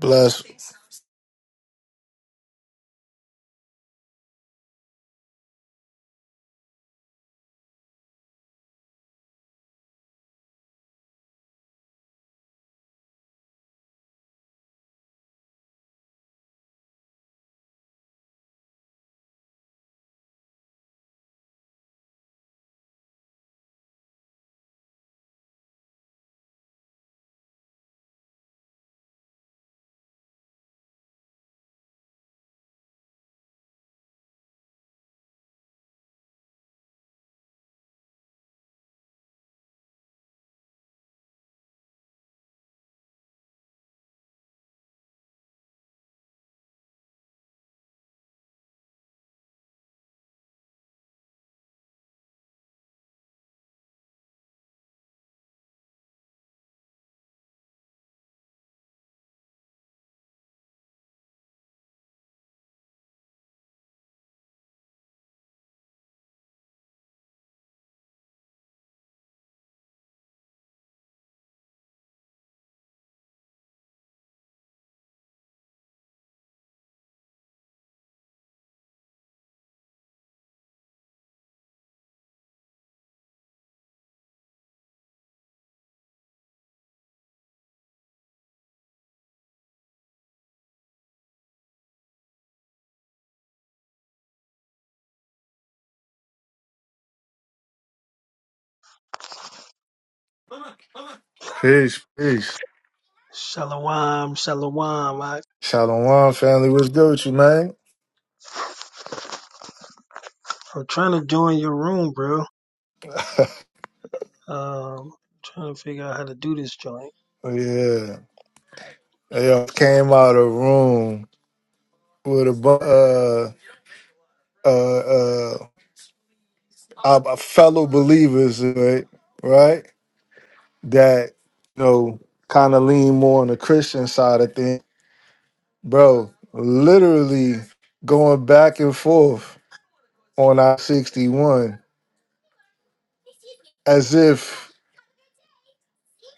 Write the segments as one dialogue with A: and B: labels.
A: Bless. Peace, peace.
B: Shalom, shalom. I,
A: Shalom, family. What's good with you, man?
B: I'm trying to join your room, bro. Um, trying to figure out how to do this joint.
A: Oh, Yeah. They all came out of the room with a bunch uh, uh, uh, our fellow believers, right? Right? That, you know, kind of lean more on the Christian side of things. Bro, literally going back and forth on I 61 as if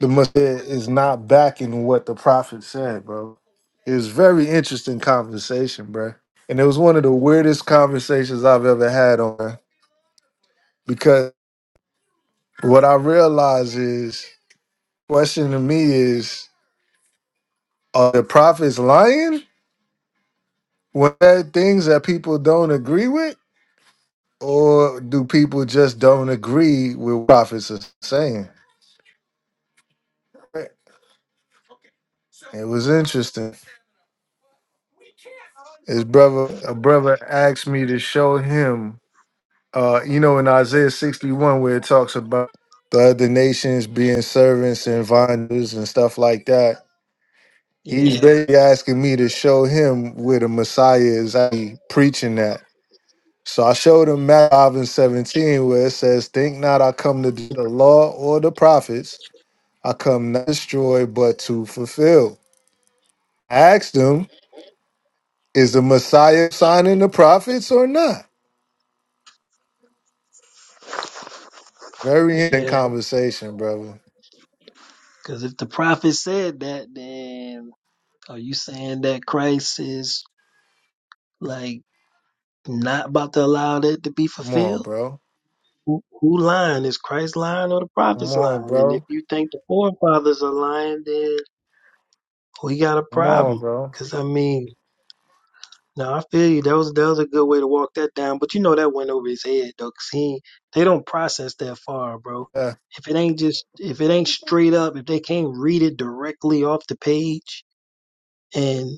A: the Messiah is not backing what the prophet said, bro. It was very interesting conversation, bro. And it was one of the weirdest conversations I've ever had on because what I realized is question to me is are the prophets lying when there are things that people don't agree with? Or do people just don't agree with what prophets are saying? It was interesting. His brother a brother asked me to show him Uh, you know, in Isaiah 61, where it talks about the other nations being servants and vinders and stuff like that, he's Yeah.
B: Yeah,
A: basically asking me to show him where the Messiah is actually preaching that. So I showed him Matthew 5 and 17, where it says, Think not I come to do the law or the prophets, I come not to destroy, but to fulfill. I asked him, Is the Messiah signing the prophets or not? Very interesting
B: yeah.
A: conversation, brother.
B: Because if the prophet said that, then are you saying that Christ is like not about to allow that to be
A: Come on,
B: fulfilled?
A: bro.
B: Who, who lying? Is Christ lying or the
A: Come
B: prophets
A: on,
B: lying? And
A: bro.
B: if you think the forefathers are lying, then we got a
A: Come on,
B: problem.
A: bro.
B: Because I mean, No, I feel you. That was that was a good way to walk that down. But you know that went over his head though, 'cause he they don't process that far, bro.
A: Yeah.
B: If it ain't just if it ain't straight up, if they can't read it directly off the page, and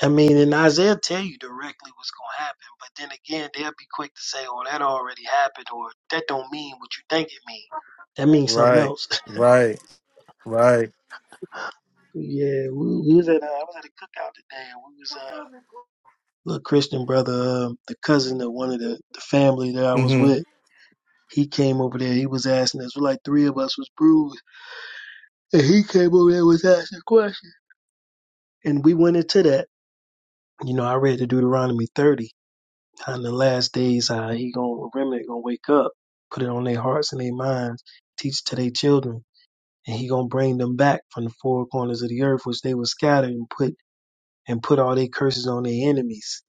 B: I mean, and Isaiah tell you directly what's gonna happen, but then again, they'll be quick to say, "Oh, that already happened," or "That don't mean what you think it mean. That means something
A: Right.
B: else."
A: Right. Right.
B: yeah, we, we was at uh, I was at a cookout today, and we was uh little Christian brother, um, the cousin of one of the, the family that I was
A: Mm-hmm.
B: with. He came over there. He was asking us. Like three of us was bruised, and he came over there and was asking questions. And we went into that. You know, I read the Deuteronomy 30. How in the last days, how he gonna remnant gonna wake up, put it on their hearts and their minds, teach it to their children, and he gonna bring them back from the four corners of the earth, which they were scattered and put and put all their curses on their enemies.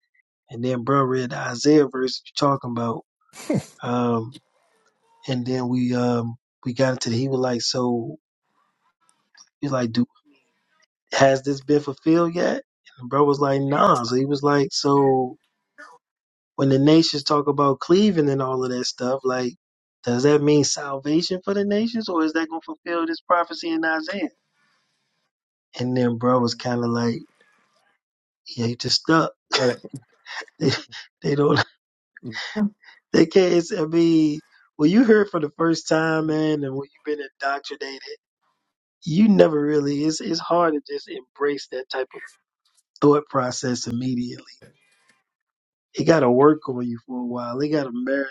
B: And then, bro, read the Isaiah verse you're talking about. Um, and then we um we got into the, he was like, so he's like, do has this been fulfilled yet? And the bro was like, nah. So he was like, so when the nations talk about cleaving and all of that stuff, like, does that mean salvation for the nations or is that going to fulfill this prophecy in Isaiah? And then bro was kind of like, yeah, you just stuck.
A: Right.
B: they, they don't, they can't, it's, I mean, when you heard for the first time, man, and when you've been indoctrinated, you never really, it's, it's hard to just embrace that type of thought process immediately. It got to work on you for a while. It got to marinate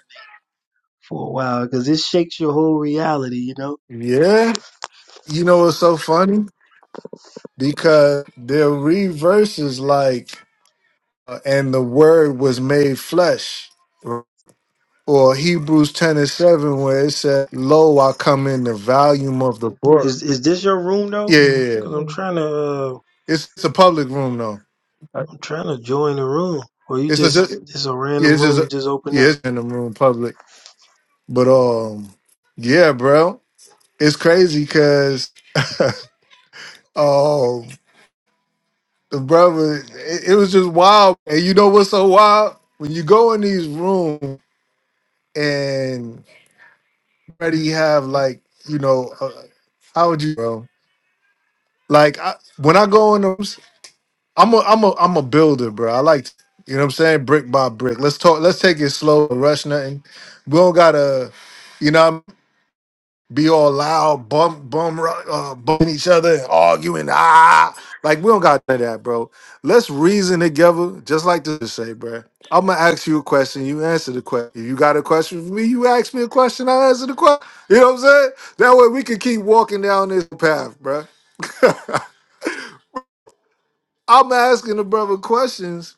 B: for a while because it shakes your whole reality. You know,
A: Yeah. You know what's so funny? Because the reverse is like, uh, and the word was made flesh. Or Hebrews 10 and 7, where it said, Lo, I come in the volume of the book.
B: is is this your room though?
A: Yeah, yeah,
B: Because
A: yeah.
B: I'm trying to uh,
A: It's, it's a public room, though.
B: I'm trying to join the room, or you
A: It's a,
B: just
A: ju-
B: it's a
A: yeah,
B: random
A: it's just,
B: room you
A: a,
B: just open
A: yeah,
B: up.
A: it's in the room public. But, um, yeah, bro. it's crazy because oh the brother it, it was just wild and you know what's so wild when you go in these rooms and already have like you know uh, how would you bro like I, when i go in those i'm a i'm a i'm a builder bro i like to- you know what i'm saying brick by brick let's talk let's take it slow no rush nothing we don't gotta you know be all loud, bump, bum uh, bumping each other and arguing. Ah, like we don't got none of that, bro. Let's reason together, just like this say, bro. I'm gonna ask you a question. You answer the question. If you got a question for me, you ask me a question. I answer the question. You know what I'm saying? That way we can keep walking down this path, bro. I'm asking the brother questions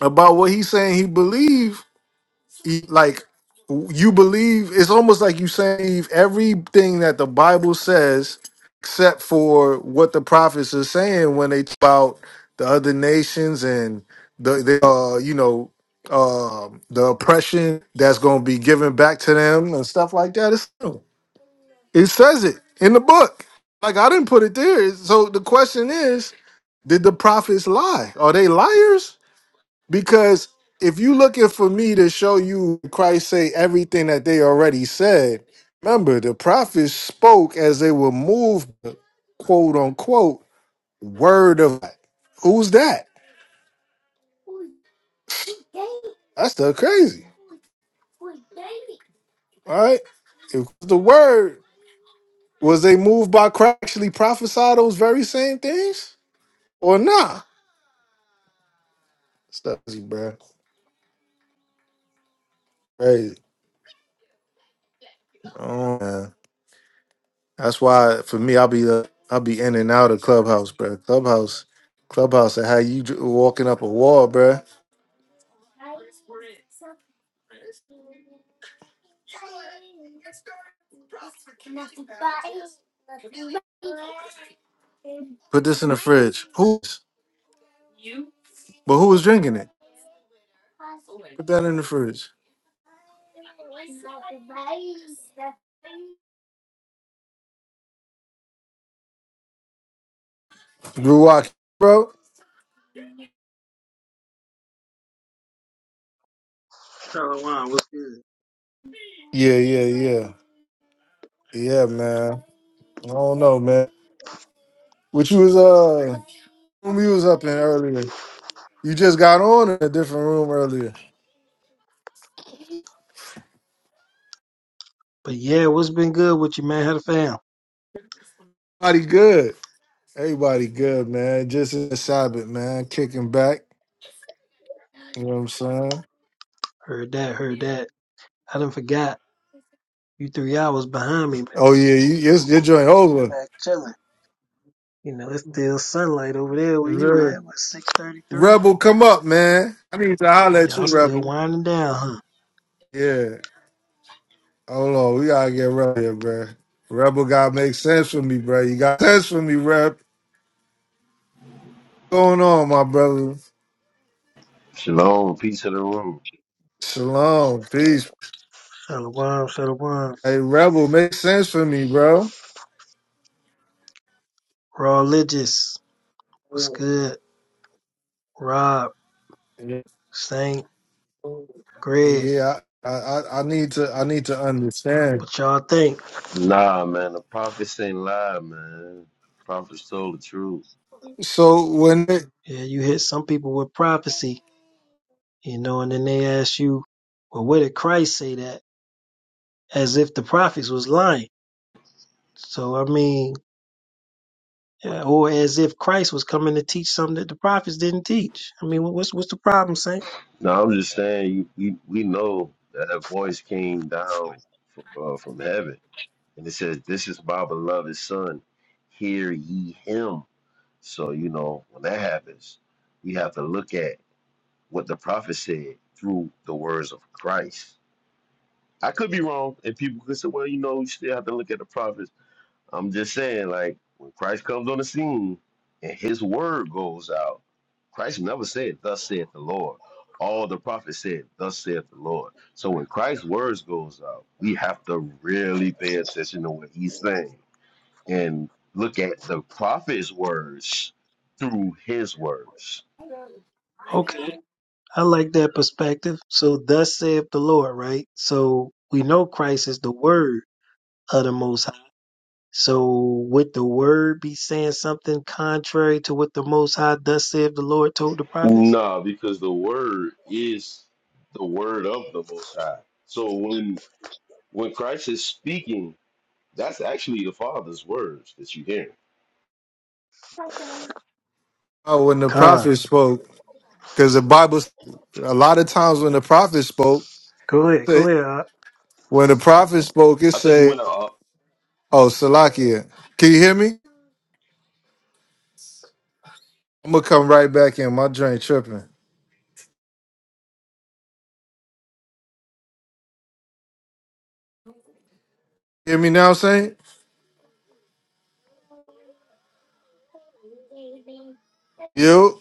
A: about what he's saying he believe e- like you believe it's almost like you saying everything that the Bible says except for what the prophets are saying when they talk about the other nations and the, the uh you know um the oppression that's going to be given back to them and stuff like that it's, it says it in the book like i didn't put it there so the question is did the prophets lie are they liars because if you looking for me to show you Christ say everything that they already said, remember the prophets spoke as they were moved, quote unquote, word of God. Who's that? That's the crazy. All right. If the word was they moved by Christ actually prophesy those very same things? Or nah? It's crazy, bro. Crazy. Oh, man. That's why for me, I'll be uh, I'll be in and out of clubhouse, bro. Clubhouse, clubhouse, and how you dr- walking up a wall, bro. Put this in the fridge. Who's but who was drinking it? Put that in the fridge. Drew walk, bro.
B: Shalom, what's good?
A: Yeah, yeah, yeah, yeah, man. I don't know, man. Which you was uh, room you was up in earlier. You just got on in a different room earlier.
B: But yeah, what's been good with you, man? How the fam?
A: Everybody good. Everybody good, man. Just in the Sabbath, man. Kicking back. You know what I'm saying?
B: Heard that, heard that. I done forgot you three hours behind me, man.
A: Oh yeah, you, your,
B: I'm
A: your
B: over here
A: joint old
B: kicking
A: one.
B: back, chilling. You know, it's still sunlight over there where you at. What six thirty three?
A: Rebel, come up, man. I need to holler at
B: Y'all
A: you,
B: still
A: Rebel.
B: winding down, huh?
A: Yeah. Hold on, we gotta get Rebel here, bro. Rebel gotta make sense for me, bro. You got sense for me, rep. going on, my brother?
C: Shalom, peace of the room.
A: Shalom, peace.
B: Shalom, shalom.
A: Hey, Rebel, make sense for me, bro.
B: Raw religious. What's good? Rob, Saint, Greg.
A: Yeah, I, I, I need to, I need to understand.
B: What y'all think?
C: Nah, man, the prophets ain't lie, man. Prophets told the truth.
A: So when, it,
B: Yeah, you hit some people with prophecy, you know, and then they ask you, well, where did Christ say that? As if the prophets was lying. So, I mean, yeah, or as if Christ was coming to teach something that the prophets didn't teach. I mean, what's, what's the problem, Saint?
C: Now I'm just saying, you, we we know that a voice came down from, uh, from heaven, and it says, "This is my beloved son, hear ye him." So you know when that happens, we have to look at what the prophet said through the words of Christ. I could be wrong, and people could say, "Well, you know, you still have to look at the prophets." I'm just saying, like, when Christ comes on the scene and his word goes out, Christ never said, Thus saith the Lord. All the prophets said, Thus saith the Lord. So when Christ's words goes out, we have to really pay attention to what he's saying and look at the prophet's words through his words.
B: Okay. I like that perspective. So, thus saith the Lord, right? So, we know Christ is the word of the Most High. So would the word be saying something contrary to what the Most High thus saith the Lord told the prophets?
C: Nah, because the word is the word of the most high. So when when Christ is speaking, that's actually the Father's words that you hear.
A: uh, when the
B: Con.
A: prophet spoke, because the Bible, a lot of times when the prophet spoke,
B: Go ahead. Go
A: they-
B: ahead.
A: when the prophet spoke, it
C: I think you
A: said.
C: went out. uh,
A: Oh, Salakia. Can you hear me? I'm gonna come right back in. My drink tripping. Hear me now, Saint? You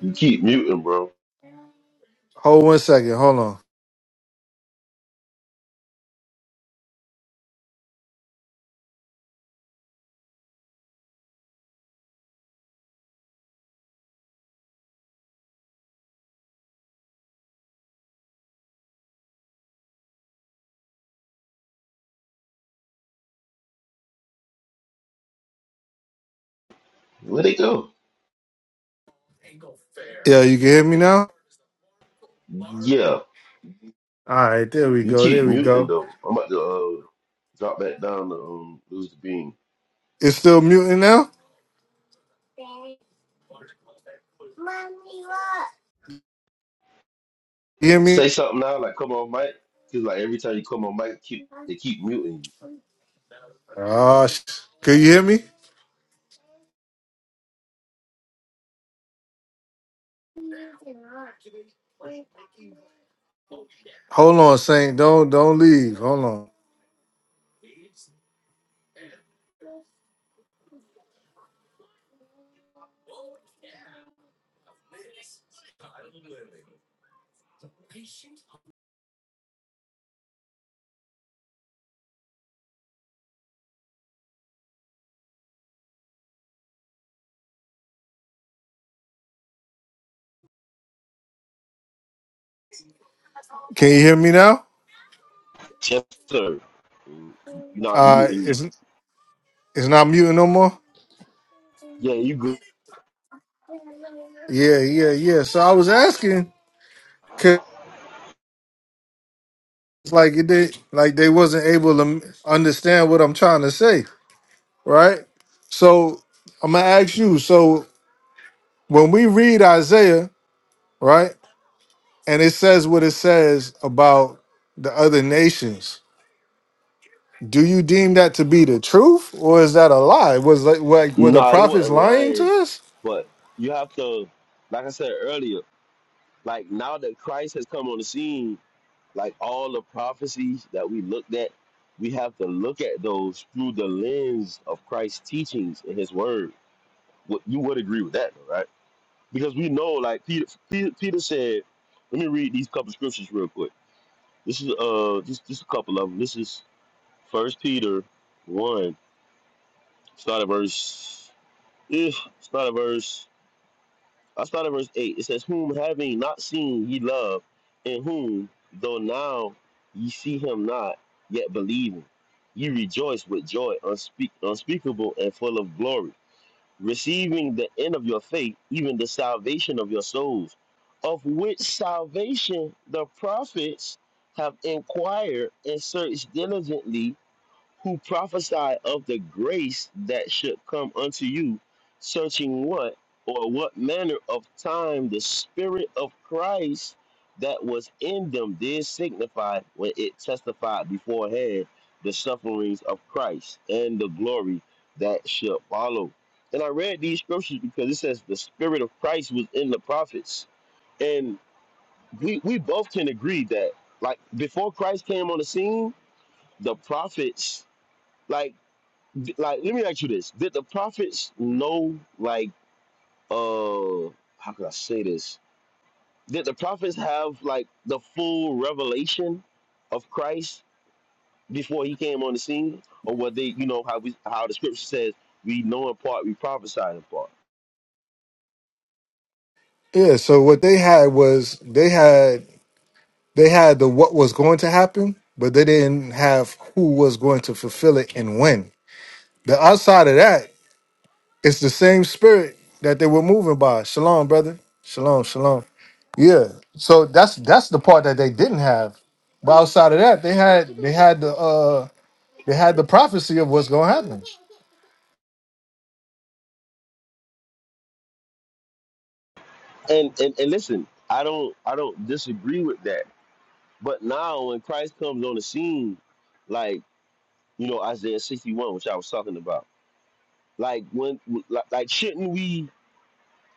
C: You keep muting, bro.
A: hold one second. Hold on.
C: Where'd they go?
A: Yeah, you can hear me now?
C: Yeah,
A: Alright, there we
C: you
A: go. There
C: keep
A: we
C: muting
A: go.
C: them. I'm about to uh, drop back down to um, lose the beam.
A: It's still muting now? You hear me?
C: Say something now, like come on, Mike. Cause like every time you come on, Mike, keep they keep muting you.
A: Ah, sh- can you hear me? Hold on, Saint. Don't don't leave. Hold on. Can you hear me now?
C: Yes, sir. You're not
A: Uh
C: muting.
A: it's it's not muting no more?
C: Yeah, you good.
A: Yeah, yeah, yeah. So I was asking 'cause like it did like they wasn't able to understand what I'm trying to say. right? So I'm gonna ask you. So when we read Isaiah, right, and it says what it says about the other nations, do you deem that to be the truth, or is that a lie? Was like like were the
C: Nah, they
A: prophets
C: wasn't
A: lying to
C: lying,
A: us?
C: but you have to, like I said earlier, like now that Christ has come on the scene. Like all the prophecies that we looked at, we have to look at those through the lens of Christ's teachings and His Word. What you would agree with that, though, right? Because we know, like Peter, Peter, Peter said. Let me read these couple scriptures real quick. This is uh, just just a couple of them. This is First Peter one, start at verse. eh, start at verse I start at verse 8. It says, Whom having not seen ye love, in whom, though now ye see him not, yet believing, ye rejoice with joy unspeak- unspeakable and full of glory, receiving the end of your faith, even the salvation of your souls, of which salvation the prophets have inquired and searched diligently who prophesied of the grace that should come unto you, searching what or what manner of time the Spirit of Christ that was in them did signify when it testified beforehand the sufferings of Christ and the glory that should follow. And I read these scriptures because it says the Spirit of Christ was in the prophets. And we, we both can agree that, like, before Christ came on the scene, the prophets. Like d- like let me ask you this did the prophets know like uh how could i say this did the prophets have like the full revelation of christ before he came on the scene or were they you know how we how the scripture says we know in part we prophesy in part
A: Yeah. So what they had was they had they had the what was going to happen, but they didn't have who was going to fulfill it and when. The outside of that, it's the same spirit that they were moving by. Shalom, brother. Shalom, shalom. Yeah. So that's that's the part that they didn't have. But outside of that, they had they had the uh they had the prophecy of what's gonna happen.
C: and and, and listen i don't i don't disagree with that but now when christ comes on the scene like you know isaiah 61 which i was talking about like when like, like shouldn't we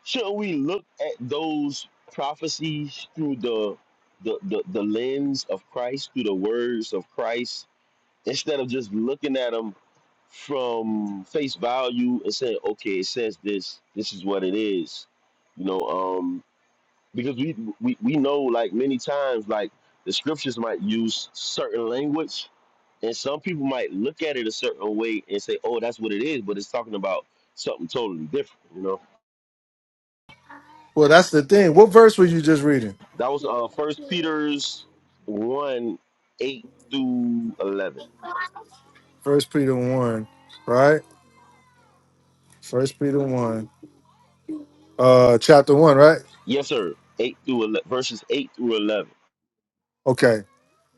C: Should we look at those prophecies through the the, the the lens of Christ, through the words of Christ, instead of just looking at them from face value and saying, okay, it says this, this is what it is, you know, um, because we, we we know like many times like the scriptures might use certain language, and some people might look at it a certain way and say, oh, that's what it is, but it's talking about something totally different, you know.
A: Well, that's the thing. What verse were you just reading?
C: That was uh First Peter's one eight through eleven.
A: First Peter one, right? First Peter one, uh, chapter one, right?
C: Yes, sir. Eight through ele verses eight through eleven.
A: Okay.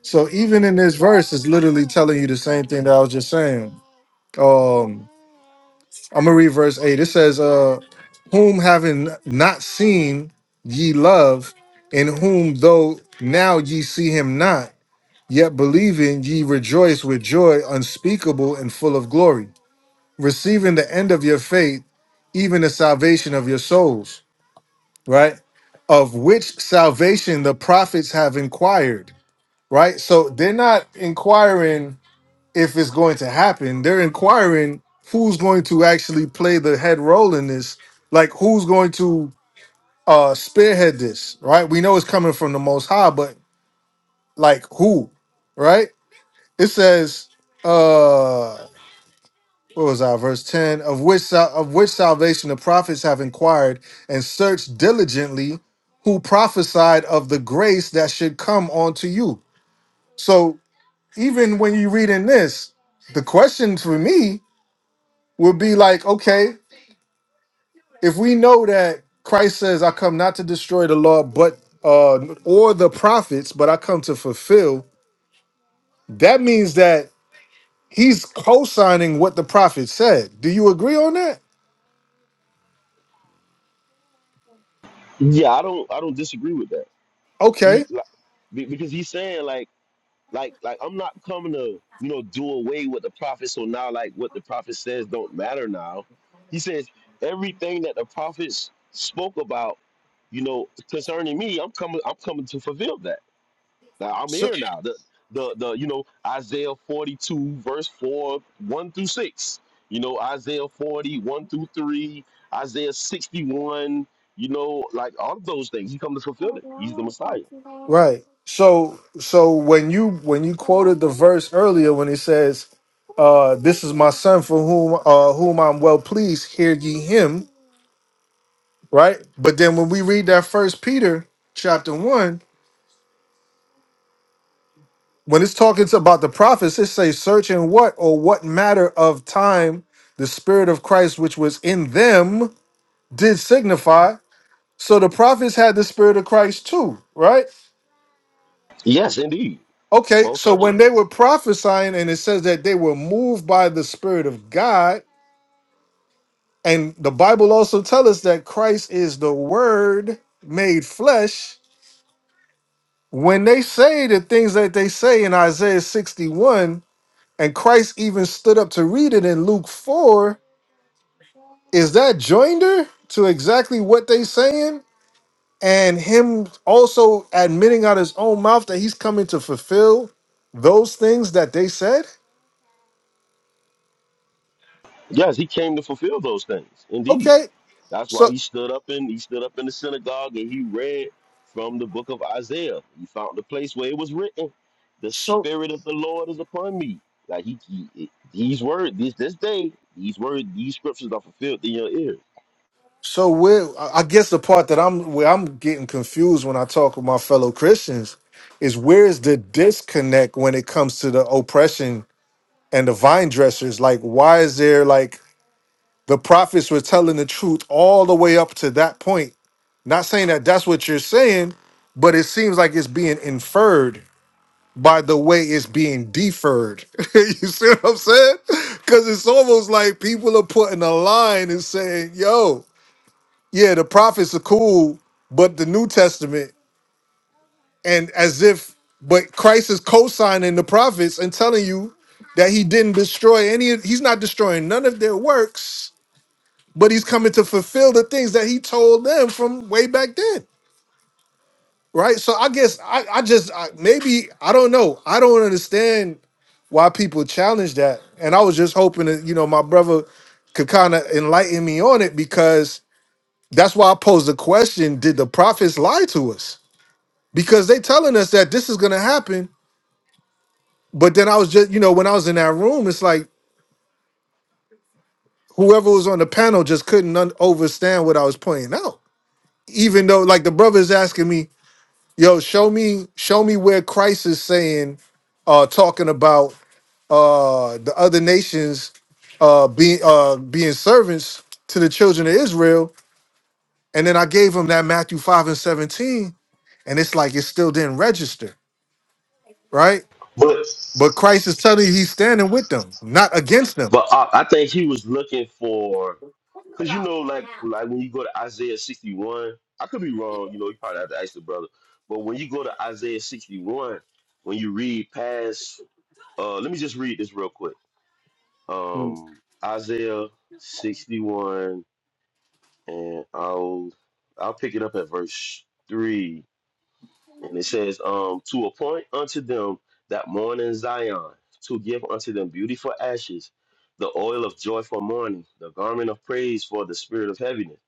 A: So even in this verse, it's literally telling you the same thing that I was just saying. Um, I'm gonna read verse eight. It says, "Uh, whom having not seen ye love, in whom though now ye see him not." Yet believing ye rejoice with joy unspeakable and full of glory, receiving the end of your faith, even the salvation of your souls, right? Of which salvation the prophets have inquired, right? So they're not inquiring if it's going to happen, they're inquiring who's going to actually play the head role in this, like who's going to uh spearhead this, right? We know it's coming from the most high, but like who, right? It says, uh, what was that? Verse 10 of which, sal- of which salvation the prophets have inquired and searched diligently who prophesied of the grace that should come onto you. So even when you read in this, the question for me would be like, okay, if we know that Christ says, I come not to destroy the law, but uh, or the prophets, but I come to fulfill, that means that he's co-signing what the prophet said. Do you agree on that?
C: Yeah, I don't I don't disagree with that. He
A: Okay.
C: like, be- because he's saying like like like I'm not coming to you know do away with the prophet. So now like what the prophet says don't matter now. He says everything that the prophets spoke about, you know, concerning me, I'm coming I'm coming to fulfill that. Now, I'm
A: So
C: here now. The the the you know Isaiah 42 verse 4 1 through 6. You know Isaiah 40 1 through 3, Isaiah 61, you know like all of those things he come to fulfill it. He's the Messiah.
A: right. So so when you when you quoted the verse earlier when it says, uh, this is my son for whom uh whom I'm well pleased, hear ye him, right? But then when we read that first Peter chapter one, when it's talking about the prophets, it says search in what or what matter of time the spirit of Christ which was in them did signify. So the prophets had the spirit of Christ too, right?
C: Yes, indeed.
A: Okay,
C: Most
A: so
C: certainly.
A: when they were prophesying, and it says that they were moved by the Spirit of God, and the Bible also tells us that Christ is the Word made flesh. When they say the things that they say in Isaiah 61, and Christ even stood up to read it in Luke 4, is that joinder to exactly what they saying? And him also admitting out his own mouth that he's coming to fulfill those things that they said?
C: Yes, he came to fulfill those things. Indeed.
A: Okay,
C: That's why
A: so
C: he stood up in he stood up in the synagogue and he read from the book of Isaiah. He found the place where it was written, "The Spirit of the Lord is upon me." Like he, he he- these words this this day these words these scriptures are fulfilled in your ear.
A: So where I I guess the part that I'm where I'm getting confused when I talk with my fellow Christians is where is the disconnect when it comes to the oppression and the vine dressers? Like why is there like the prophets were telling the truth all the way up to that point? Not saying that that's what you're saying, but it seems like it's being inferred by the way it's being deferred. you see what I'm saying? Because it's almost like people are putting a line and saying, "Yo." yeah, the prophets are cool, but the New Testament, and as if, but Christ is co-signing the prophets and telling you that he didn't destroy any. of- He's not destroying none of their works, but he's coming to fulfill the things that he told them from way back then, right? So I guess I, I just I, maybe I don't know. I don't understand why people challenge that, and I was just hoping that you know my brother could kind of enlighten me on it because that's why I posed the question: Did the prophets lie to us? because they telling us that this is gonna happen. But then I was just, you know, when I was in that room, it's like whoever was on the panel just couldn't un- understand what I was pointing out. Even though, like, the brother's asking me, "Yo, show me, show me where Christ is saying, uh, talking about uh the other nations, uh, being uh being servants to the children of Israel." And then I gave him that Matthew five and seventeen, and it's like it still didn't register, right?
C: But
A: But Christ is telling you he's standing with them, not against them.
C: but I, I think he was looking for because you know like like when you go to Isaiah sixty one, I could be wrong. You know, you probably have to ask the brother. But when you go to Isaiah sixty one, when you read past, uh, let me just read this real quick Um, Isaiah 61, and I'll I'll pick it up at verse three. And it says, um, to appoint unto them that mourn in Zion, to give unto them beautiful ashes, the oil of joy for mourning, the garment of praise for the spirit of heaviness,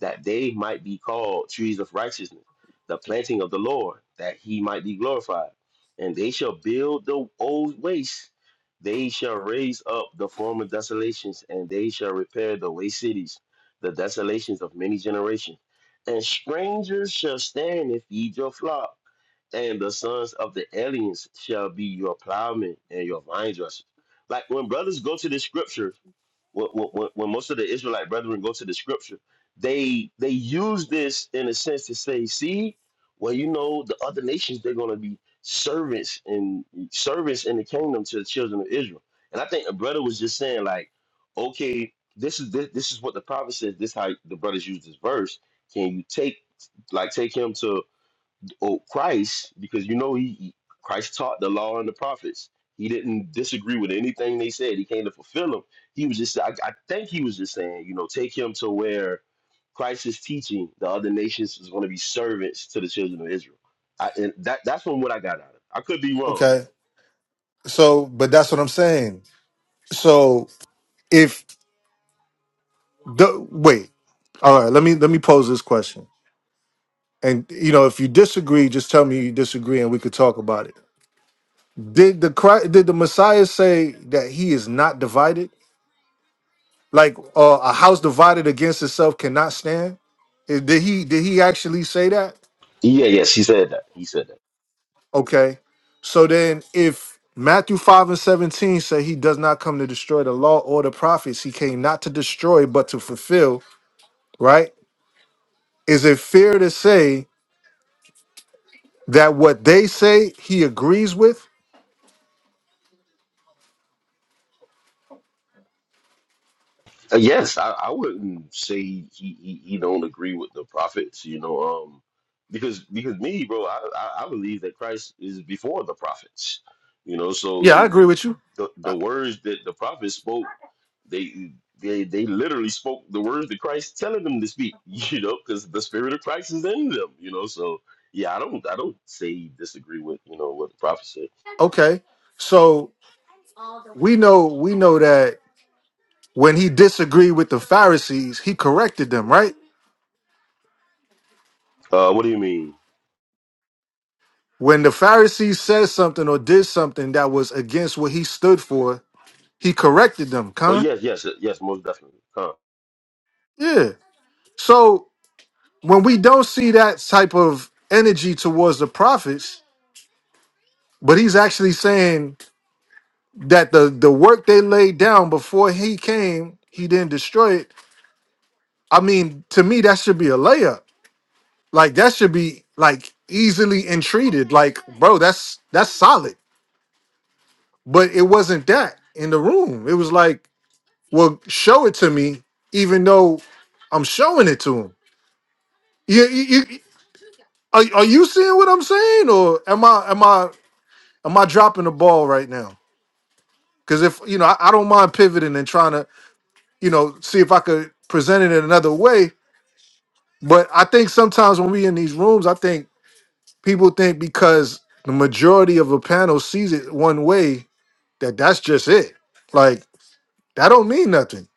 C: that they might be called trees of righteousness, the planting of the Lord, that he might be glorified. And they shall build the old waste, they shall raise up the former desolations, and they shall repair the waste cities, the desolations of many generations. And strangers shall stand and feed your flock and the sons of the aliens shall be your plowmen and your vine dressers. Like when brothers go to the scriptures, when, when, when most of the Israelite brethren go to the scripture, they they use this in a sense to say, see, well, you know, the other nations they're going to be servants and servants in the kingdom to the children of Israel. And I think a brother was just saying like, okay, this is this, this is what the prophet says. This how the brothers use this verse. Can you take like take him to? Well, Christ, because you know he he- Christ taught the law and the prophets. He didn't disagree with anything they said. He came to fulfill them. He was just, I, I think he was just saying, you know, take him to where Christ is teaching the other nations is going to be servants to the children of Israel. I, and that that's from what I got out of it. I could be wrong, you know.
A: Okay. So, but that's what I'm saying. So if the wait, all right, let me let me pose this question. And you know, if you disagree, just tell me you disagree and we could talk about it. Did the Christ, did the Messiah say that he is not divided? Like uh, a house divided against itself cannot stand? Eh, Did he did he actually say that?
C: Yeah, yes, he said that. He said that.
A: Okay. So then if Matthew 5 and 17 say he does not come to destroy the law or the prophets, he came not to destroy but to fulfill, right? Is it fair to say that what they say he agrees with?
C: Uh, Yes, I, I wouldn't say he, he he don't agree with the prophets, you know, um, because because me, bro, I, I, I believe that Christ is before the prophets, you know. So
A: Yeah, I
C: it,
A: agree with you.
C: the
A: Uh,
C: the words that the prophets spoke, they they they literally spoke the words that Christ telling them to speak, you know, because the spirit of Christ is in them, you know. So yeah, I don't I don't say he disagree with you know what the prophets said.
A: Okay. So we know we know that when he disagreed with the Pharisees, he corrected them, right?
C: Uh, what do you mean?
A: When the Pharisees said something or did something that was against what he stood for, he corrected them,
C: Oh
A: con?
C: yes, yes, yes, most definitely. Huh.
A: Yeah. So when we don't see that type of energy towards the prophets, but he's actually saying that the the work they laid down before he came, he didn't destroy it. I mean, to me, that should be a layup. Like that should be like easily entreated. Like, bro, that's that's solid. But it wasn't that in the room. It was like, well, show it to me, even though I'm showing it to him. You, you, you- are, are you seeing what I'm saying, or am I? Am I? Am I dropping the ball right now? Because if you know, I, I don't mind pivoting and trying to, you know, see if I could present it in another way. But I think sometimes when we in these rooms, I think people think because the majority of a panel sees it one way that that's just it. Like that don't mean nothing,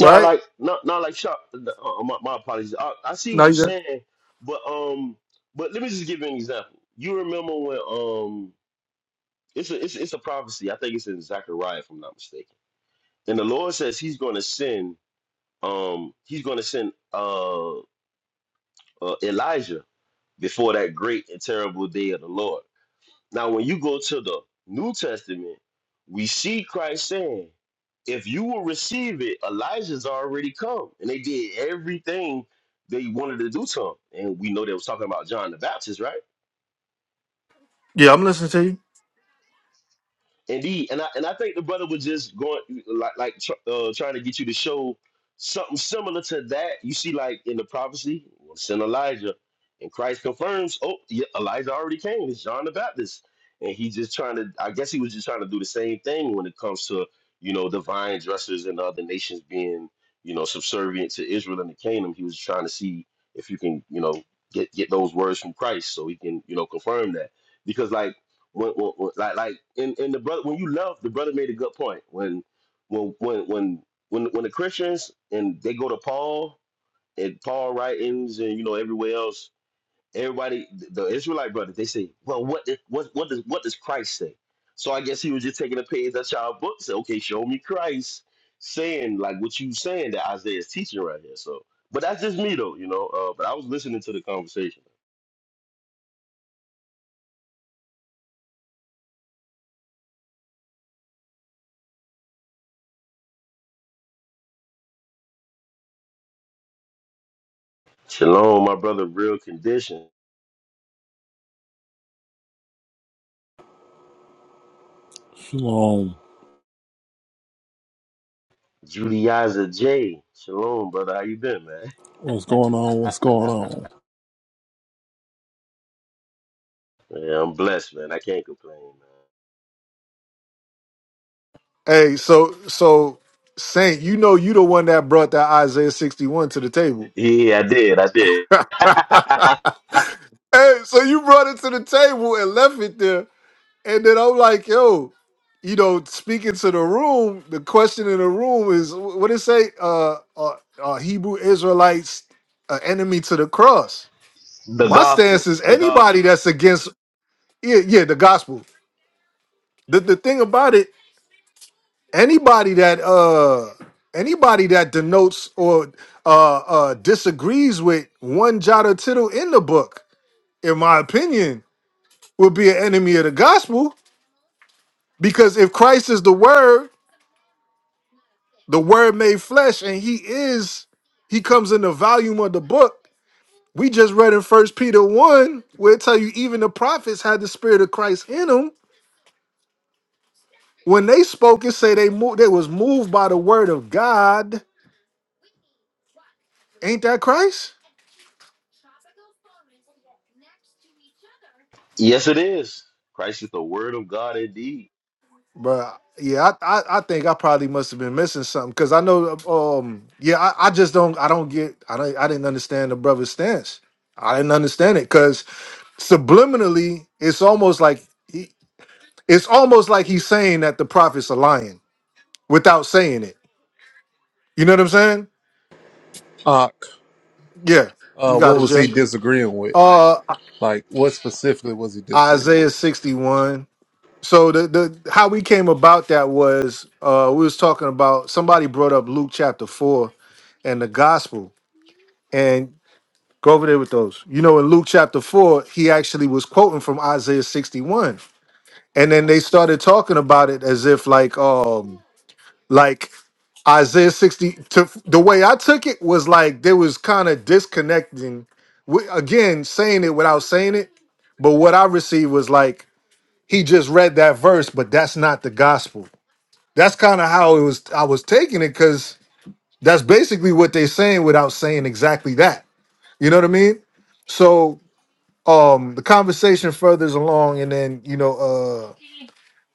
C: No, like not not like shop. Uh, uh, my, my apologies. I, I see what
A: No, you
C: you're
A: good?
C: saying, but um, but let me just give you an example. You remember when um, it's a it's, it's a prophecy. I think it's in Zechariah, if I'm not mistaken. And the Lord says He's going to send um, He's going to send uh, uh Elijah before that great and terrible day of the Lord. Now, when you go to the New Testament, we see Christ saying, if you will receive it, Elijah's already come. And they did everything they wanted to do to him. And we know they was talking about John the Baptist, right?
A: Yeah, I'm listening to you.
C: Indeed, and I and I think the brother was just going like like tr- uh, trying to get you to show something similar to that. You see, like in the prophecy, we'll send Elijah, and Christ confirms, oh, yeah, Elijah already came. It's John the Baptist, and he just trying to. I guess he was just trying to do the same thing when it comes to you know divine dressers and other nations being you know subservient to Israel and the kingdom. He was trying to see if you can you know get get those words from Christ so he can you know confirm that because like. What, what, what, like like in, in the brother when you love the brother made a good point when when when when when, when the Christians and they go to Paul and Paul writings and you know everywhere else everybody the Israelite brothers they say well what did, what what does what does Christ say so I guess he was just taking a page out y'all book say okay show me Christ saying like what you saying that Isaiah is teaching right here so but that's just me though you know uh, but I was listening to the conversation Shalom my brother real condition
D: Shalom.
C: Juliaza J. Shalom, brother. How you been, man?
D: What's going on? What's going on?
C: Yeah, I'm blessed, man. I can't complain, man.
A: Hey, so so Saint, you know you the one that brought that Isaiah 61 to the table.
C: Yeah, I did. I did.
A: hey, so you brought it to the table and left it there And then I'm like, yo, you know, speaking to the room, the question in the room is wh- what it say? Uh, uh, uh Hebrew Israelites, uh, enemy to the cross.
C: the
A: My
C: gospel.
A: stance is
C: The
A: anybody
C: gospel.
A: that's against, yeah, yeah, the gospel. The the thing about it, anybody that uh, anybody that denotes or uh, uh disagrees with one jot or tittle in the book, in my opinion, would be an enemy of the gospel. Because if Christ is the word the word made flesh and he is he comes in the volume of the book we just read in first peter 1 where it tell you even the prophets had the spirit of christ in them when they spoke and say they moved they was moved by the word of god ain't that christ
C: Yes, it is. Christ is the word of God indeed.
A: but yeah I, I i think i probably must have been missing something because i know um yeah I, I just don't i don't get i don't i didn't understand the brother's stance i didn't understand it because subliminally it's almost like It's almost like he's saying that the prophets are lying without saying it. You know what I'm saying?
D: Ock,
A: Yeah, you
D: uh,
A: got
D: what
A: it,
D: was he
A: Jay.
D: disagreeing with?
A: Uh,
D: Like, what specifically was he disagreeing
A: Isaiah
D: with?
A: 61. So the the how we came about that was uh we was talking about somebody brought up Luke chapter four and the gospel and go over there with those. You know, in Luke chapter four, he actually was quoting from Isaiah 61. And then they started talking about it as if like um like. Isaiah 60 to the way I took it was like there was kind of disconnecting wi- again saying it without saying it but what I received was like he just read that verse but that's not the gospel that's kind of how it was I was taking it cuz that's basically what they're saying without saying exactly that you know what I mean so um the conversation furthers along and then you know Uh,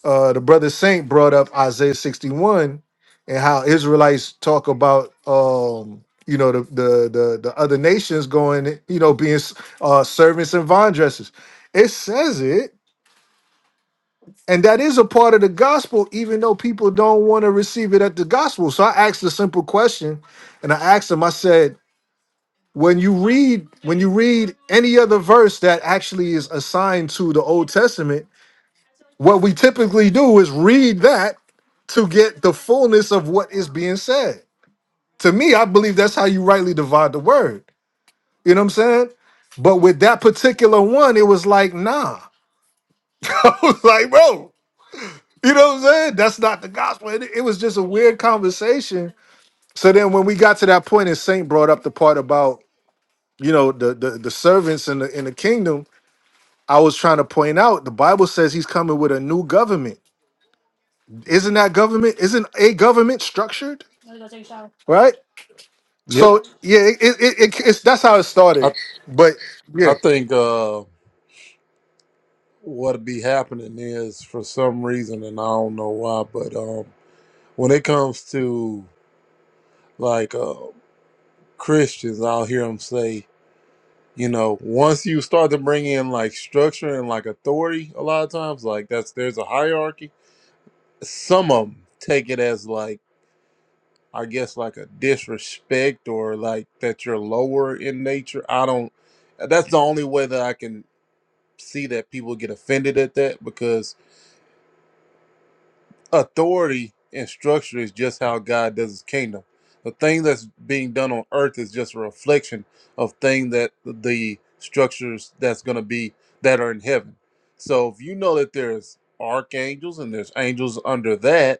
A: uh, the brother Saint brought up Isaiah 61 and how Israelites talk about um, you know the, the the the other nations going you know being uh, servants and vine dressers. It says it, and that is a part of the gospel, even though people don't want to receive it at the gospel. So I asked a simple question, and I asked him. I said, when you read when you read any other verse that actually is assigned to the Old Testament What we typically do is read that to get the fullness of what is being said. To me, I believe that's how you rightly divide the word. You know what I'm saying? But with that particular one, it was like, nah. I was like, bro, you know what I'm saying? That's not the gospel. It, it was just a weird conversation. So then when we got to that point and Saint brought up the part about, you know, the the, the servants in the in the kingdom, I was trying to point out the Bible says he's coming with a new government isn't that government isn't a government structured right
D: Yep,
A: so yeah it, it, it, it's that's how it
D: I
A: started but
D: I
A: yeah
D: think uh, what be happening is for some reason, and I don't know why, but um, when it comes to like uh, Christians, I'll hear them say, you know, once you start to bring in like structure and like authority, a lot of times, like that's there's a hierarchy. Some of them take it as like I guess like a disrespect or like that you're lower in nature. I don't that's the only way that I can see that people get offended at that because authority and structure is just how God does his kingdom. The thing that's being done on earth is just a reflection of thing that the structures that's going to be that are in heaven. So if you know that there's archangels and there's angels under that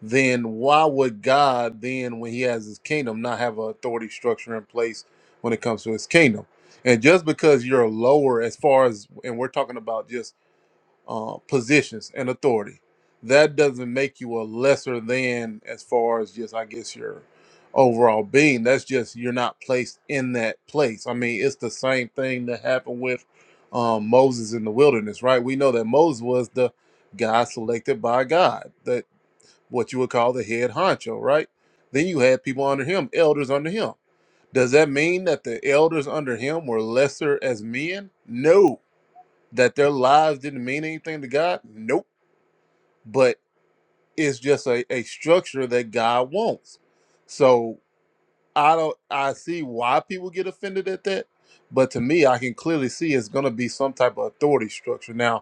D: then why would God then, when He has His kingdom, not have an authority structure in place when it comes to His kingdom? And just because you're lower as far as, and we're talking about just uh, positions and authority, that doesn't make you a lesser than as far as just, I guess, your overall being. That's just you're not placed in that place. I mean, it's the same thing that happened with um, Moses in the wilderness, right? We know that Moses was the guy selected by God. that what you would call the head honcho, right? Then you had people under him, elders under him. Does that mean that the elders under him were lesser as men? No. That their lives didn't mean anything to God? Nope. But it's just a, a structure that God wants. So I don't I see why people get offended at that. But to me, I can clearly see it's gonna be some type of authority structure. Now,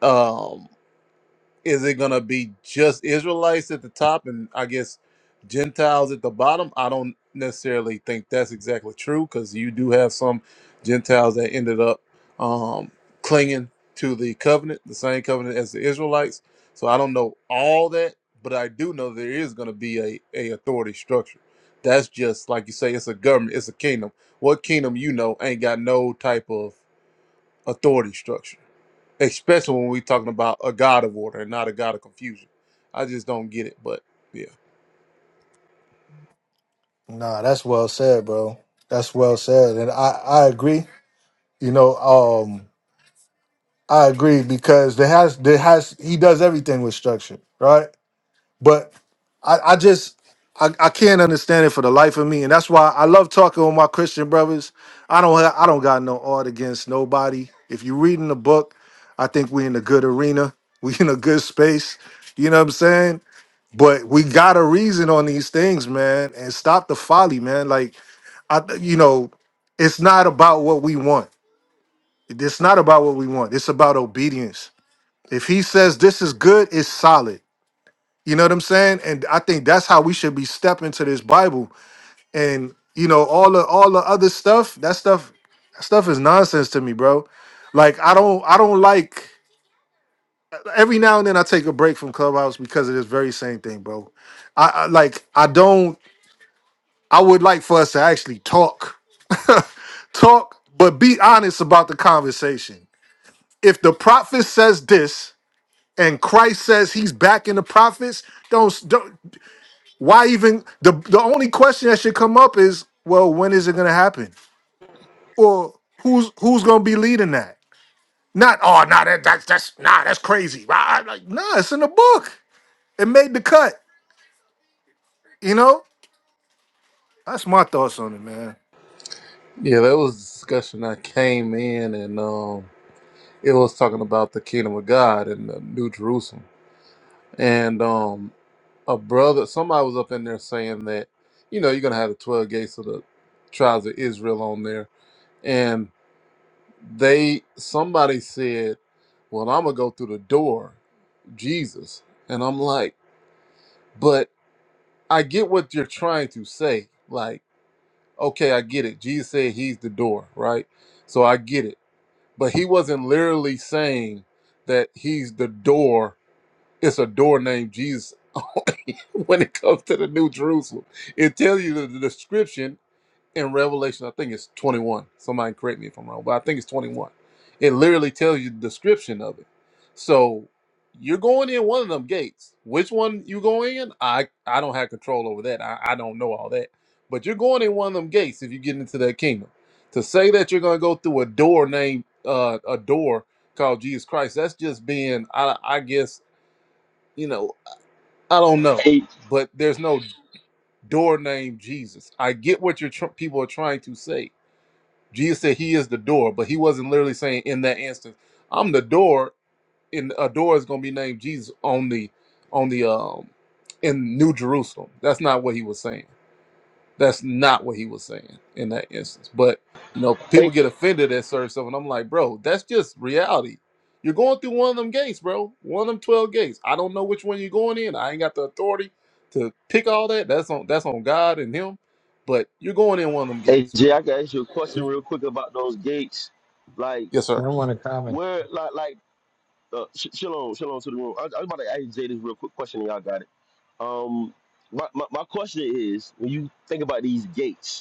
D: um Is it gonna be just Israelites at the top and I guess Gentiles at the bottom? I don't necessarily think that's exactly true because you do have some Gentiles that ended up um, clinging to the covenant, the same covenant as the Israelites. So I don't know all that, but I do know there is gonna be a, a authority structure. That's just like you say, it's a government, it's a kingdom. What kingdom you know ain't got no type of authority structure especially when we're talking about a god of order and not a god of confusion. I just don't get it, but yeah.
A: Nah, that's well said, bro. That's well said, and I I agree. You know, um, I agree because there has there has he does everything with structure, right? But I, I just I, I can't understand it for the life of me, and that's why I love talking with my Christian brothers. I don't have, I don't got no art against nobody. If you're reading the book, I think we in a good arena. We in a good space. You know what I'm saying? But we got a reason on these things, man, and stop the folly, man. Like I, you know, it's not about what we want. It's not about what we want. It's about obedience. If he says this is good, it's solid. You know what I'm saying? And I think that's how we should be stepping to this Bible. And you know, all the all the other stuff, that stuff, that stuff is nonsense to me, bro. Like I don't I don't like every now and then I take a break from Clubhouse because of this very same thing, bro. I, I like I don't I would like for us to actually talk. talk, but be honest about the conversation. If the prophet says this and Christ says he's backing the prophets, don't don't Why even the the only question that should come up is, well, when is it gonna happen? Or who's who's gonna be leading that? Not oh nah that, that's that's nah that's crazy. Nah, like, nah, it's in the book. It made the cut. You know? That's my thoughts on it, man.
D: Yeah, that was a discussion I came in and um it was talking about the kingdom of God and the New Jerusalem. And um a brother somebody was up in there saying that, you know, you're gonna have the twelve gates of the tribes of Israel on there. And they somebody said, Well, I'm gonna go through the door, Jesus. And I'm like, but I get what you're trying to say. Like Okay, I get it. Jesus said he's the door, right? So I get it. But he wasn't literally saying that he's the door. It's a door named Jesus when it comes to the New Jerusalem. It tells you the the description in Revelation, I think it's 21. Somebody correct me if I'm wrong, but I think it's 21. It literally tells you the description of it. So you're going in one of them gates. Which one you go in? I I don't have control over that. I, I don't know all that. But you're going in one of them gates if you get into that kingdom. To say that you're going to go through a door named uh, a door called Jesus Christ, that's just being I I guess you know I don't know.
C: Hey,
D: But there's no door named Jesus. I get what your tr- people are trying to say Jesus said he is the door, but he wasn't literally saying in that instance, I'm the door. And a door is going to be named Jesus on the on the um in New Jerusalem. That's not what he was saying. That's not what he was saying in that instance. But you know, people
C: hey,
D: get offended at certain stuff, and I'm like, bro, that's just reality. You're going through one of them gates, bro. One of them twelve gates. I don't know which one you're going in. I ain't got the authority to pick all that. That's on that's on God and Him. But you're going in one of them
C: hey,
D: gates, bro.
C: Jay, I can ask you a question real quick about those gates. Like,
D: Yes, sir.
E: I want to comment.
C: where, like, like, uh, sh- shalom, shalom to the room. I, I was about to ask Jay this real quick question, and y'all got it. Um, my, my, my question is, when you think about these gates,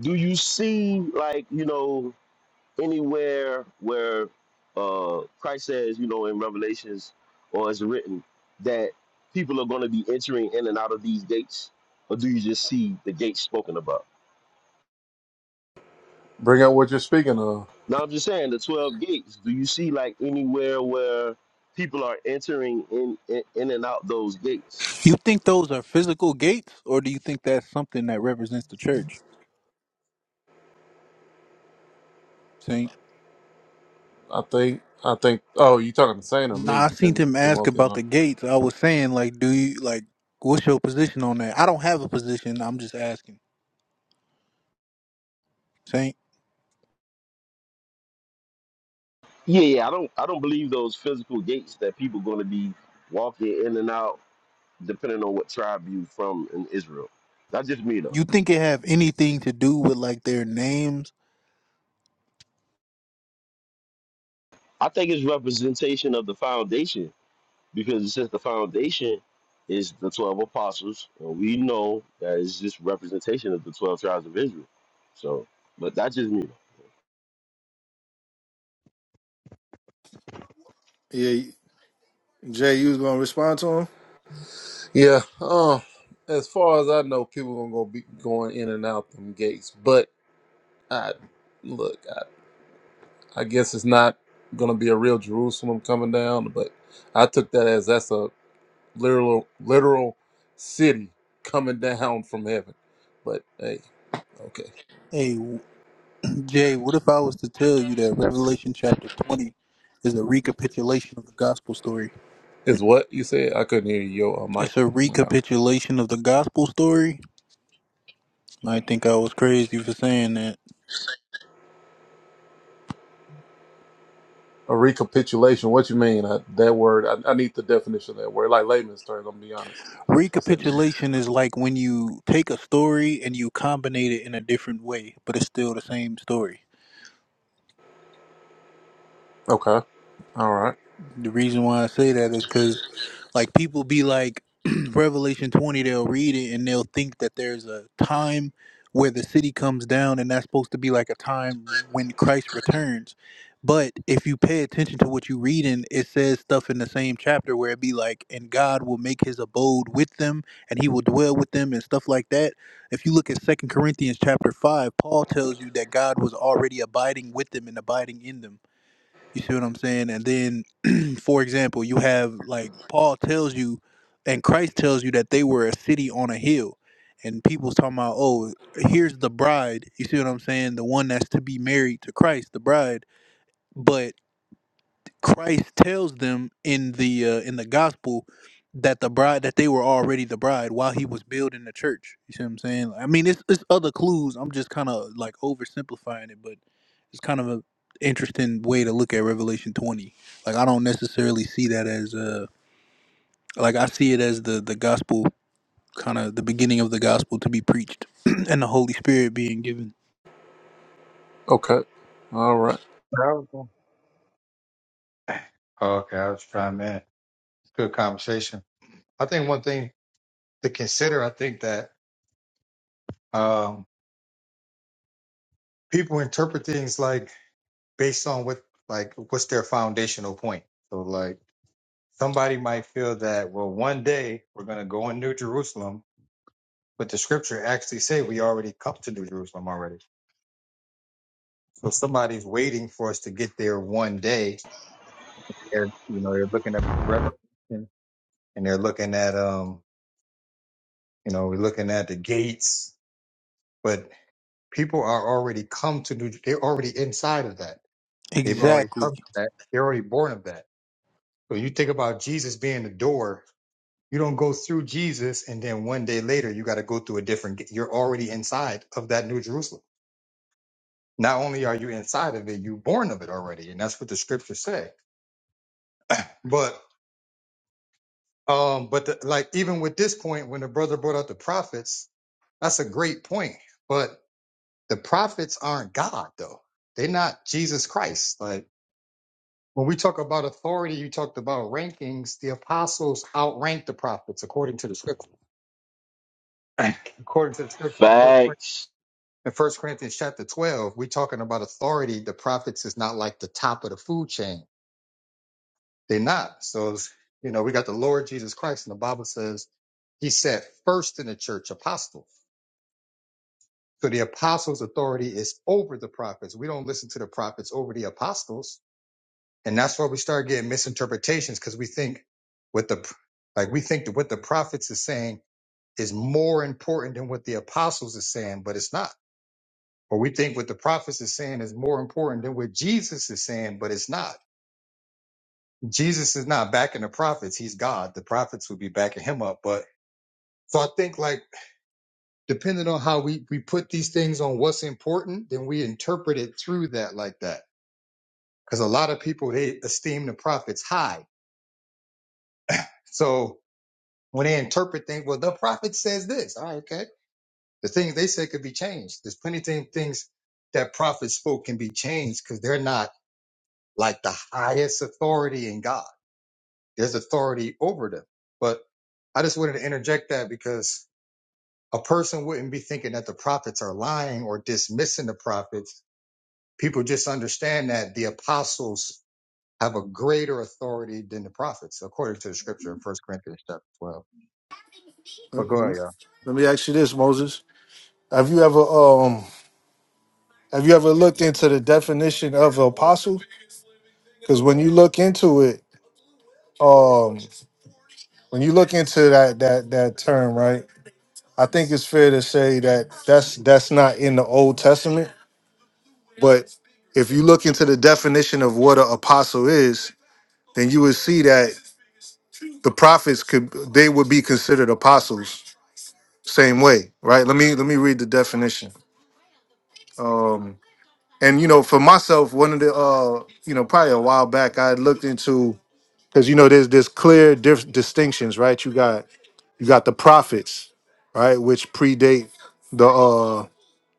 C: do you see like you know anywhere where uh christ says you know in revelations or it's written that people are going to be entering in and out of these gates or do you just see the gates spoken about
D: Bring out what you're speaking of.
C: now i'm just saying the 12 gates do you see like anywhere where people are entering in in, in and out those gates
F: You think those are physical gates, or do you think that's something that represents the church? Saint.
D: I think. I think. Oh, you talking to Saint or
F: Nah, I
D: me,
F: seen
D: Tim
F: him ask
D: Timothy?
F: about
D: Huh?
F: the gates. I was saying, like, do you like what's your position on that? I don't have a position. I'm just asking. Saint,
C: yeah yeah i don't i don't believe those physical gates that people going to be walking in and out depending on what tribe you from in israel That's just me though
F: you think it have anything to do with like their names?
C: I think it's representation of the foundation because it says the foundation is the twelve apostles, and we know that it's just representation of the twelve tribes of Israel. So, but that's just me.
A: Yeah, Jay, you was gonna respond to him?
D: Yeah. Uh, as far as I know, people gonna go be going in and out them gates. But I look. I, I guess it's not gonna be a real Jerusalem coming down. But I took that as that's a literal literal city coming down from heaven. But hey, okay.
F: Hey, w- Jay, what if I was to tell you that Revelation chapter 20 is a recapitulation of the gospel story?
D: Is what you said? I couldn't hear you. Your uh, mic
F: It's a
D: went out.
F: recapitulation of the gospel story. I think I was crazy for saying that.
D: A recapitulation. What you mean? I, that word. I, I need the definition of that word. Like layman's terms. I'm gonna be honest. What's that mean?
F: Recapitulation is like when you take a story and you combine it in a different way, but it's still the same story.
D: Okay. All right.
F: The reason why I say that is because. Like people be like Revelation 20, they'll read it and they'll think that there's a time where the city comes down and that's supposed to be like a time when Christ returns. But if you pay attention to what you read in, it says stuff in the same chapter where it be like, and God will make his abode with them and he will dwell with them and stuff like that. If you look at Second Corinthians chapter 5, Paul tells you that God was already abiding with them and abiding in them. You see what I'm saying? And then, for example, you have like Paul tells you, and Christ tells you that they were a city on a hill, and people's talking about, oh, here's the bride. You see what I'm saying? The one that's to be married to Christ, the bride. but. Christ tells them in the uh, in the gospel that the bride that they were already the bride while he was building the church. You see what I'm saying? I mean, it's it's other clues. I'm just kind of like oversimplifying it, but it's kind of a interesting way to look at Revelation 20. Like I don't necessarily see that as uh like I see it as the the gospel kind of the beginning of the gospel to be preached and the Holy Spirit being given.
D: Okay. All right.
E: I was going Oh, okay, I was trying, man. Good conversation. I think one thing to consider, I think that um, people interpret things like based on what, like, what's their foundational point. So, like, somebody might feel that, well, one day we're going to go in New Jerusalem, but the scripture actually say we already come to New Jerusalem already. So somebody's waiting for us to get there one day. They're, you know, they're looking at Revelation and they're looking at um You know, we're looking at the gates, but people are already come to New. They're already inside of that. They've already
F: Exactly.
E: come to that. They're already born of that. So you think about Jesus being the door. You don't go through Jesus, and then one day later you got to go through a different. gate. You're already inside of that New Jerusalem. Not only are you inside of it, you're born of it already, and that's what the scriptures say. But um, but the, like even with this point, when the brother brought up the prophets, that's a great point. But the prophets aren't God though. They're not Jesus Christ. Like when we talk about authority, you talked about rankings. The apostles outrank the prophets according to the scripture. according to the scripture in First Cor-
C: Facts.
E: in First Corinthians chapter twelve, we're talking about authority. The prophets is not like the top of the food chain. They're not. So it's- you know, we got the Lord Jesus Christ, and the Bible says He said first in the church apostles. So the apostles' authority is over the prophets. We don't listen to the prophets over the apostles And that's where we start getting misinterpretations because we think what the like we think that what the prophets is saying is more important than what the apostles is saying, but it's not. Or we think what the prophets is saying is more important than what Jesus is saying, but it's not. Jesus is not backing the prophets. He's God. The prophets would be backing him up. But so I think like depending on how we, we put these things on what's important, then we interpret it through that like that. Cause a lot of people, they esteem the prophets high. So when they interpret things, well, the prophet says this. All right, okay. The things they say could be changed. There's plenty of thing- things that prophets spoke can be changed because they're not like the highest authority in God. There's authority over them. But I just wanted to interject that because a person wouldn't be thinking that the prophets are lying or dismissing the prophets. People just understand that the apostles have a greater authority than the prophets, according to the scripture in First Corinthians chapter 12. But
A: Let,
E: go
A: let me,
E: ahead, y'all.
A: let me ask you this, Moses. Have you ever um have you ever looked into the definition of apostle? Because when you look into it, um when you look into that that that term, right? I think it's fair to say that that's that's not in the Old Testament, but if you look into the definition of what an apostle is, then you would see that the prophets could they would be considered apostles same way, right? Let me let me read the definition. Um and you know, for myself, one of the uh, you know, probably a while back I looked into cuz you know there's there's clear dif- distinctions, right? You got you got the prophets, right, which predate the uh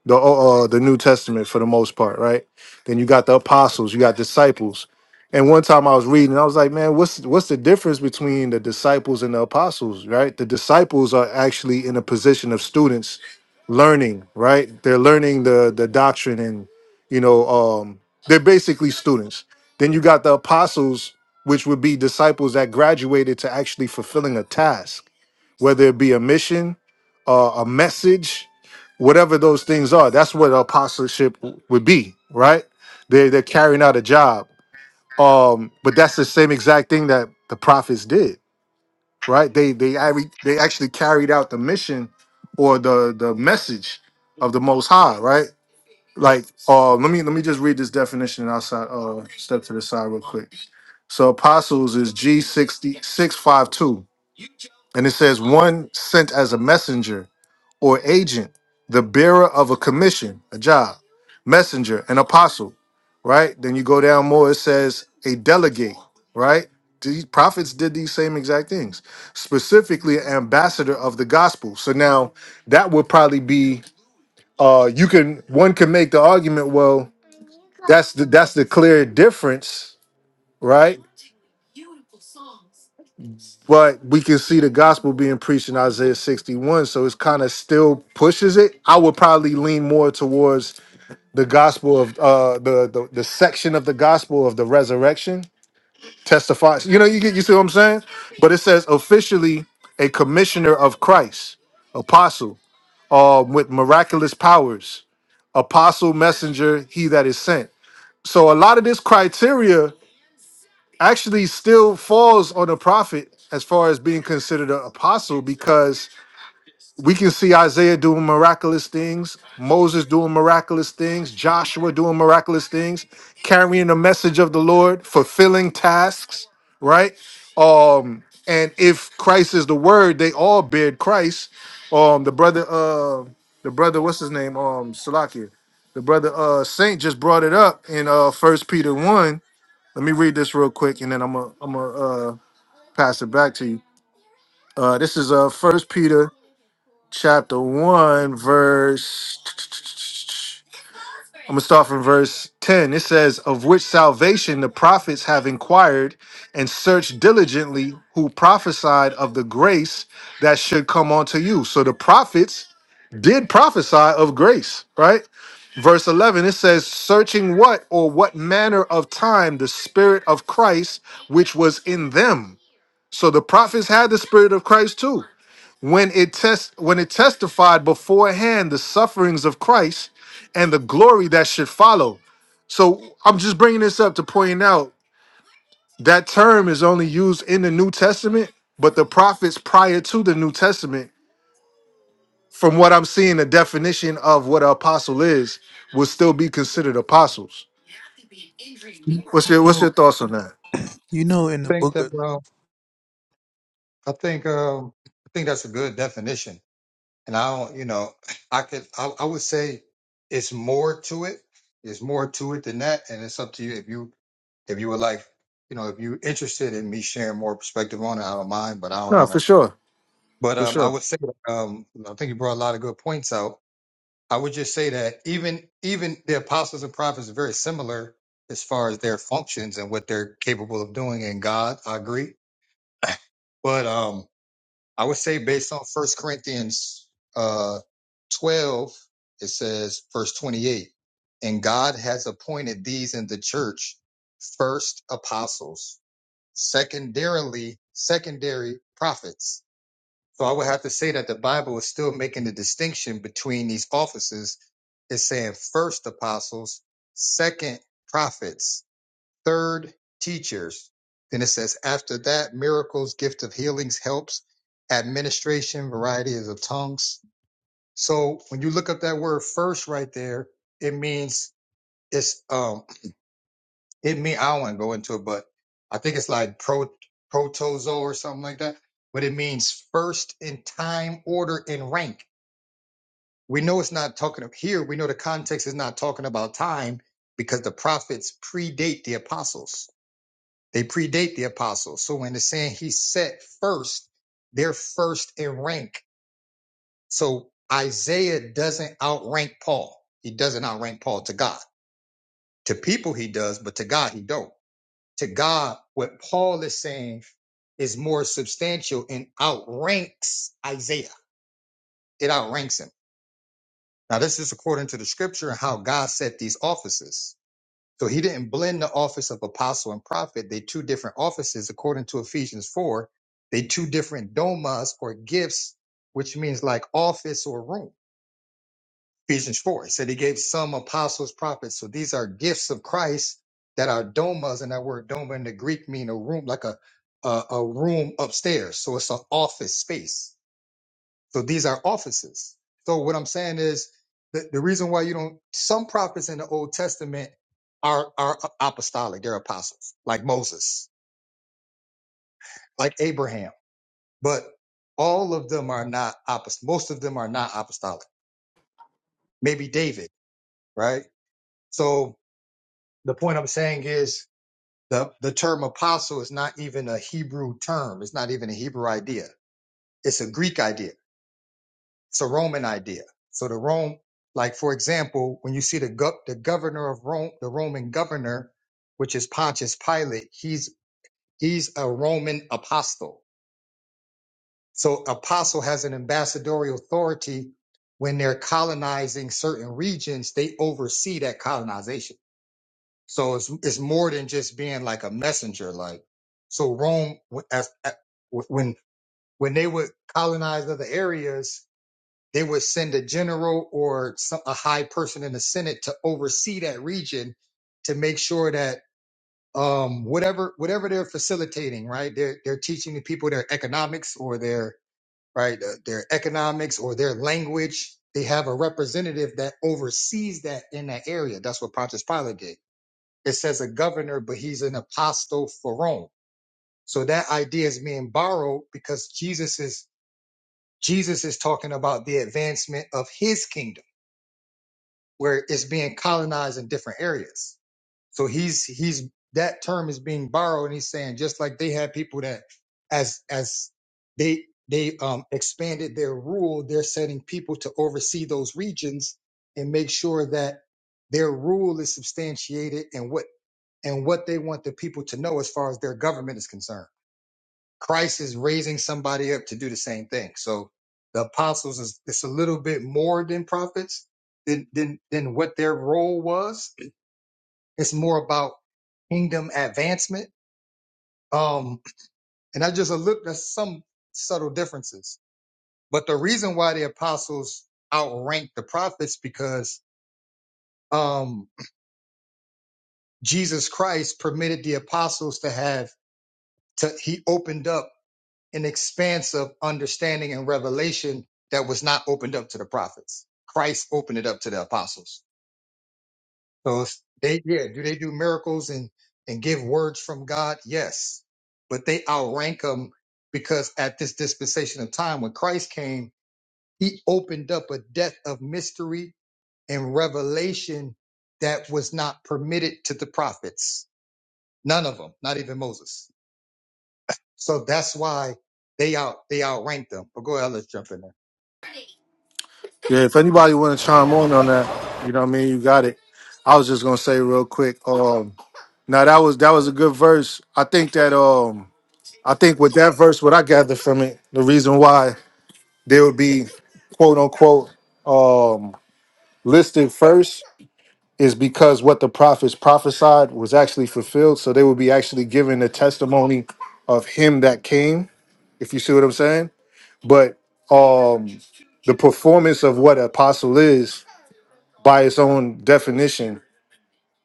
A: the uh, uh, the New Testament for the most part, right? Then you got the apostles, you got disciples. And one time I was reading, I was like, man, what's what's the difference between the disciples and the apostles, right? The disciples are actually in a position of students learning, right? They're learning the the doctrine and you know, um, they're basically students. Then you got the apostles, which would be disciples that graduated to actually fulfilling a task whether it be a mission, uh, a message, whatever those things are. That's what apostleship would be, right? They are they're carrying out a job. Um, but that's the same exact thing that the prophets did, right? They they ac- they actually carried out the mission or the the message of the Most High, right? Like, uh, let me let me just read this definition outside. Uh, step to the side real quick. So apostles is G sixty six five two, and it says one sent as a messenger or agent, the bearer of a commission, a job, messenger, an apostle, right? Then you go down more, it says a delegate, right? These prophets did these same exact things, specifically ambassador of the gospel. So now that would probably be uh you can one can make the argument, well, that's the that's the clear difference, right? But we can see the gospel being preached in Isaiah 61, so it's kind of still pushes it. I would probably lean more towards the gospel of uh the, the the section of the gospel of the resurrection testifies you know you get you see what i'm saying but it says officially a commissioner of christ apostle um with miraculous powers apostle messenger he that is sent so a lot of this criteria actually still falls on the prophet as far as being considered an apostle because we can see Isaiah doing miraculous things, Moses doing miraculous things, Joshua doing miraculous things, carrying the message of the Lord, fulfilling tasks, right? Um, and if Christ is the word, they all bear Christ. Um, the brother, uh, the brother, what's his name? Um, Salakia. The brother uh Saint just brought it up in uh first Peter one. Let me read this real quick and then I'm gonna I'm gonna uh pass it back to you. Uh this is uh first Peter chapter 1, verse. I'm going to start from verse 10. It says, Of which salvation the prophets have inquired and searched diligently, who prophesied of the grace that should come onto you. So the prophets did prophesy of grace, right? Verse 11, it says, Searching what or what manner of time the Spirit of Christ which was in them. So the prophets had the Spirit of Christ too when it test when it testified beforehand the sufferings of Christ and the glory that should follow. So I'm just bringing this up to point out that term is only used in the New Testament, but the prophets prior to the New Testament, from what I'm seeing, the definition of what an apostle is will still be considered apostles.
F: You
A: What's your What's your
F: know,
A: thoughts on that?
F: you know in the
E: Think
F: book of
E: that, I think um, I think that's a good definition, and I don't, you know, I could I, I would say it's more to it. It's more to it than that, and it's up to you if you if you would like, you know, if you're interested in me sharing more perspective on it, I don't mind, but I don't
A: No,
E: want
A: for
E: to.
A: sure,
E: But
A: for
E: um, I
A: sure.
E: would say, um, I think you brought a lot of good points out. I would just say that even even the apostles and prophets are very similar as far as their functions and what they're capable of doing in God. I agree, but um, I would say based on First Corinthians uh, 12, it says verse 28, and God has appointed these in the church first apostles, secondarily secondary prophets. So I would have to say that the Bible is still making the distinction between these offices. It's saying first apostles, second prophets, Third, teachers. Then it says, after that, miracles, gift of healings, helps, administration, varieties of tongues. So when you look up that word first right there, it means it's um it mean I don't want to go into it, but I think it's like pro protozo or something like that. But it means first in time, order, and rank. We know it's not talking of here, we know the context is not talking about time because the prophets predate the apostles. They predate the apostles. So when it's saying he set first, they're first in rank. So Isaiah doesn't outrank Paul. He doesn't outrank Paul to God. To people he does, but to God he don't. To God, what Paul is saying is more substantial and outranks Isaiah. It outranks him. Now this is according to the scripture and how God set these offices. So he didn't blend the office of apostle and prophet. They two different offices, according to Ephesians 4. They two different domas or gifts, which means like office or room. Ephesians 4 it said he gave some apostles, prophets. So these are gifts of Christ that are domas, and that word doma in the Greek mean a room, like a a, a room upstairs. So it's an office space so these are offices. So what I'm saying is the, the reason why you don't some prophets in the Old Testament are are apostolic, they're apostles, like Moses, like Abraham. But all of them are not apost most of them are not apostolic. Maybe David, right? So the point I'm saying is the, the term apostle is not even a Hebrew term. It's not even a Hebrew idea. It's a Greek idea It's a Roman idea. So the Rome, like for example, when you see the go- the governor of Rome, the Roman governor, which is Pontius Pilate, he's he's a Roman apostle. So apostle has an ambassadorial authority when they're colonizing certain regions, they oversee that colonization. So it's it's more than just being like a messenger. Like so, Rome w- as- a- when when they would colonize other areas, they would send a general or some, a high person in the Senate to oversee that region to make sure that um, whatever whatever they're facilitating, right? They're they're teaching the people their economics or their right uh, their economics or their language. They have a representative that oversees that in that area. That's what Pontius Pilate did. It says a governor, but he's an apostle for Rome. So that idea is being borrowed because Jesus is Jesus is talking about the advancement of his kingdom where it's being colonized in different areas. So he's he's that term is being borrowed, and he's saying just like they had people that as as they they um, expanded their rule, they're setting people to oversee those regions and make sure that their rule is substantiated and what and what they want the people to know as far as their government is concerned. Christ is raising somebody up to do the same thing. So the apostles is it's a little bit more than prophets than than than what their role was. It's more about kingdom advancement. Um, and I just looked at some subtle differences. But the reason why the apostles outrank the prophets because um Jesus Christ permitted the apostles to have to he opened up an expanse of understanding and revelation that was not opened up to the prophets. Christ opened it up to the apostles. So it's- they, yeah, do they do miracles and, and give words from God? Yes, but they outrank them because at this dispensation of time, when Christ came, he opened up a depth of mystery and revelation that was not permitted to the prophets. None of them, not even Moses. So that's why they out, they outrank them. But go ahead, let's jump in.
A: Yeah, if anybody want to chime on on that, you know what I mean. You got it. I was just gonna say real quick. Um, Now that was that was a good verse. I think that um I think with that verse, what I gathered from it, the reason why they would be quote unquote um listed first is because what the prophets prophesied was actually fulfilled. So they would be actually giving the testimony of him that came, if you see what I'm saying. But um the performance of what apostle is by its own definition,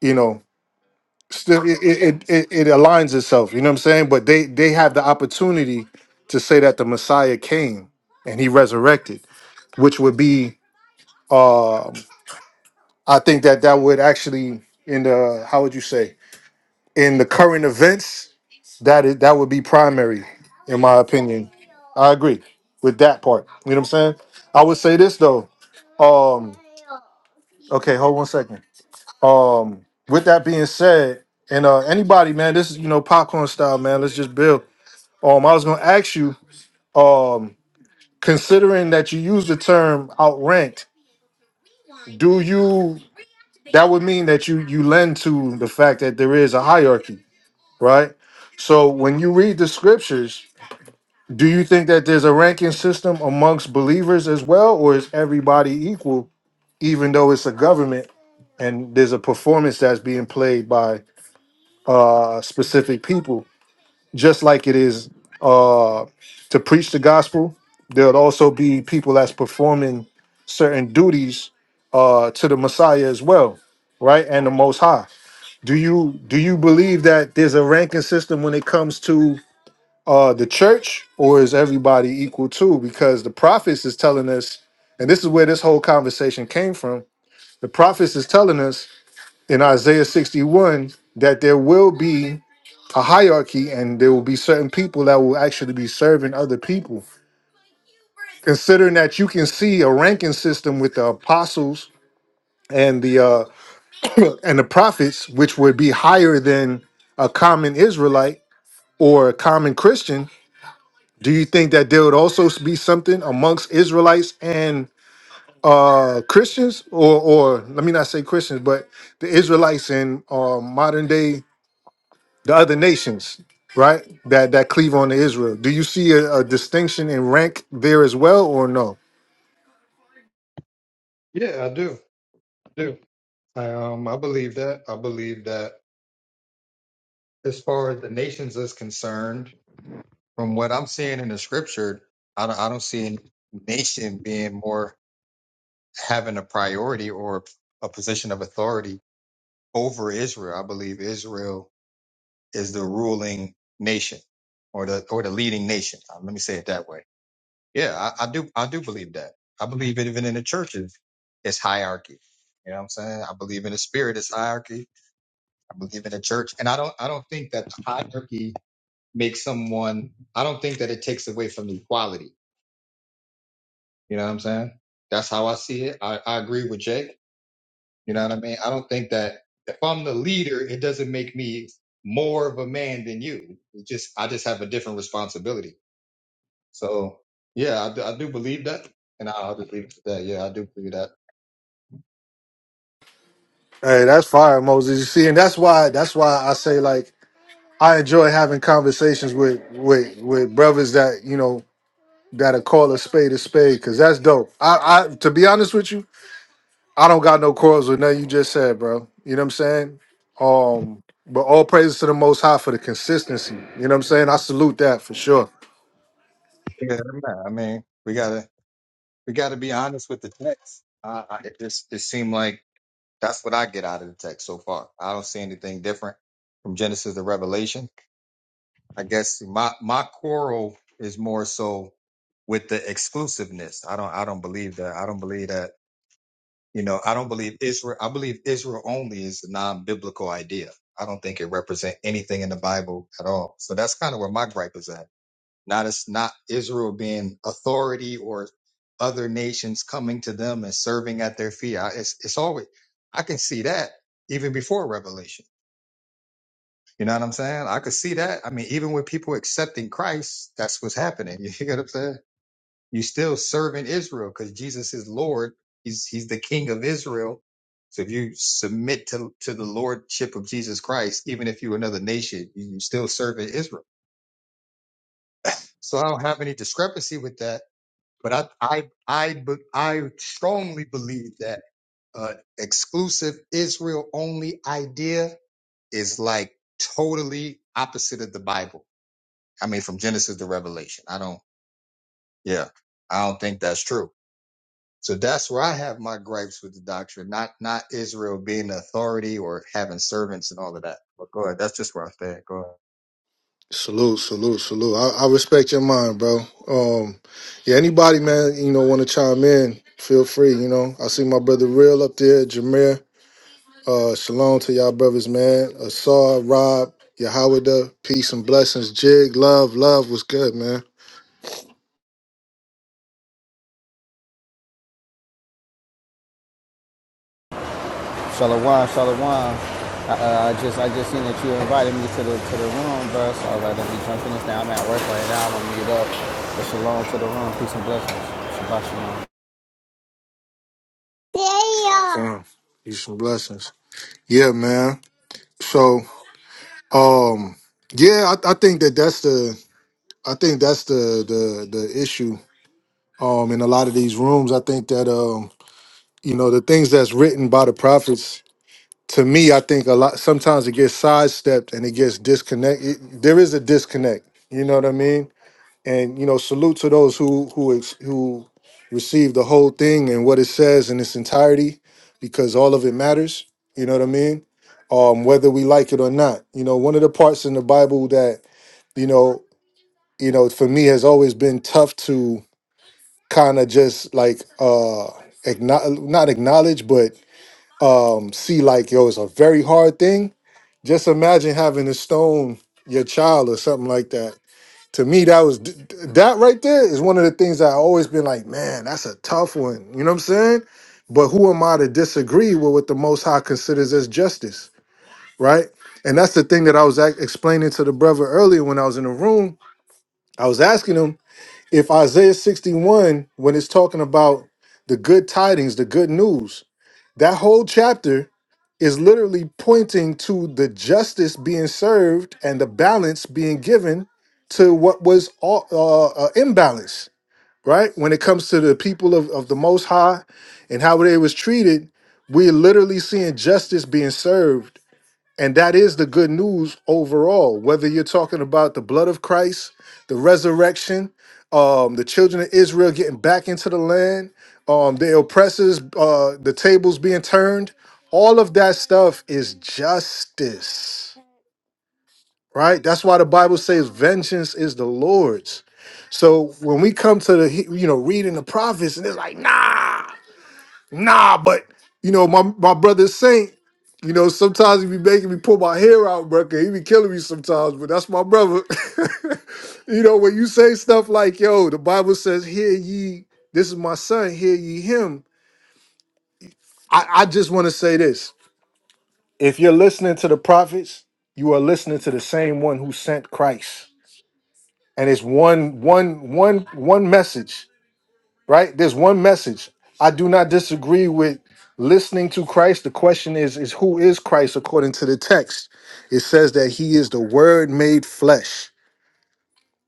A: you know, still it it, it it aligns itself you know what i'm saying but they they have the opportunity to say that the messiah came and he resurrected which would be um i think that that would actually in the how would you say in the current events that is that would be primary in my opinion i agree with that part you know what i'm saying i would say this though um okay hold one second Um, with that being said, and uh, anybody, man, this is you know popcorn style, man. Let's just build. Um, I was gonna ask you, um, considering that you use the term outranked, do you? That would mean that you you lend to the fact that there is a hierarchy, right? So when you read the scriptures, do you think that there's a ranking system amongst believers as well, or is everybody equal, even though it's a government and there's a performance that's being played by uh, specific people, just like it is uh, to preach the gospel. There'll also be people that's performing certain duties uh, to the Messiah as well, right? And the Most High. Do you do you believe that there's a ranking system when it comes to uh, the church, or is everybody equal too? Because the prophets is telling us, and this is where this whole conversation came from. The prophets is telling us in Isaiah 61 that there will be a hierarchy and there will be certain people that will actually be serving other people. Considering that you can see a ranking system with the apostles and the uh, and the prophets, which would be higher than a common Israelite or a common Christian, do you think that there would also be something amongst Israelites and uh Christians or or let me not say Christians, but the Israelites and uh, modern day the other nations, right? That that cleave on to Israel. Do you see a, a distinction in rank there as well, or no?
E: Yeah, I do. I do. I, um, I believe that. I believe that as far as the nations is concerned, from what I'm seeing in the scripture, I don't, I don't see a nation being more having a priority or a position of authority over Israel. I believe Israel is the ruling nation or the or the leading nation. Uh, Let me say it that way. Yeah, I, I do. I do believe that. I believe it even in the churches, it's hierarchy. You know what I'm saying? I believe in the spirit, it's hierarchy I believe in a church, and I don't I don't think that the hierarchy makes someone. I don't think that it takes away from the equality. You know what I'm saying? That's how I see it. I, I agree with Jake. You know what I mean? I don't think that if I'm the leader, it doesn't make me more of a man than you. It just I just have a different responsibility. So yeah, I, do- I do believe that, and I'll just leave it to that. Yeah, I do believe that.
A: Hey, that's fire, Moses. You see, and that's why that's why I say like I enjoy having conversations with with with brothers that you know that are call a spade a spade because that's dope. I I to be honest with you, I don't got no quarrels with nothing you just said, bro. You know what I'm saying? Um, but all praises to the Most High for the consistency. You know what I'm saying? I salute that for sure.
E: Yeah, man. I mean, we gotta we gotta be honest with the text. I, I, it just it seemed like. That's what I get out of the text so far. I don't see anything different from Genesis to Revelation. I guess my my quarrel is more so with the exclusiveness. I don't I don't believe that. I don't believe that. You know, I don't believe Israel. I believe Israel only is a non-biblical idea. I don't think it represents anything in the Bible at all. So that's kind of where my gripe is at. Not as not Israel being authority or other nations coming to them and serving at their feet. I, it's it's always I can see that even before Revelation. You know what I'm saying? I could see that. I mean, even with people accepting Christ, that's what's happening. You get what I'm saying? You still serving Israel because Jesus is Lord. He's he's the King of Israel. So if you submit to, to the lordship of Jesus Christ, even if you're another nation, you, you still serve in Israel. So I don't have any discrepancy with that. But I I I be- I strongly believe that uh, exclusive Israel only idea is like totally opposite of the Bible. I mean, from Genesis to Revelation. I don't. Yeah, I don't think that's true. So that's where I have my gripes with the doctrine, not not Israel being the authority or having servants and all of that. But go ahead. That's just where I stand. Go ahead.
A: Salute, salute, salute. I, I respect your mind, bro. Um, yeah, anybody, man, you know, want to chime in, feel free. You know, I see my brother Real up there, Jameer. Uh, shalom to y'all brothers, man. Asar, Rob, Yahweh, peace and blessings. Jig, love, love was good, man.
G: Shalawam, shalawam. I, uh, I just I just seen that you invited me to the to the room, bro. So I was like, let me jump in this now. I'm at work right now. I'm gonna get up. But shalom to the room. Peace and blessings. Shabbat shalom.
A: Yeah. Peace and blessings. Yeah, man. So, um, yeah, I, I think that that's the, I think that's the, the, the issue. Um, in a lot of these rooms, I think that, um. you know the things that's written by the prophets to me i think a lot sometimes it gets sidestepped and it gets disconnected there is a disconnect you know what i mean and you know salute to those who who ex- who receive the whole thing and what it says in its entirety because all of it matters you know what i mean um whether we like it or not you know one of the parts in the bible that you know you know for me has always been tough to kind of just like uh acknowledge, not acknowledge but um see like yo it's a very hard thing just imagine having to stone your child or something like that to me that was d- d- that right there is one of the things that i always been like man that's a tough one you know what i'm saying but who am i to disagree with what the most high considers as justice right and that's the thing that i was ac- explaining to the brother earlier when i was in the room i was asking him if isaiah 61 when it's talking about the good tidings the good news that whole chapter is literally pointing to the justice being served and the balance being given to what was all, uh, uh, imbalance, right? When it comes to the people of, of the Most High and how they was treated, we're literally seeing justice being served and that is the good news overall, whether you're talking about the blood of Christ, the resurrection, um, the children of Israel getting back into the land, um, the oppressors, uh, the tables being turned. All of that stuff is justice, right? That's why the Bible says vengeance is the Lord's. So when we come to the, he- you know, reading the prophets and it's like, nah nah, but you know, my my brother Saint, you know, sometimes he be making me pull my hair out, bro. 'cause He be killing me sometimes, but that's my brother. you know, when you say stuff like, yo, the Bible says, hear ye, this is my son, hear ye him. I, I just want to say this. If you're listening to the prophets, you are listening to the same one who sent Christ. And it's one, one, one, one message. right? There's one message. I do not disagree with listening to Christ. The question is, is who is Christ according to the text? It says that he is the word made flesh.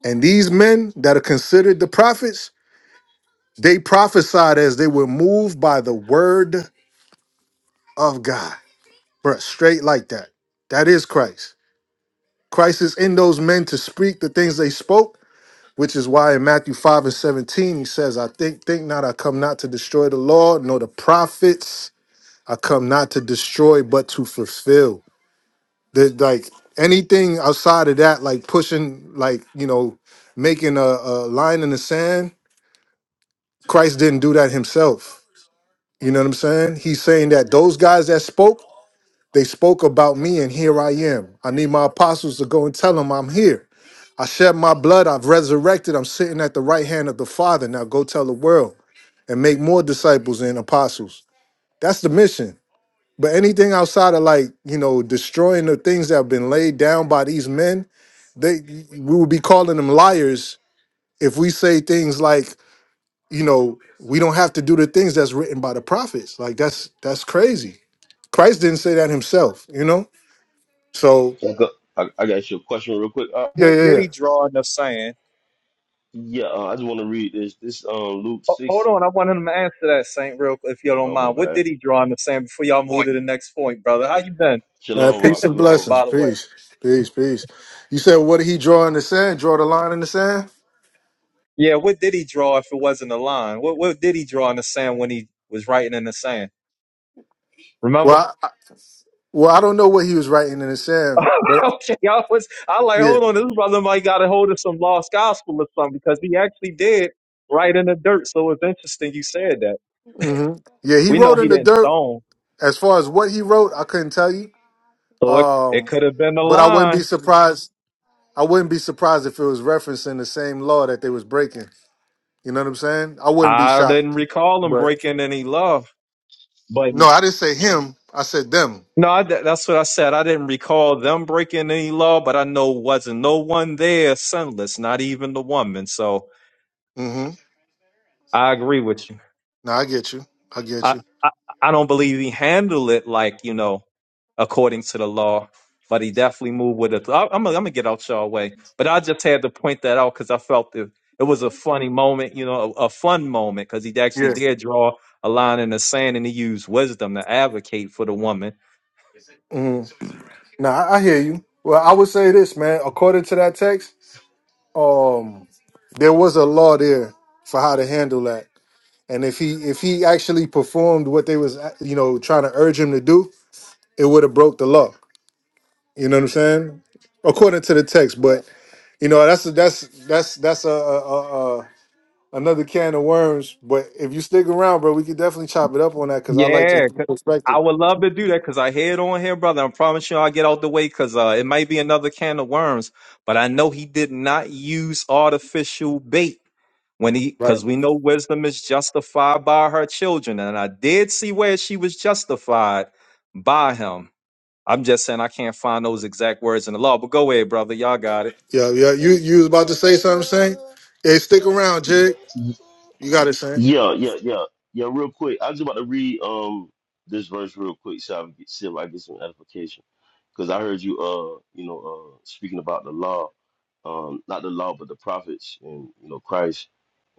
A: And these men that are considered the prophets, they prophesied as they were moved by the word of God. Bruh, straight like that. That is Christ. Christ is in those men to speak the things they spoke, which is why in Matthew 5 and 17 he says, I think, think not, I come not to destroy the law nor the prophets I come not to destroy, but to fulfill. That like anything outside of that, like pushing, like you know, making a, a line in the sand. Christ didn't do that himself. You know what I'm saying? He's saying that those guys that spoke, they spoke about me, and here I am. I need my apostles to go and tell them I'm here. I shed my blood. I've resurrected. I'm sitting at the right hand of the Father. Now go tell the world and make more disciples and apostles. That's the mission. But anything outside of like, you know, destroying the things that have been laid down by these men, they we would be calling them liars if we say things like, you know, we don't have to do the things that's written by the prophets. Like that's that's crazy. Christ didn't say that himself, you know? So
C: I got, I, I got your question real quick. Uh,
A: yeah,
H: What
A: yeah,
H: did
A: yeah.
H: he draw in the sand?
C: yeah, uh, I just want to read this. This um Luke
H: Ho- Hold
C: six.
H: on, I want him to answer that, Saint, real quick, if you don't
C: Oh my
H: mind. What
C: bad.
H: did he draw in the sand before y'all move to the next point, brother? How you been,
A: Man,
C: Shalom, Mark.
A: peace and
C: Shalom.
A: blessings.
H: by the way?
A: Peace. Peace, peace. You said what did he draw in the sand? Draw the line in the sand?
H: Yeah, what did he draw if it wasn't a line? What what did he draw in the sand when he was writing in the sand? Remember?
A: Well, I, I- well, I don't know what he was writing in the sand, but
H: okay, I was I like,
A: yeah.
H: hold on, this brother might got a hold of some lost gospel or something because he actually did write in the dirt. So it's interesting you said that.
A: hmm Yeah, he
H: We know
A: wrote
H: he
A: in the
H: didn't
A: dirt
H: stone,
A: As far as what he wrote, I couldn't tell you.
H: so it it
A: Um,
H: could have been a
A: but I wouldn't be
H: line.
A: surprised. I wouldn't be surprised if it was referencing the same law that they was breaking. You know what I'm saying? I wouldn't be
H: I didn't
A: shocked.
H: recall him breaking any law. But
A: No, I didn't say him. I said them.
H: no, I, th- that's what I said. I didn't recall them breaking any law, but I know wasn't no one there sinless, not even the woman. So
A: Mm-hmm.
H: I agree with you.
A: Now I get you. I get
H: I,
A: you.
H: I I don't believe he handled it like you know according to the law, but he definitely moved with it. I, I'm gonna- I'm gonna get out y'all way, but I just had to point that out because I felt it it was a funny moment, you know, a, a fun moment because he actually
A: Yeah.
H: did draw a line in the sand and he used wisdom to advocate for the woman.
A: hmm Now I, I hear you. Well, I would say this, man. According to that text, um, there was a law there for how to handle that. And if he if he actually performed what they was you know trying to urge him to do, it would have broke the law. You know what I'm saying? According to the text, but you know that's a, that's that's that's a, a, a, a another can of worms. But if you stick around, bro, we could definitely chop it up on that because I like to hear
H: Yeah,
A: your
H: 'cause
A: perspective.
H: I would love to do that because I head on here, brother. I promise you I'll get out the way because uh, it might be another can of worms. But I know he did not use artificial bait when he,
A: Right.
H: because we know wisdom is justified by her children. And I did see where she was justified by him. I'm just saying I can't find those exact words in the law. But go ahead, brother. Y'all got it.
A: Yeah, yeah. You you was about to say something, Saint? Hey, stick around, Jig. You got it, Saint.
C: Yeah, yeah, yeah, yeah. Real quick, I was about to read um this verse real quick so I can get see if I can get some edification because I heard you uh you know uh speaking about the law, um not the law but the prophets and you know Christ,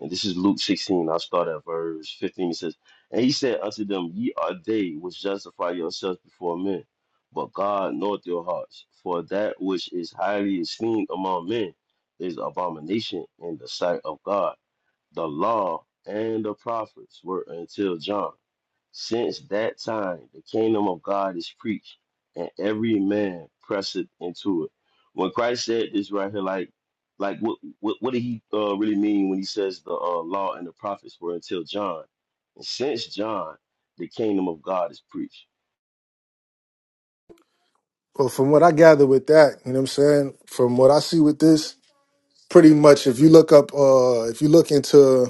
C: and this is Luke sixteen. I'll start at verse fifteen. It says, "And he said unto them, Ye are they which justify yourselves before men, but God knoweth your hearts, for that which is highly esteemed among men is abomination in the sight of God." The law and the prophets were until John. Since that time, the kingdom of God is preached, and every man presseth into it. When Christ said this right here, like, like what what, what did he uh, really mean when he says the uh, law and the prophets were until John? And since John, the kingdom of God is preached.
A: Well, from what I gather with that, you know what I'm saying. From what I see with this, pretty much, if you look up, uh, if you look into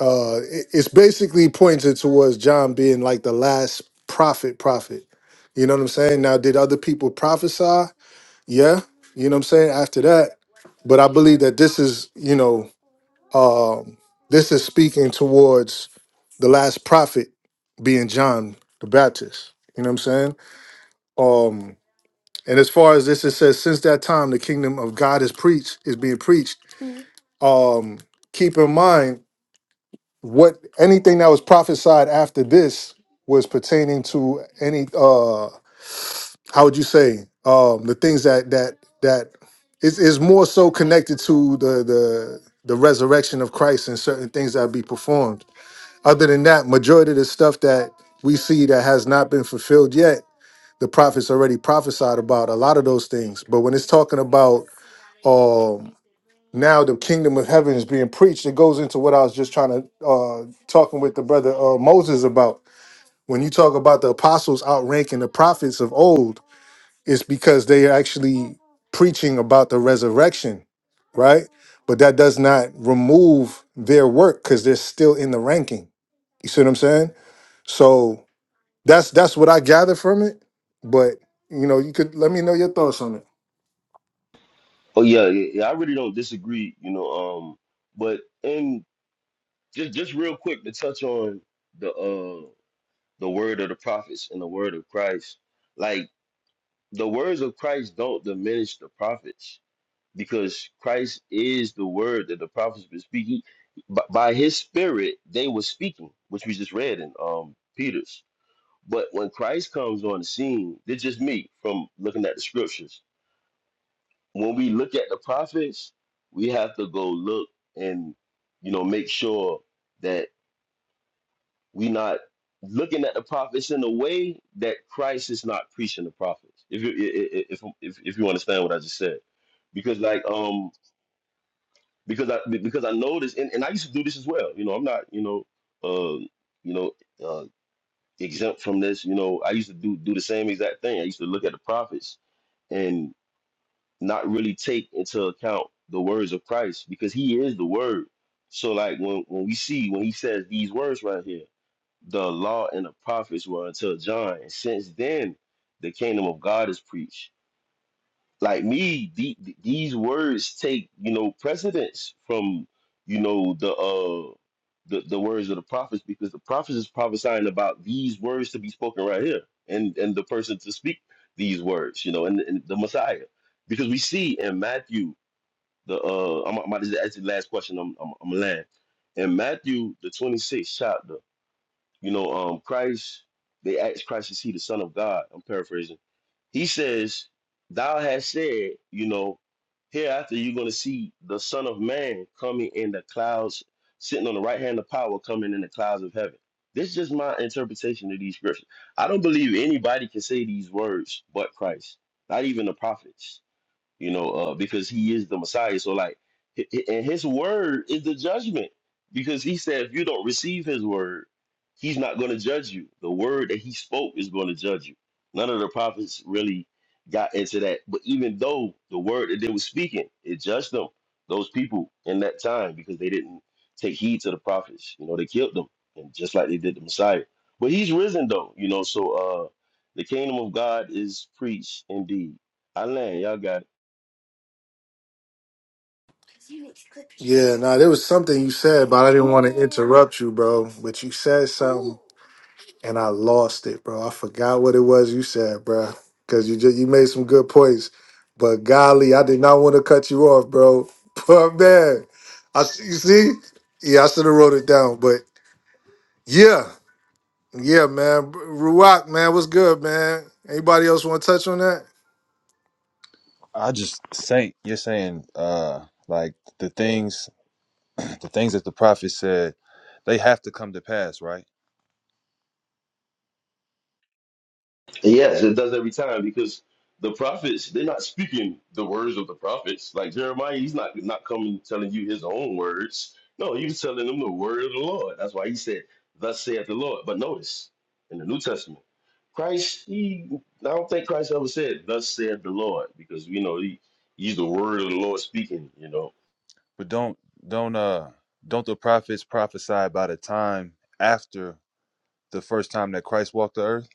A: Uh, it- it's basically pointed towards John being like the last prophet, prophet. You know what I'm saying? Now, did other people prophesy? Yeah. You know what I'm saying? After that, but I believe that this is, you know, um, this is speaking towards the last prophet being John the Baptist. You know what I'm saying? Um, and as far as this, it says, since that time, the kingdom of God is preached, is being preached. Um, keep in mind what anything that was prophesied after this was pertaining to any uh how would you say um the things that that that is is more so connected to the the the resurrection of Christ and certain things that be performed. Other than that, majority of the stuff that we see that has not been fulfilled yet, the prophets already prophesied about a lot of those things. But when it's talking about um now the kingdom of heaven is being preached. It goes into what I was just trying to uh talking with the brother uh, Moses about. When you talk about the apostles outranking the prophets of old, it's because they are actually preaching about the resurrection, right? But that does not remove their work because they're still in the ranking. You see what I'm saying? So that's that's what I gather from it. But you know, you could let me know your thoughts on it.
C: Oh yeah, yeah, yeah, I really don't disagree, you know. Um, but and just just real quick to touch on the uh. the word of the prophets and the word of Christ. Like the words of Christ don't diminish the prophets because Christ is the word that the prophets were speaking. B- By his spirit, they were speaking, which we just read in um Peter's. But when Christ comes on the scene, it's just me from looking at the scriptures. When we look at the prophets, we have to go look and you know make sure that we not looking at the prophets in a way that Christ is not preaching the prophets. If you i- i- if if, if you understand what I just said, because like um because I because I noticed and, and I used to do this as well. You know I'm not you know uh you know uh, exempt from this. You know I used to do do the same exact thing. I used to look at the prophets and not really take into account the words of Christ because He is the Word. So like when when we see when He says these words right here the law and the prophets were until John. And since then, the kingdom of God is preached. Like me, the, these words take you know precedence from you know the uh the, the words of the prophets because the prophets is prophesying about these words to be spoken right here and and the person to speak these words you know and, and the Messiah because we see in Matthew the uh I'm, I'm about to ask you the last question I'm I'm, I'm gonna land in Matthew the 26th chapter you know, um, Christ, they asked Christ, is he the Son of God? I'm paraphrasing. He says, Thou hast said, you know, hereafter you're going to see the Son of Man coming in the clouds, sitting on the right hand of power, coming in the clouds of heaven. This is just my interpretation of these scriptures. I don't believe anybody can say these words but Christ, not even the prophets you know, uh, because he is the Messiah. So like, hi- hi- and his word is the judgment, because he said if you don't receive his word, he's not going to judge you. The word that he spoke is going to judge you. None of the prophets really got into that, but even though the word that they were speaking, it judged them, those people in that time, because they didn't take heed to the prophets. You know, they killed them, and just like they did the Messiah. But he's risen though, you know. So uh, the kingdom of God is preached indeed. I land. Y'all got it.
A: Yeah, nah. there was something you said, but I didn't want to interrupt you, bro. But you said something, and I lost it, bro. I forgot what it was you said, bro, because you just you made some good points. But golly, I did not want to cut you off, bro. But man, I s- you see, yeah, I should have wrote it down. But yeah, yeah, man, Ruak, man, what's good, man? Anybody else want to touch on that?
I: I just say you're saying uh like the things the things that the prophet said they have to come to pass, right?
C: Yes, it does every time because the prophets, they're not speaking the words of the prophets. Like Jeremiah, he's not not coming telling you his own words. No, he was telling them the word of the Lord. That's why he said, Thus saith the Lord. But notice in the New Testament, Christ, he I don't think Christ ever said, Thus saith the Lord, because we know he he's the word of the Lord speaking, you know.
I: But don't don't uh don't the prophets prophesy about a time after the first time that Christ walked the earth?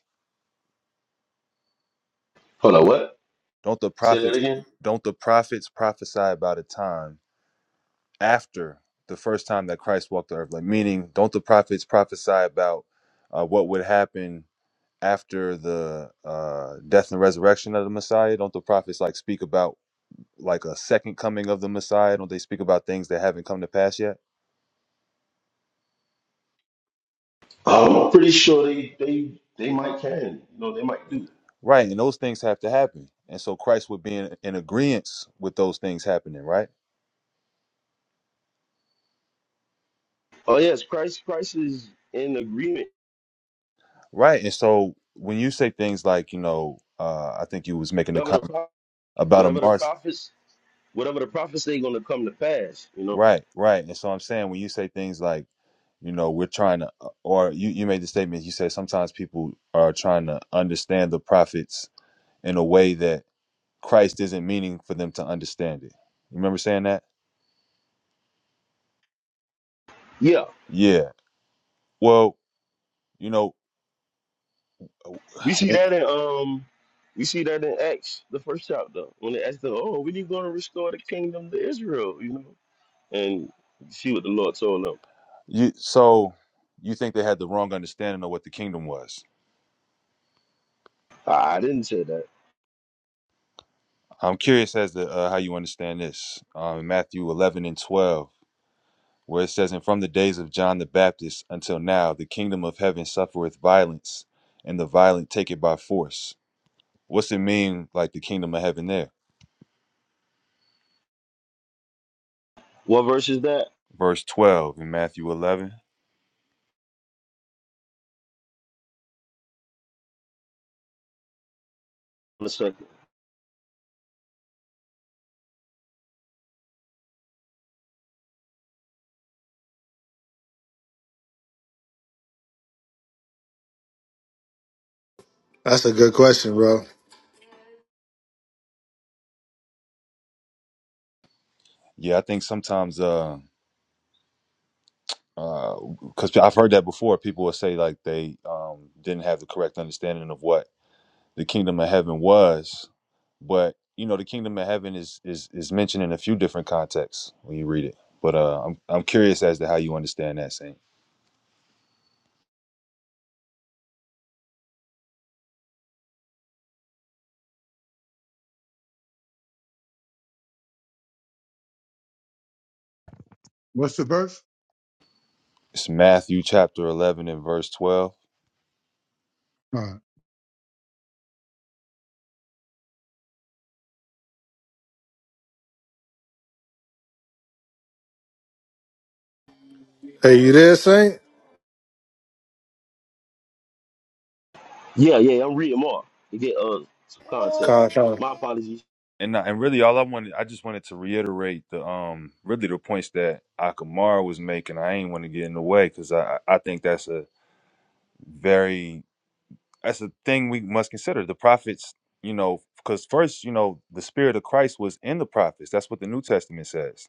C: Hold on, what?
I: Don't the
C: Say that
I: prophets
C: again?
I: don't the prophets prophesy about a time after the first time that Christ walked the earth? Like meaning, don't the prophets prophesy about uh, what would happen after the uh, death and resurrection of the Messiah? Don't the prophets like speak about like a second coming of the Messiah? Don't they speak about things that haven't come to pass yet?
C: Oh, I'm pretty sure they they they might can. You know, they might do.
I: Right, and those things have to happen. And so Christ would be in, in agreement with those things happening, right?
C: Oh yes, Christ Christ is in agreement
I: Right. And so when you say things like, you know, uh, I think you was making the
C: Whatever the
I: comment
C: pro-
I: about a
C: whatever the
I: march.
C: prophets, whatever the prophets they' gonna come to pass, you know.
I: Right, right. And so I'm saying when you say things like, you know, we're trying to, uh, or you, you made the statement, you said sometimes people are trying to understand the prophets in a way that Christ isn't meaning for them to understand it. You remember saying that?
C: Yeah.
I: Yeah. Well, You know,
C: We see that in um we see that in Acts, the first chapter, when they asked them, Oh, when you gonna restore the kingdom to Israel, you know? And you see what the Lord told them.
I: you so you think they had the wrong understanding of what the kingdom was.
C: I, I didn't say that.
I: I'm curious as to uh, how you understand this. Um, in Matthew 11 and 12, where it says, "And from the days of John the Baptist until now, the kingdom of heaven suffereth violence, and the violent take it by force." What's it mean, like the kingdom of heaven there?
C: What verse is that?
I: Verse 12 in Matthew 11.
C: In a second.
A: That's a good question, bro.
I: Yeah, I think sometimes, uh, because I've heard that before, people will say like they um, didn't have the correct understanding of what the kingdom of heaven was but you know the kingdom of heaven is is is mentioned in a few different contexts when you read it but uh i'm, I'm curious as to how you understand that saint
E: What's
I: it's matthew chapter 11 and verse 12
E: uh,
A: Hey, you there, Saint?
C: Yeah, yeah, I'm reading more to get uh some context.
A: Call, call.
C: My apologies.
I: and I- and really all i wanted i just wanted to reiterate the um really the points that akamara was making i ain't want to get in the way because i i I think that's a very that's a thing we must consider the prophets you know because first you know the spirit of christ was in the prophets that's what the new testament says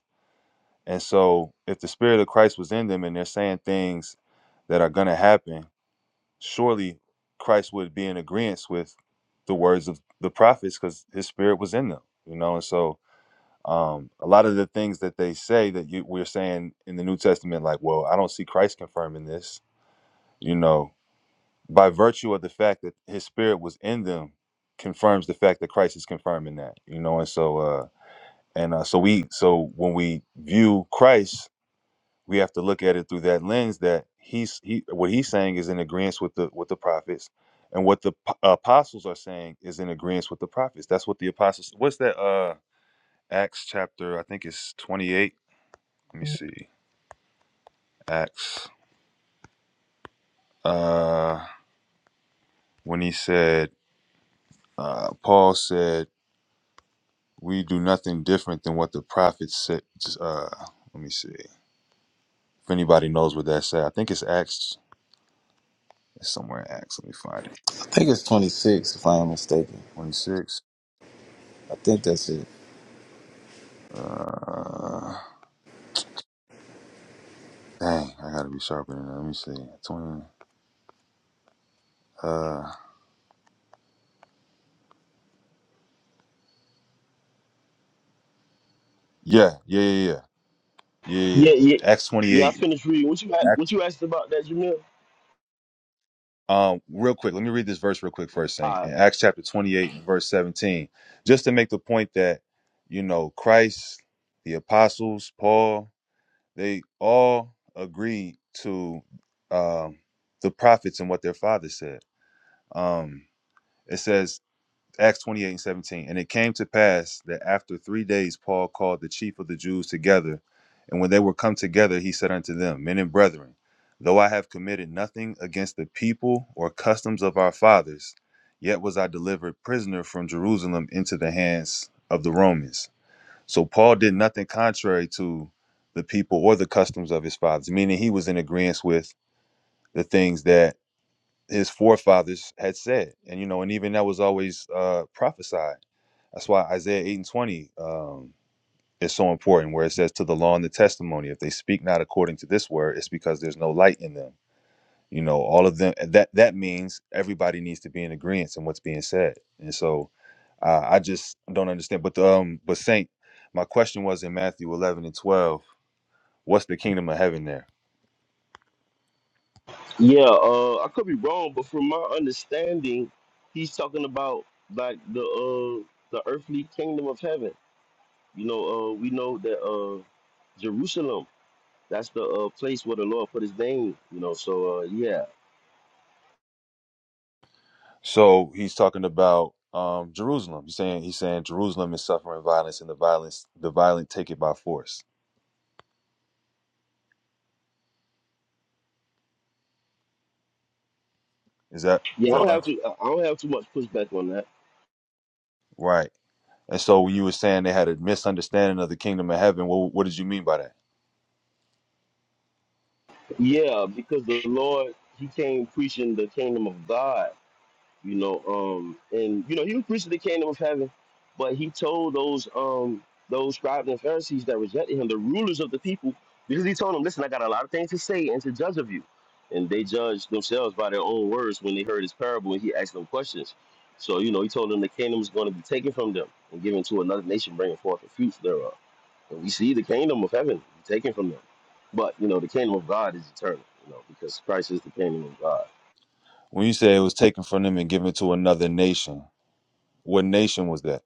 I: And so, if the Spirit of Christ was in them and they're saying things that are going to happen, surely Christ would be in agreement with the words of the prophets because his Spirit was in them, you know? And so, um, a lot of the things that they say that you, we're saying in the New Testament, like, well, I don't see Christ confirming this, you know, by virtue of the fact that his Spirit was in them, confirms the fact that Christ is confirming that, you know? And so, uh, and uh, so we, so when we view Christ, we have to look at it through that lens that he's he what he's saying is in agreement with the with the prophets and what the p- apostles are saying is in agreement with the prophets that's what the apostles what's that uh acts chapter i think it's 28 let me see acts uh when he said uh paul said we do nothing different than what the prophets said just, uh let me see if anybody knows what that said i think it's acts it's somewhere in acts let me find it
J: I think it's 26, if I am mistaken.
I: 26
J: I think that's it.
I: uh Dang, I gotta be sharper than that. Let me see. Twenty. Uh, yeah, yeah, yeah, yeah, yeah, yeah.
C: Yeah,
I: yeah.
C: yeah.
I: Acts
C: Yeah, I
I: twenty-eight.
C: finished reading. What you a- what
I: Acts,
C: you asked about that, Jamil?
I: um, real quick, let me read this verse real quick first. Saint in Acts chapter twenty-eight, and verse seventeen, just to make the point that you know Christ, the apostles, Paul, they all agreed to um, the prophets and what their father said. Um, it says Acts 28 and 17. And it came to pass that after three days, Paul called the chief of the Jews together. And when they were come together, he said unto them, Men and brethren, though I have committed nothing against the people or customs of our fathers, yet was I delivered prisoner from Jerusalem into the hands of the Romans. So Paul did nothing contrary to the people or the customs of his fathers, meaning he was in agreement with the things that his forefathers had said. And you know, and even that was always uh prophesied. That's why Isaiah 8 and 20 um is so important, where it says to the law and the testimony, if they speak not according to this word, it's because there's no light in them. You know, all of them that that means everybody needs to be in agreement in what's being said. And so uh, I just don't understand. But um but Saint, my question was in Matthew eleven and twelve, what's the kingdom of heaven there?
C: Yeah, uh, I could be wrong, but from my understanding, he's talking about like the uh the earthly kingdom of heaven. You know, uh, we know that uh Jerusalem, that's the uh place where the Lord put His name. You know, so uh, yeah,
I: So he's talking about um, Jerusalem. He's saying he's saying Jerusalem is suffering violence, and the violence the violent take it by force. Is that is
C: yeah, I
I: that
C: don't
I: right?
C: have to, I don't have too much pushback on that.
I: Right. And so when you were saying they had a misunderstanding of the kingdom of heaven, what what did you mean by that?
C: Yeah, because the Lord, He came preaching the kingdom of God. you know um and you know he was preaching the kingdom of heaven but he told those um those scribes and pharisees that rejected him the rulers of the people because he told them listen i got a lot of things to say and to judge of you and they judged themselves by their own words when they heard his parable and he asked them questions so you know he told them the kingdom is going to be taken from them and given to another nation bringing forth the fruits thereof and we see the kingdom of heaven taken from them but you know the kingdom of god is eternal you know because christ is the kingdom of god
I: When you say it was taken from them and given to another nation, what nation was that?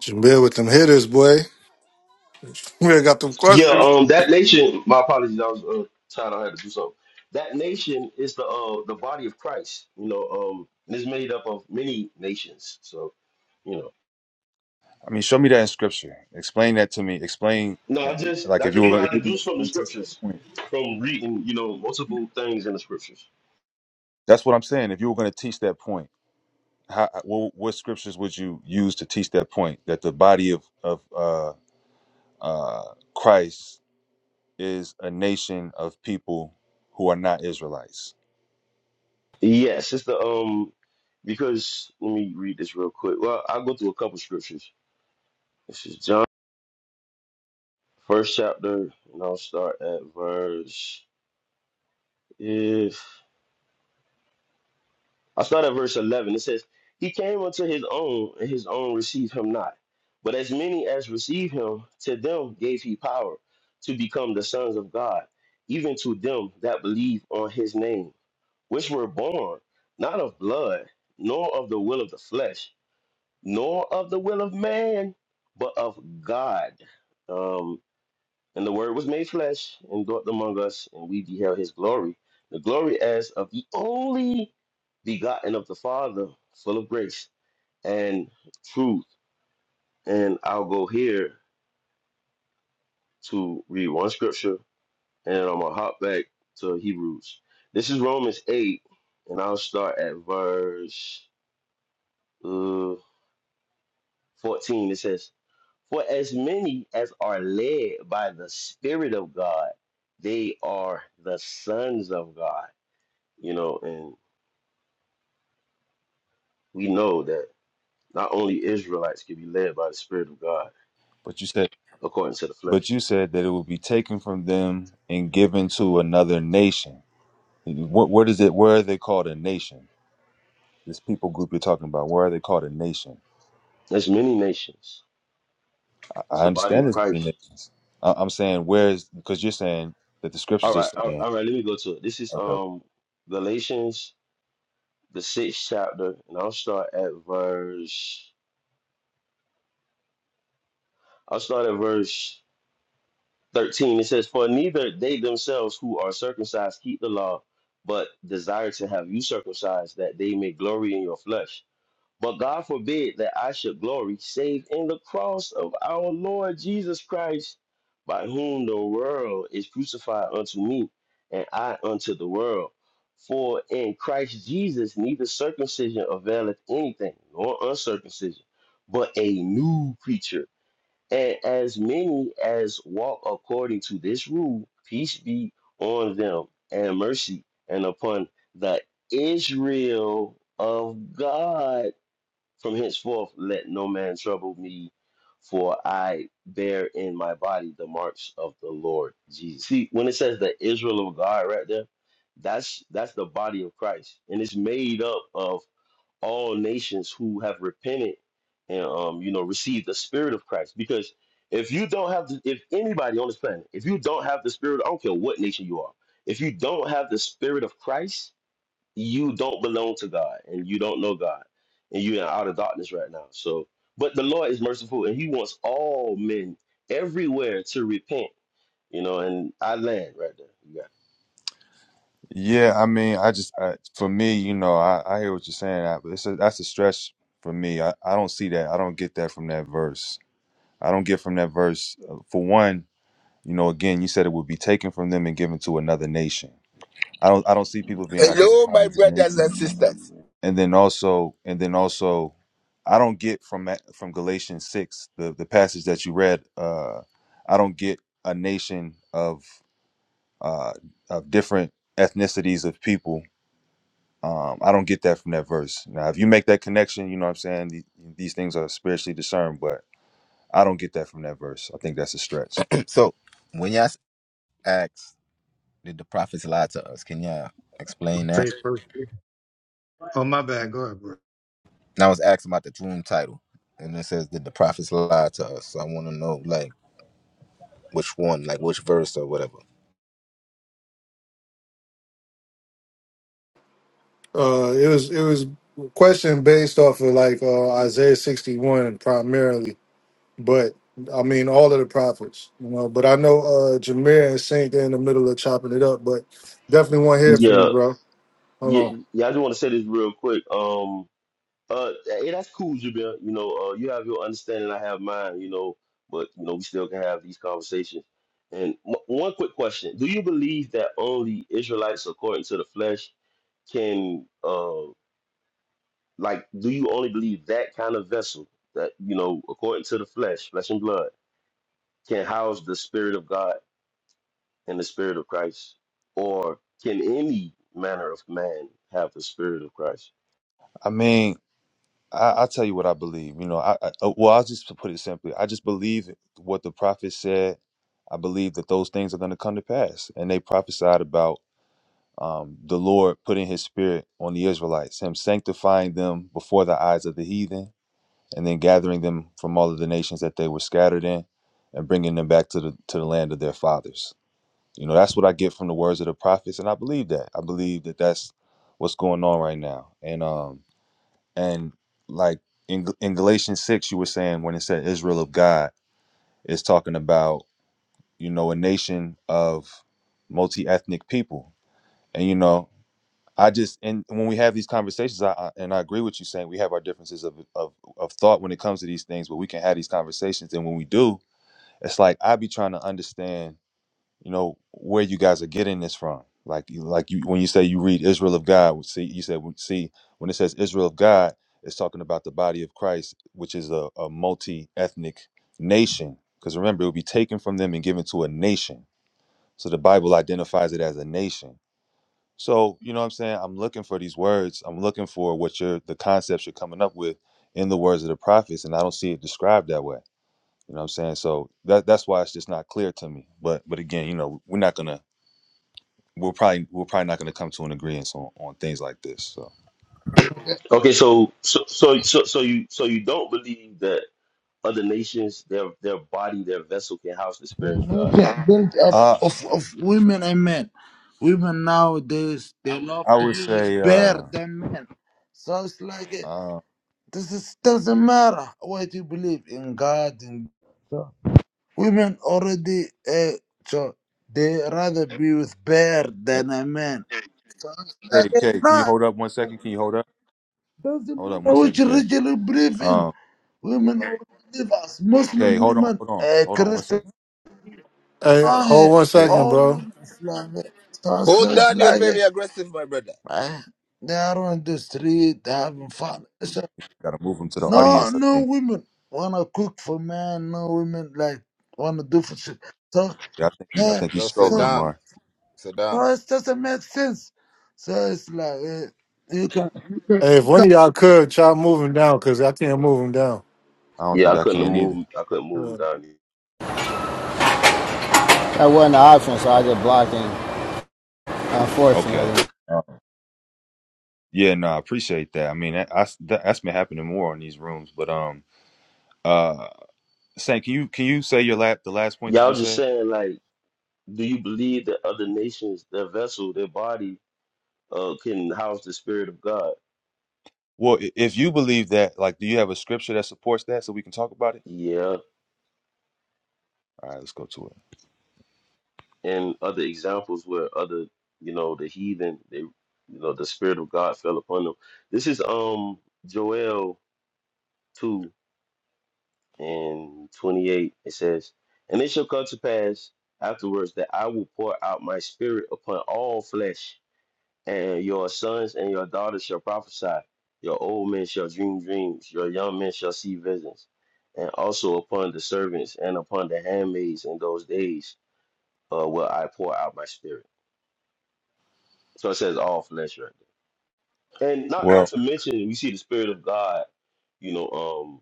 A: Jamil with them hitters, boy. We got them
C: Yeah,
A: questions.
C: um, that nation. My apologies, I was uh, tired. I had to do something. That nation is the uh, the body of Christ. You know, um, and it's made up of many nations. So you know,
I: I mean, show me that in scripture. Explain that to me. Explain
C: no,
I: uh,
C: I just
I: like if
C: that's
I: you
C: just
I: were
C: what
I: gonna- if
C: I
I: you were going to
C: deduce from the
I: explain teach
C: scriptures,
I: that point.
C: from reading you know multiple things in the scriptures.
I: That's what I'm saying. If you were going to teach that point. how what, what scriptures would you use to teach that point that the body of of uh, uh, Christ is a nation of people who are not Israelites?
C: Yes, it's the um because let me read this real quick. Well, I'll go through a couple scriptures. This is John first chapter, and I'll start at verse. if. I start at verse 11. It says, He came unto his own, and his own received him not. But as many as received him, to them gave he power to become the sons of God, even to them that believe on his name, which were born not of blood, nor of the will of the flesh, nor of the will of man, but of God. Um, and the word was made flesh and dwelt among us, and we beheld his glory, the glory as of the only begotten of the Father, full of grace and truth. And I'll go here to read one scripture, and I'm gonna hop back to Hebrews. This is Romans 8, and I'll start at verse uh, 14. It says, For as many as are led by the Spirit of God, they are the sons of God. you know, and we know that not only Israelites can be led by the Spirit of God
I: But you said,
C: according to the flesh.
I: but you said that it will be taken from them and given to another nation. What what is it? Where are they called a nation? This people group you're talking about, where are they called a nation?
C: There's many nations.
I: I,
C: It's
I: I
C: the body
I: understand
C: of
I: there's many
C: Christ.
I: nations. I, I'm saying where is because you're saying that the
C: All
I: scriptures are
C: right, all
I: saying.
C: all right. Let me go to it. This is
I: okay.
C: um Galatians, the sixth chapter, and I'll start at verse. I'll start at verse thirteen. It says, "For neither they themselves who are circumcised keep the law, but desire to have you circumcised, that they may glory in your flesh." But God forbid that I should glory save in the cross of our Lord Jesus Christ, by whom the world is crucified unto me, and I unto the world. For in Christ Jesus neither circumcision availeth anything, nor uncircumcision, but a new creature. And as many as walk according to this rule, peace be on them, and mercy, and upon the Israel of God. From henceforth, let no man trouble me, for I bear in my body the marks of the Lord Jesus. See, when it says the Israel of God right there, that's that's the body of Christ, and it's made up of all nations who have repented and um, you know received the Spirit of Christ. Because if you don't have, the, if anybody on this planet, if you don't have the Spirit, I don't care what nation you are, if you don't have the Spirit of Christ you don't belong to God and you don't know God and you're in outer darkness right now. So, but the Lord is merciful and He wants all men everywhere to repent, you know. And I land right there. You got
I: Yeah, I mean, I just I, for me, you know, I, I hear what you're saying, I- but it's a, that's a stretch for me. I, I don't see that. I don't get that from that verse. I don't get from that verse. uh, For one, you know, again, you said it would be taken from them and given to another nation. I don't I don't see people being
K: Hello,
I: identified
K: my
I: as a
K: brothers
I: nation.
K: and sisters.
I: And then also, and then also, I don't get from that from Galatians six, the the passage that you read. Uh, I don't get a nation of uh of different ethnicities of people Um, I don't get that from that verse. Now, if you make that connection, you know what I'm saying? These, these things are spiritually discerned, but I don't get that from that verse. I think that's a stretch.
K: so, when you ask- asked, did the prophets lie to us? Can you all explain that?
E: say first? Oh, my bad. Go ahead, bro.
K: And I was asked about the room title, and it says, did the prophets lie to us? So I want to know, like, which one, like, which verse or whatever.
A: Uh, it was it was a question based off of like uh, Isaiah sixty one primarily, but I mean all of the prophets, you know. But I know uh, Jameer and Saint they're in the middle of chopping it up, but definitely want to hear
C: it.
A: from
C: yeah,
A: you, bro. Hold on.
C: yeah, yeah. I just want to say this real quick. Um, uh, hey, that's cool, Jabir. You know, uh, you have your understanding, I have mine. You know, but you know, we still can have these conversations. And m- one quick question: Do you believe that only Israelites, according to the flesh, can? uh, Like, do you only believe that kind of vessel that, you know, according to the flesh, flesh and blood, can house the Spirit of God and the Spirit of Christ? Or can any manner of man have the Spirit of Christ?
I: I mean, I, I'll tell you what I believe. You know, I, I uh, well, I'll just put it simply. I just believe what the prophet said. I believe that those things are going to come to pass, and they prophesied about um, the Lord putting His Spirit on the Israelites, Him sanctifying them before the eyes of the heathen, and then gathering them from all of the nations that they were scattered in and bringing them back to the to the land of their fathers you know that's what i get from the words of the prophets and i believe that i believe that that's what's going on right now and um and like in, in galatians 6 you were saying when it said israel of god it's talking about you know a nation of multi-ethnic people and you know I just and when we have these conversations, I, I and I agree with you saying we have our differences of, of of thought when it comes to these things, but we can have these conversations. And when we do, it's like I be trying to understand, you know, where you guys are getting this from. Like you, like you when you say you read Israel of God, we see you said we see when it says Israel of God, it's talking about the body of Christ, which is a, a multi ethnic nation. Because remember, it will be taken from them and given to a nation. So the Bible identifies it as a nation. So, you know what I'm saying? I'm looking for these words. I'm looking for what you're the concepts you're coming up with in the words of the prophets, and I don't see it described that way. You know what I'm saying? So that that's why it's just not clear to me. But but again, you know, we're not gonna we're probably we're probably not gonna come to an agreement on, on things like this. So
C: Okay, so so so so, so you so you don't believe that other nations, their their body, their vessel can house the Spirit of God.
L: Nation built up
I: uh
L: of, of women and men. Women nowadays they love
I: I
L: to
I: would
L: be with
I: say
L: bear
I: uh
L: than men. So it's like eh,
I: uh
L: this is doesn't matter what you believe in God and so women already uh, so they rather be with bear than a man. So it's like
I: K
L: eh,
I: K, can you
L: nah,
I: hold up one second? Can you hold up?
L: doesn't
I: Hold up
L: matter
I: one
L: which
I: second, K.
L: religion you really believe in.
I: Um
L: Women already live as
I: K,
L: Muslim
I: hold on,
L: women,
I: hold on,
L: uh,
I: hold on one
L: Christian.
I: second.
A: Hey,
L: راه
A: hold one
I: K,
A: second, bro.
L: آروم Islamic
K: Hold
L: sources
K: on, you're
L: like
K: very
L: it,
K: aggressive, my brother.
L: man. They are on the street they having fun. It's
I: gotta move him to the
L: no,
I: audience, I
L: no
I: think.
L: women wanna cook for men. No women like wanna do for shit. So,
I: Yeah, I think he's I
L: yeah,
I: think he's
K: Yo,
I: strolling
L: so,
K: Saddam,
I: Amar.
L: so
K: Saddam,
L: it doesn't make sense. So it's like eh, you can.
A: Hey, if one of y'all could, try to move him down because I can't move him down.
I: I don't
C: Yeah,
I: think
C: I
I: I
C: couldn't have
I: can either.
C: moved I couldn't move
A: Uh,
C: them down here.
G: That wasn't an option, so I just blocked him, unfortunately.
I: Okay. Uh, yeah, no, I appreciate that. I mean, that, I, that, that's been happening more in these rooms. But um, uh, Saint, can you can you say your last the last point you
C: Y'all
I: just
C: just
I: said?
C: saying like, do you believe that other nations, their vessel, their body, uh, can house the Spirit of God?
I: Well, i- if you believe that, like, do you have a scripture that supports that so we can talk about it?
C: Yeah,
I: All right, let's go to it.
C: and other examples where other, you know, the heathen, they, you know, the spirit of God fell upon them. This is um Joel two and twenty eight. It says, "And it shall come to pass afterwards that I will pour out my spirit upon all flesh, and your sons and your daughters shall prophesy, your old men shall dream dreams, your young men shall see visions, and also upon the servants and upon the handmaids in those days, uh, will I pour out my spirit." So it says all flesh right there. And not not
I: Well,
C: to mention we see the spirit of God, you know, um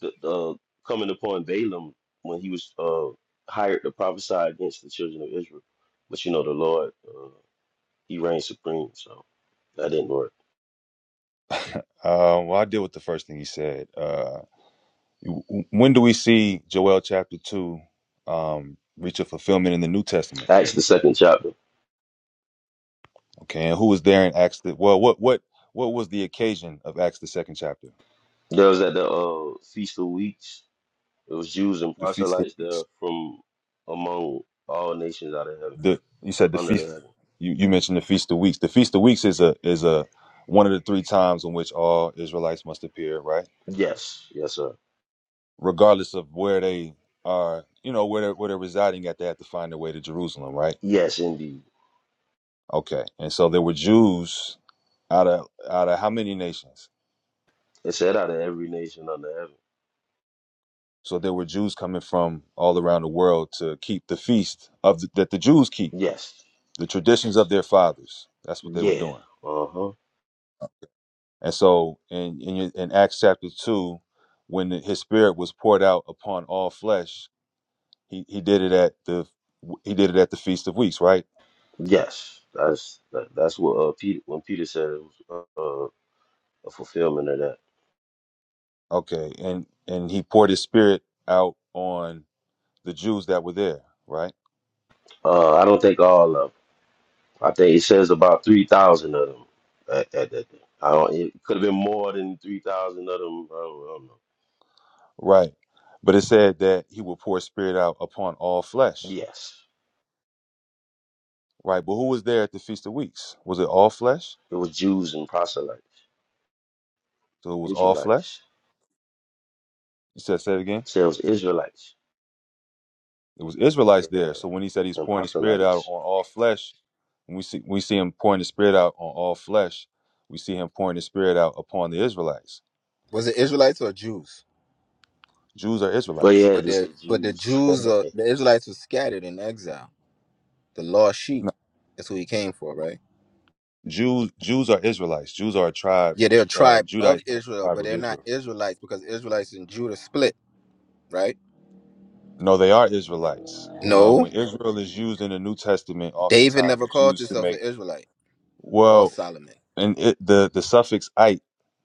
C: the, the coming upon Balaam when he was uh hired to prophesy against the children of Israel. But you know the Lord uh, he reigns supreme, so that didn't work.
I: uh, well, I deal with the first thing he said. Uh, w- w- when do we see Joel chapter two um, reach a fulfillment in the New Testament?
C: Acts the second chapter.
I: Okay, and who was there in Acts? The, well, what what what was the occasion of Acts the second chapter?
C: There was at the uh feast of weeks, it was Jews and
I: The feast
C: proselytes
I: of
C: there from among all nations out of heaven,
I: the you
C: un-
I: said the
C: under the
I: feast
C: heaven.
I: you, you mentioned the feast of weeks the feast of weeks is a is a one of the three times in which all israelites must appear right
C: Yes, yes, sir.
I: regardless of where they are you know where they're, where they're residing at they have to find their way to jerusalem right
C: Yes, indeed.
I: okay and so there were jews out of out of how many nations
C: It said out of every nation under heaven.
I: so there were jews coming from all around the world to keep the feast of the, that the jews keep
C: Yes.
I: the traditions of their fathers that's what they were
C: Yeah.
I: doing
C: Uh huh.
I: And so in in, in Acts chapter two, when his spirit was poured out upon all flesh, he, he did it at the he did it at the feast of weeks, right?
C: Yes. That's that, that's what uh Peter when Peter said it was uh, a fulfillment of that.
I: Okay, and and he poured his spirit out on the Jews that were there, right?
C: Uh, I don't think all of them. I think it says about three thousand of them. At, at that, day. I don't. It could have been more than three thousand of them. I don't, I don't know.
I: Right. But it said that he will pour his spirit out upon all flesh,
C: Yes.
I: right? But who was there at the feast of weeks? Was it all flesh?
C: It was Jews and proselytes,
I: So it was all
C: Israelites.
I: flesh. You said, say it again.
C: So It says Israelites.
I: There was
C: Yeah.
I: Israelites there. So when he said he's
C: And
I: pouring the spirit out
C: proselytes.
I: on all flesh, when we see we see him pouring the spirit out on all flesh, we see him pouring the spirit out upon the Israelites.
K: was it Israelites or Jews?
I: Jews are
C: Well, yeah,
I: Israelites.
C: it
K: But
C: just
K: the
C: say
K: but the
C: Jews.
K: Jews, uh, the Israelites were scattered in exile. The lost
I: No,
K: sheep, that's who he came for, right?
I: Jews Jews are Israelites. Jews are a tribe,
K: Yeah,
I: the
K: they're
I: Ju-
K: a
I: uh,
K: tribe of
I: Judites
K: Israel,
I: tribe
K: but
I: of
K: they're not
I: Israel.
K: Israelites because Israelites and Judah split, right?
I: No, they are Israelites. Um,
K: No,
I: when Israel is used in the New Testament,
K: David
I: oftentimes
K: never
I: it's
K: called
I: used to
K: himself an
I: make
K: Israelite or
I: well,
K: Solomon.
I: and it, the the suffix "ite"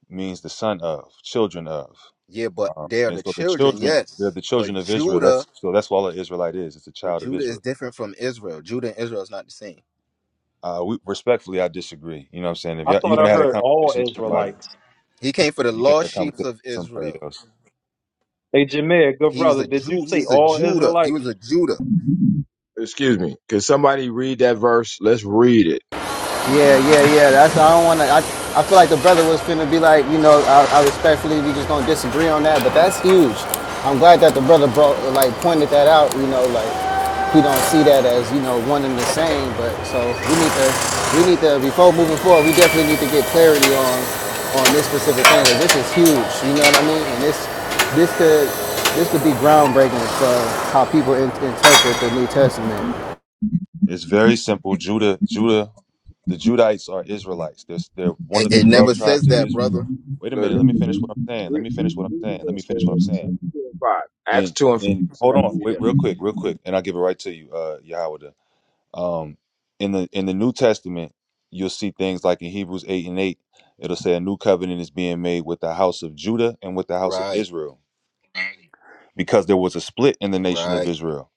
I: means the son of, children of.
K: Yeah, but
I: Um,
K: they're
I: and
K: the
I: so the
K: children,
I: children, they're
K: yes.
I: the children
K: But
I: of Israel.
K: Judah,
I: That's so that's what all an Israelite is. It's a
K: but
I: child of
K: Judah is
I: Israel.
K: different from Israel. Judah and Israel is not the same.
I: Uh, we, respectfully, I disagree. You know what I'm saying? If
H: I
I: y'all, you
H: thought
I: want
H: I
I: to have a
H: heard all
I: conversation with somebody,
H: Israelites.
K: He came for the
I: you can have
K: lost
I: a
K: sheep
I: conversation
K: of
I: with somebody
K: Israel.
I: else.
H: Hey, Jameer, good
K: He's
H: brother.
K: a
H: Did you
K: Jew.
H: say
K: He's a
H: all
K: Judah.
H: Israelites?
K: He was a Judah.
M: Excuse me. Can somebody read that verse? Let's read it.
G: Yeah, yeah, yeah. That's I don't want to. I, I feel like the brother was finna be like, you know, I, I respectfully we just gonna disagree on that, but that's huge. I'm glad that the brother brought like pointed that out. You know, like he don't see that as you know one and the same. But so we need to we need to before moving forward, we definitely need to get clarity on on this specific thing. thing. 'cause This is huge. You know what I mean? And this this could this could be groundbreaking for how people in, interpret the New Testament.
I: It's very simple. Judah, Judah, the Judites are Israelites. They're, they're one
K: It,
I: of the
K: it
I: 12
K: never
I: tribes
K: says
I: of
K: that, brother.
I: Israel. Wait a
M: Let- let-
I: minute. Let me finish what I'm saying. Let
M: read-
I: me
M: read-
I: finish what I'm
M: read
I: saying.
M: the
I: Let me
M: verse,
I: finish what I'm
M: man.
I: saying.
M: Acts 2 and 5. Acts
I: And,
M: 2 and 5.
I: and hold
M: Somebody
I: on.
M: read
I: Wait, real quick, real
M: that.
I: quick. And I'll give it right to you, uh, Yahweh. Um, in the in the New Testament, you'll see things like in Hebrews eight and eight, it'll say a new covenant is being made with the house of Judah and with the house of
K: Right,
I: Israel, because there was a split in the nation of
K: right.
I: Israel.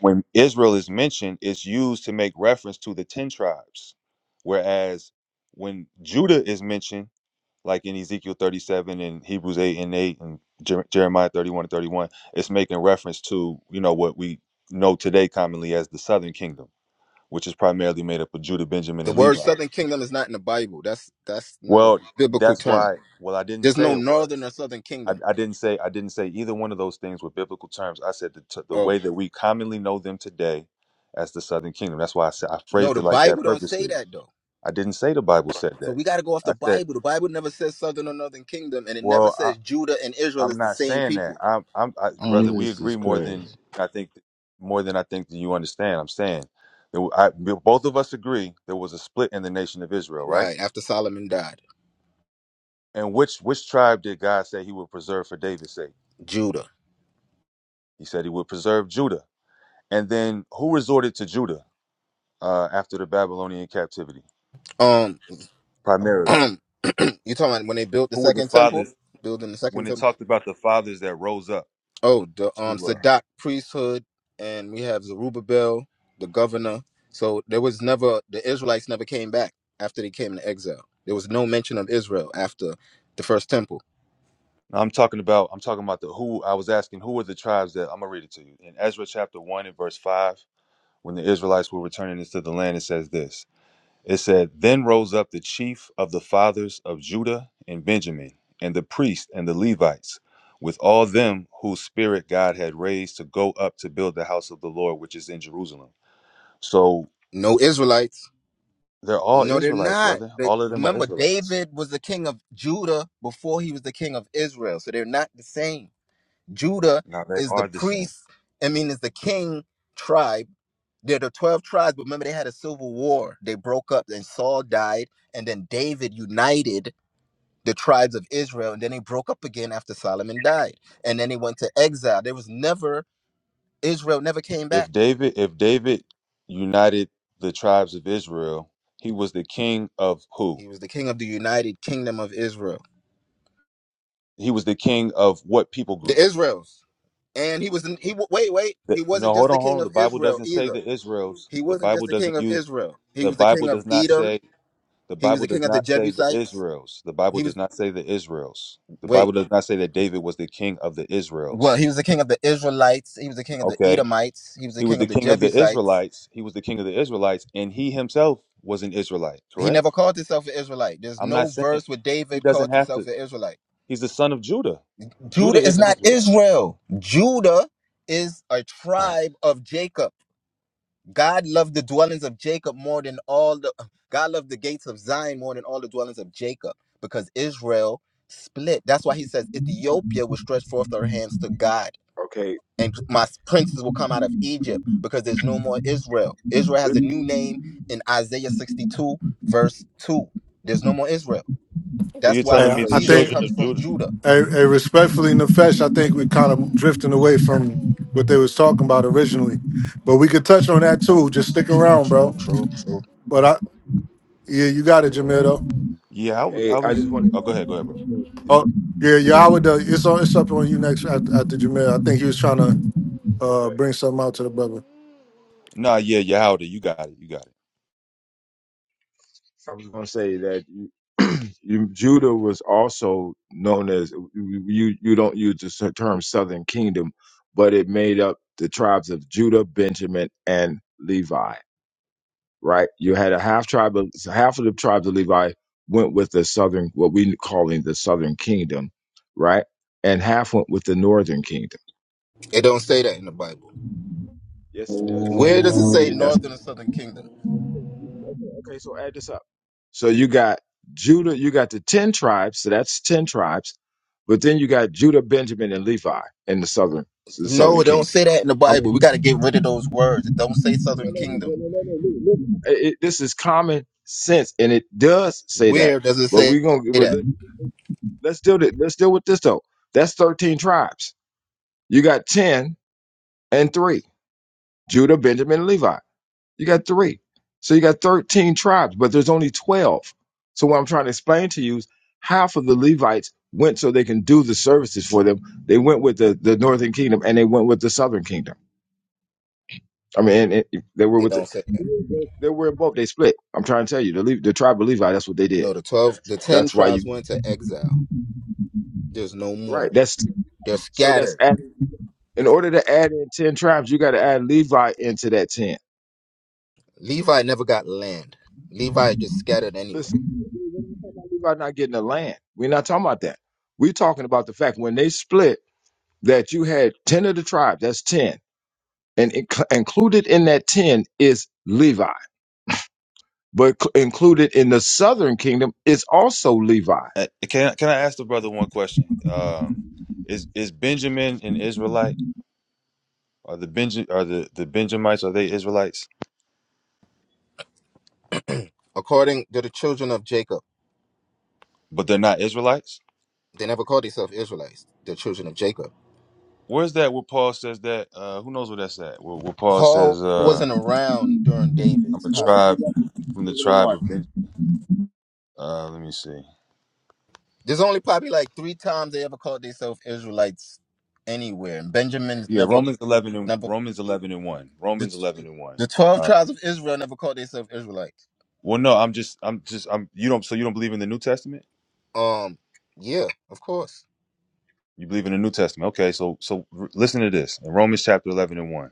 I: When Israel is mentioned, it's used to make reference to the ten tribes, whereas when Judah is mentioned, like in Ezekiel thirty-seven and Hebrews eight and eight and Jer- Jeremiah thirty-one and thirty-one, it's making reference to you know what we know today commonly as the Southern Kingdom which is primarily made up of Judah, Benjamin,
K: The
I: and Levi.
K: word Southern Kingdom is not in the Bible. That's that's not a
I: Well,
K: biblical
I: that's
K: term.
I: why. Well, I didn't
K: There's
I: say
K: no
I: it
K: northern
I: was.
K: or southern
I: I,
K: kingdom.
I: I didn't say I didn't say either one of those things were biblical terms. I said the, t- the way
K: Oh
I: that we commonly know them today as the Southern Kingdom. That's why I said I
K: no,
I: phrased it
K: the
I: like that
K: Bible don't say
I: purposely.
K: that though.
I: I didn't say the Bible said
K: So
I: that.
K: we got to go off
I: I
K: the
I: said,
K: Bible. The Bible never says Southern or Northern Kingdom, and it never
I: well,
K: says
I: I,
K: Judah and Israel
I: I'm
K: is the
I: not
K: same
I: saying that.
K: people.
I: I'm, I'm, I,
J: Mm,
I: brother. We
J: this is
I: agree more
J: crazy.
I: than I think, more than I think that you understand. I'm saying, that I, both of us agree there was a split in the nation of Israel, right?
K: Right after Solomon died,
I: And which which tribe did God say he would preserve for David's sake?
K: Judah.
I: He said he would preserve Judah. And then who resorted to Judah uh, after the Babylonian captivity?
K: Um,
I: Primarily.
K: you talking about when they built the
I: Who were the
K: second temple?
I: fathers
K: Building the
I: when
K: second
I: it
K: temple.
I: talked about the fathers that rose up
K: Oh, the um
I: to uh
K: Sadat priesthood, and we have Zerubbabel, the governor. So there was never the Israelites never came back after they came into exile. There was no mention of Israel after the first temple.
I: now I'm talking about I'm talking about the who I was asking who were the tribes that I'm gonna read it to you. In Ezra chapter one and verse five, when the Israelites were returning into the land, it says this. It said, Then rose up the chief of the fathers of Judah and Benjamin, and the priests and the Levites, with all them whose spirit God had raised to go up to build the house of the Lord, which is in Jerusalem. So
K: No Israelites
I: they're all
K: No, they're
I: Israelites,
K: not.
I: brother.
K: But
I: All of them are
K: remember,
I: Israelites.
K: David was the king of Judah before he was the king of Israel. So they're not the same. Judah
I: Now they
K: is the
I: are the same.
K: priest, I mean, is the king tribe. They're the 12 tribes, but remember, they had a civil war. They broke up, and Saul died, and then David united the tribes of Israel, and then they broke up again after Solomon died. And then they went to exile. There was never, Israel never came back.
I: If David, if David united the tribes of Israel, he was the king of who?
K: He was the king of the united kingdom of Israel.
I: He was the king of what people
K: the
I: group?
K: Israels, and he was he wait wait
I: The-
K: he
I: no,
K: wasn't just
I: hold
K: the
I: on, hold
K: king
I: on. The
K: of
I: Bible
K: Israel
I: doesn't say
K: either.
I: the Israels.
K: He
I: The
K: wasn't just
I: Bible
K: the king
I: doesn't
K: of
I: use
K: Israel. He
I: The
K: was the
I: Bible
K: king of
I: does not
K: Edom.
I: say the
K: He was
I: Bible
K: the
I: does
K: king of the
I: not say the
K: Jebusites.
I: Israels. The Bible
K: He
I: does
K: was
I: not say the Israels. The Bible
K: wait
I: does not say that David was the king of the
K: well
I: Israels.
K: he was the king of the Israelites. He was the king of the
I: Okay?
K: Edomites. He was
I: He
K: the
I: was
K: king
I: the
K: of the
I: king of the
K: Jebusites.
I: Israelites. He was the king of the Israelites and he himself was an Israelite,
K: He
I: correct?
K: never called himself an Israelite. There's
I: I'm not
K: no
I: saying
K: verse where
I: he
K: David
I: doesn't
K: called
I: have
K: himself
I: to.
K: an Israelite.
I: He's the son of Judah. Judah
K: Judah
I: is
K: is
I: an
K: not
I: Israelite.
K: Israel. Judah is a tribe of Jacob. God loved the dwellings of Jacob more than all the God loved the gates of Zion more than all the dwellings of Jacob because Israel split. That's why he says Ethiopia will stretch forth her hands to God
M: Okay.
K: and my princes will come out of Egypt because there's no more Israel. Israel has
M: This-
K: a new name in Isaiah 62 verse 2. There's no more Israel.
I: So
K: That's
I: you're
K: why
M: Right.
A: hey,
I: telling
A: I
I: me
M: So,
I: the
A: I
K: Jesus
A: think
I: children
K: comes
I: of
K: from
I: Judah.
K: Judah.
A: Hey, hey, respectfully, Nefesh, I think we're kind of drifting away from what they was talking about originally, but we could touch on that too. Just stick
K: True,
A: around, bro.
K: true, true, true.
A: But I, yeah, you got it, Jamil. Though.
I: Yeah, I was, I
M: hey, I
I: was
M: just want
I: Oh, go ahead, go ahead, bro.
A: Oh,
M: to.
A: yeah, Yahweh. though, It's on. It's up on you next after, after Jamil. I think he was trying to uh,
M: Okay.
A: bring something out to the brother.
I: Nah, yeah, yeah, Howdy, you got it. You got it.
M: I was going to say that you, you, Judah was also known as you. You don't use the s- term Southern Kingdom, but it made up the tribes of Judah, Benjamin, and Levi. Right? You had a half tribe of half of the tribes of Levi went with the southern, what we calling the Southern Kingdom, right? And half went with the Northern Kingdom.
K: It don't say that in the Bible.
M: Yes, it does.
K: Where
M: If
K: does
M: you
K: it
M: read
K: say
M: it, that's.
K: northern and southern kingdom?
M: Okay, okay, so add this up. So you got Judah, you got the 10 tribes, so that's 10 tribes, but then you got Judah, Benjamin, and Levi in the southern so the
K: No,
M: southern
K: it don't
M: kingdom.
K: say that in the
M: How many
K: Bible. We got to get rid of those words. It don't say
M: No, no,
K: Southern
M: no, no,
K: Kingdom.
M: no, no, no, look, look. it, it- this is common sense and it does say that.
K: Where does it
M: But
K: say
M: we're gonna but
K: that?
M: let, let's deal with let's deal with this though. That's 13 tribes. You got 10 and 3. Judah, Benjamin, and Levi. You got three. So you got 13 tribes, but there's only 12. So what I'm trying to explain to you is half of the Levites went so they can do the services for them. They went with the, the northern kingdom and they went with the southern kingdom. I mean, and, and they were
K: It
M: with the,
K: don't say that.
M: they were in both. They split. I'm trying to tell you, the Le- the tribe of Levi. That's what they did.
K: No, the twelve, the ten
M: That's why
K: tribes
M: you
K: went to exile. There's no
M: right.
K: more.
M: That's
K: They're
M: so. That's
K: scattered.
M: add, in order to add in ten tribes, you got to add Levi into that ten.
K: Levi never got land. Levi just scattered anywhere.
M: Listen, We're about not getting the land. We're not talking about that. We're talking about the fact when they split that you had 10 of the tribe, that's 10. And inc- included in that 10 is Levi. But c- included in the southern kingdom is also Levi.
I: Uh, Can can I ask the brother one question? Um, is is Benjamin an Israelite? Are the Benja are the, the Benjamites are they Israelites?
K: According to the children of Jacob,
I: But they're not Israelites.
K: they never called themselves Israelites. They're children of Jacob.
I: Where's that where Paul says that? Uh, who knows where that's at? Where, where Paul
K: Paul
I: says, uh,
K: wasn't around during
I: "I'm
K: David's
I: a
K: time.
I: tribe from the tribe
M: One
I: of Benjamin." Uh, let me see.
K: There's only probably like three times they ever called themselves Israelites anywhere, and Benjamin's
I: Yeah,
K: never
I: Romans eleven and
K: never
I: Romans eleven and one.
K: The,
I: Romans eleven and one.
K: the 12
I: Uh,
K: tribes of Israel never called themselves Israelites.
I: well, no, I'm just I'm just I'm you don't so you don't believe in the New Testament?
K: Um, yeah, of course.
I: You believe in the New Testament? Okay, so so r- listen to this in Romans chapter eleven and one.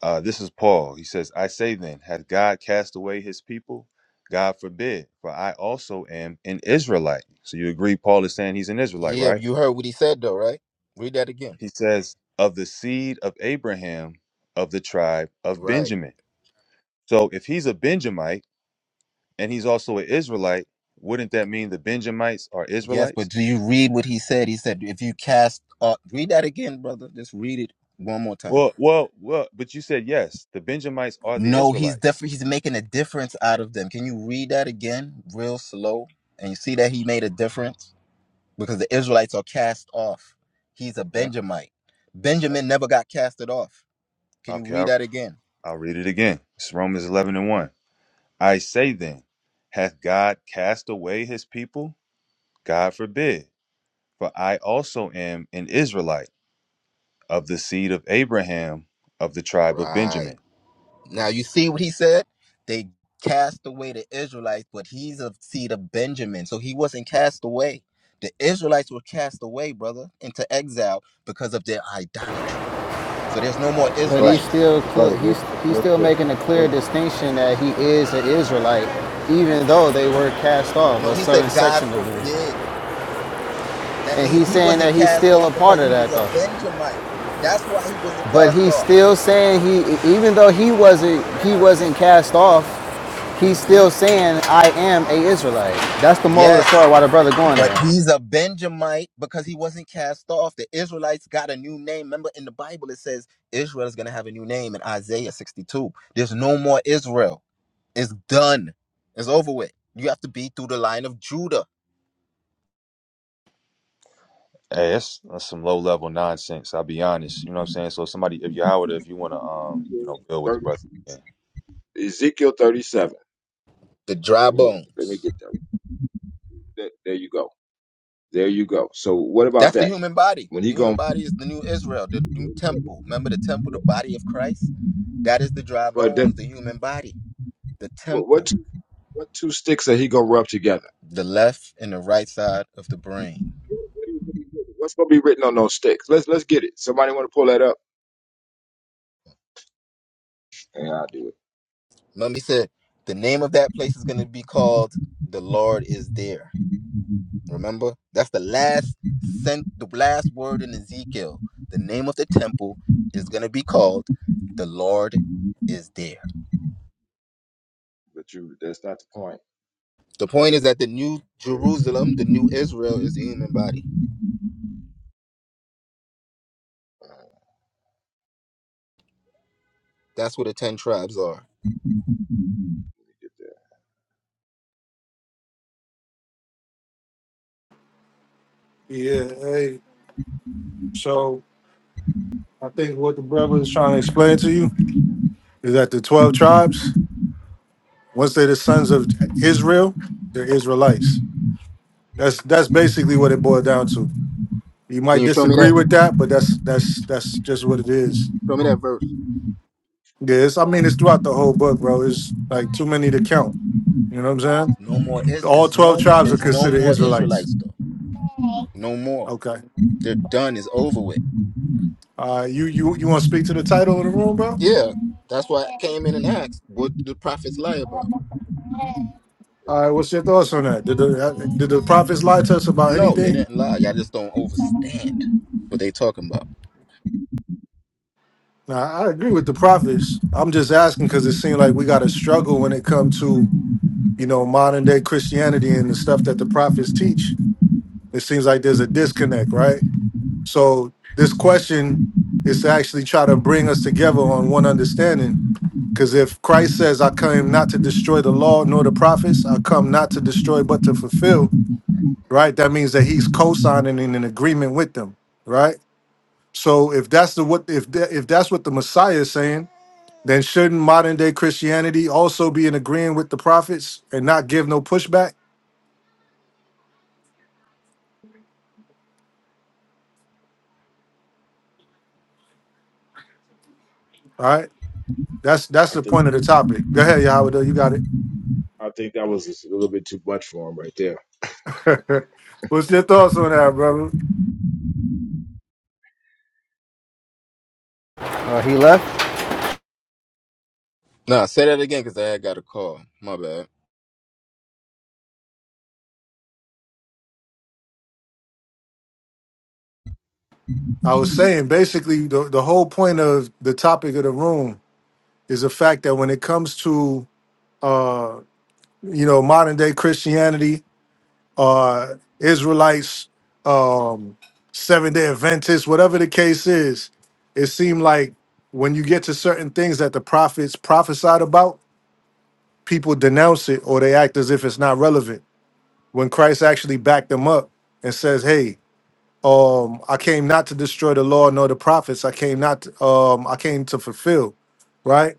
I: Uh, this is Paul. He says, I say then, hath God cast away his people? God forbid, for I also am an Israelite. So you agree, Paul is saying he's an Israelite,
K: Yeah,
I: right?
K: you heard what he said though, right? Read that again.
I: He says, of the seed of Abraham, of the tribe of
K: Right.
I: Benjamin. So if he's a Benjamite and he's also an Israelite, wouldn't that mean the Benjamites are
K: Yes, but
I: Israelites?
K: do you read what he said? He said, if you cast, uh, read that again, brother. Just read it one more time.
I: Well, well, well, but you said yes, the Benjamites are the
K: No, he's
I: Israelites.
K: different. He's making a difference out of them. Can you read that again, real slow? And you see that he made a difference because the Israelites are cast off. He's a
I: Okay.
K: Benjamite.
I: He's-
K: Benjamin never got casted off. Can you
I: Okay,
K: read
I: I'll,
K: that again?
I: I'll read it again. It's Romans 11 and 1. I say then, hath God cast away his people? God forbid. For I also am an Israelite of the seed of Abraham of the tribe of
K: Right.
I: Benjamin.
K: Now you see what he said? They cast away the Israelites, but he's of seed of Benjamin. So he wasn't cast away. The Israelites were cast away, brother, into exile because of their idolatry. So there's no
I: All
K: more
I: right, but
G: But
I: brother,
G: he's
K: Israelites.
G: still
I: but
G: cl-
I: brother, real
G: he's
I: quick,
G: he's
I: real
G: still
I: quick.
G: making a clear
I: Wait.
G: distinction that he is an Israelite, even though they were cast off
K: No,
G: a
K: he
G: certain
K: said, God
G: section of them.
K: forbid. That
G: And
K: means
G: he's
K: he
G: saying that
K: wasn't
G: he's
K: cast
G: still a
K: off
G: part
K: because
G: of
K: he was
G: that
K: a
G: though.
K: Benjamite. That's why he wasn't
G: But
K: cast
G: he's
K: off.
G: still saying he even though he wasn't he wasn't cast off, he's
K: hmm
G: still saying I am a Israelite. That's the moral of the
K: Yes.
G: story. Why the brother going
K: But
G: there?
K: he's a Benjamite because he wasn't cast off. The Israelites got a new name. Remember in the Bible, it says Israel is going to have a new name in Isaiah 62. There's no more Israel. It's done. It's over with. You have to be through the line of Judah,
I: Hey, that's, that's some low level nonsense. I'll be honest. You know what I'm saying? So somebody if you're Howard, if you wanna um, you know, build with the
M: 30
I: brother.
M: Ezekiel Ezekiel 37.
K: the dry
M: Let me let me
K: bones.
M: get that. There, there you go. There you go. So what about
K: That's the
M: that?
K: human body.
M: When he
K: The human
M: going
K: body is the new Israel, the new temple. Remember the temple, the body of Christ? That is the dry
M: but
K: bones, the
M: then
K: human body, the
M: what, what
K: temple,
M: What two sticks that he gonna rub together?
K: the left and the right side of the brain.
M: What's gonna be written on those sticks? Let's let's get it. Somebody want to pull that up? Yeah, I'll do
K: Remember, he said the name of that place is going to be called "The Lord is there."
M: it.
K: Remember, that's the last sent, the last word in Ezekiel. The name of the temple is going to be called "The Lord is there."
M: But you, that's not the point.
K: The point is that the new Jerusalem, the new Israel, is the human body. That's where the ten tribes are.
M: Get
A: Yeah. Hey. So I think what the brother is trying to explain to you is that the twelve tribes, once they're the sons of Israel, they're Israelites. That's that's basically what it boiled down to. You
K: Can
A: might
K: you show me
A: disagree
K: that?
A: with that, but that's that's that's just what it is.
K: Show me that verse.
A: Yeah, it's, I mean, it's throughout the whole book, bro. It's like too many to count. You know what I'm
K: No more is
A: saying? All
K: is
A: twelve
K: no
A: tribes are
K: is no
A: considered
K: more
A: Israelites.
K: Israelites though. No more.
A: Okay.
K: They're done. It's over with.
A: Uh, you you you want to speak to the title of the room, bro?
K: Yeah, that's why I came in and asked, what did the prophets lie about?
A: All right. What's your thoughts on that? Did the uh, did the prophets lie to us about
K: No, they
A: anything?
K: didn't lie. Y'all just don't understand what they talking about.
A: Nah, I agree with the prophets. I'm just asking because it seems like we got a struggle when it comes to you know modern day Christianity and the stuff that the prophets teach. It seems like there's a disconnect, right? So this question is to actually try to bring us together on one understanding. Because if Christ says, I came not to destroy the law nor the prophets, I come not to destroy but to fulfill, right? That means that he's
M: that.
A: co-signing in an agreement with them, right? So if that's the what if that, if that's what the Messiah is saying, then shouldn't modern day Christianity also be in agreeing with the prophets and not give no pushback? All right. That's that's
M: I
A: the
M: think
A: point of the topic. Go ahead, Yahweh, though, you got it.
M: I think that was just a little bit too much for him right there.
A: What's your thoughts on that, brother?
G: Uh, he left.
K: Nah, say that again because I had got a call. My bad.
A: I was saying basically the, the whole point of the topic of the room is the fact that when it comes to uh you know modern day Christianity, uh Israelites, um seven day Adventists, whatever the case is, it seemed like when you get to certain things that the prophets prophesied about, people denounce it or they act as if it's not relevant. When Christ actually backed them up and says, Hey, Um, I came not to destroy the law nor the prophets. I came not. To, um, I came to fulfill. Right.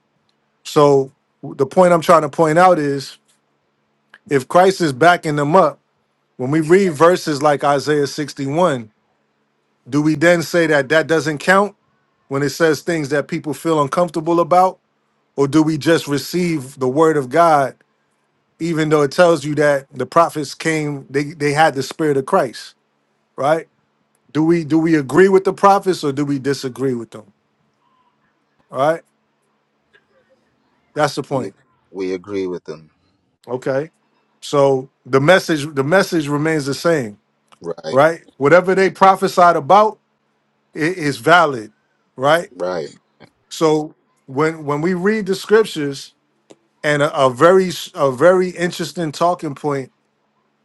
A: So the point I'm trying to point out is, if Christ is backing them up, when we read verses like Isaiah 61, do we then say that that doesn't count when it says things that people feel uncomfortable about, or do we just receive the word of God even though it tells you that the prophets came, they they had the spirit of Christ, right? Do we do we agree with the prophets or do we disagree with them? Right? That's the
K: We
A: point.
K: we agree with them.
A: Okay. So the message the message remains the same,
K: Right,
A: right? Whatever they prophesied about i- is valid, right?
K: right,
A: So when when we read the scriptures and a, a very s- a very interesting talking point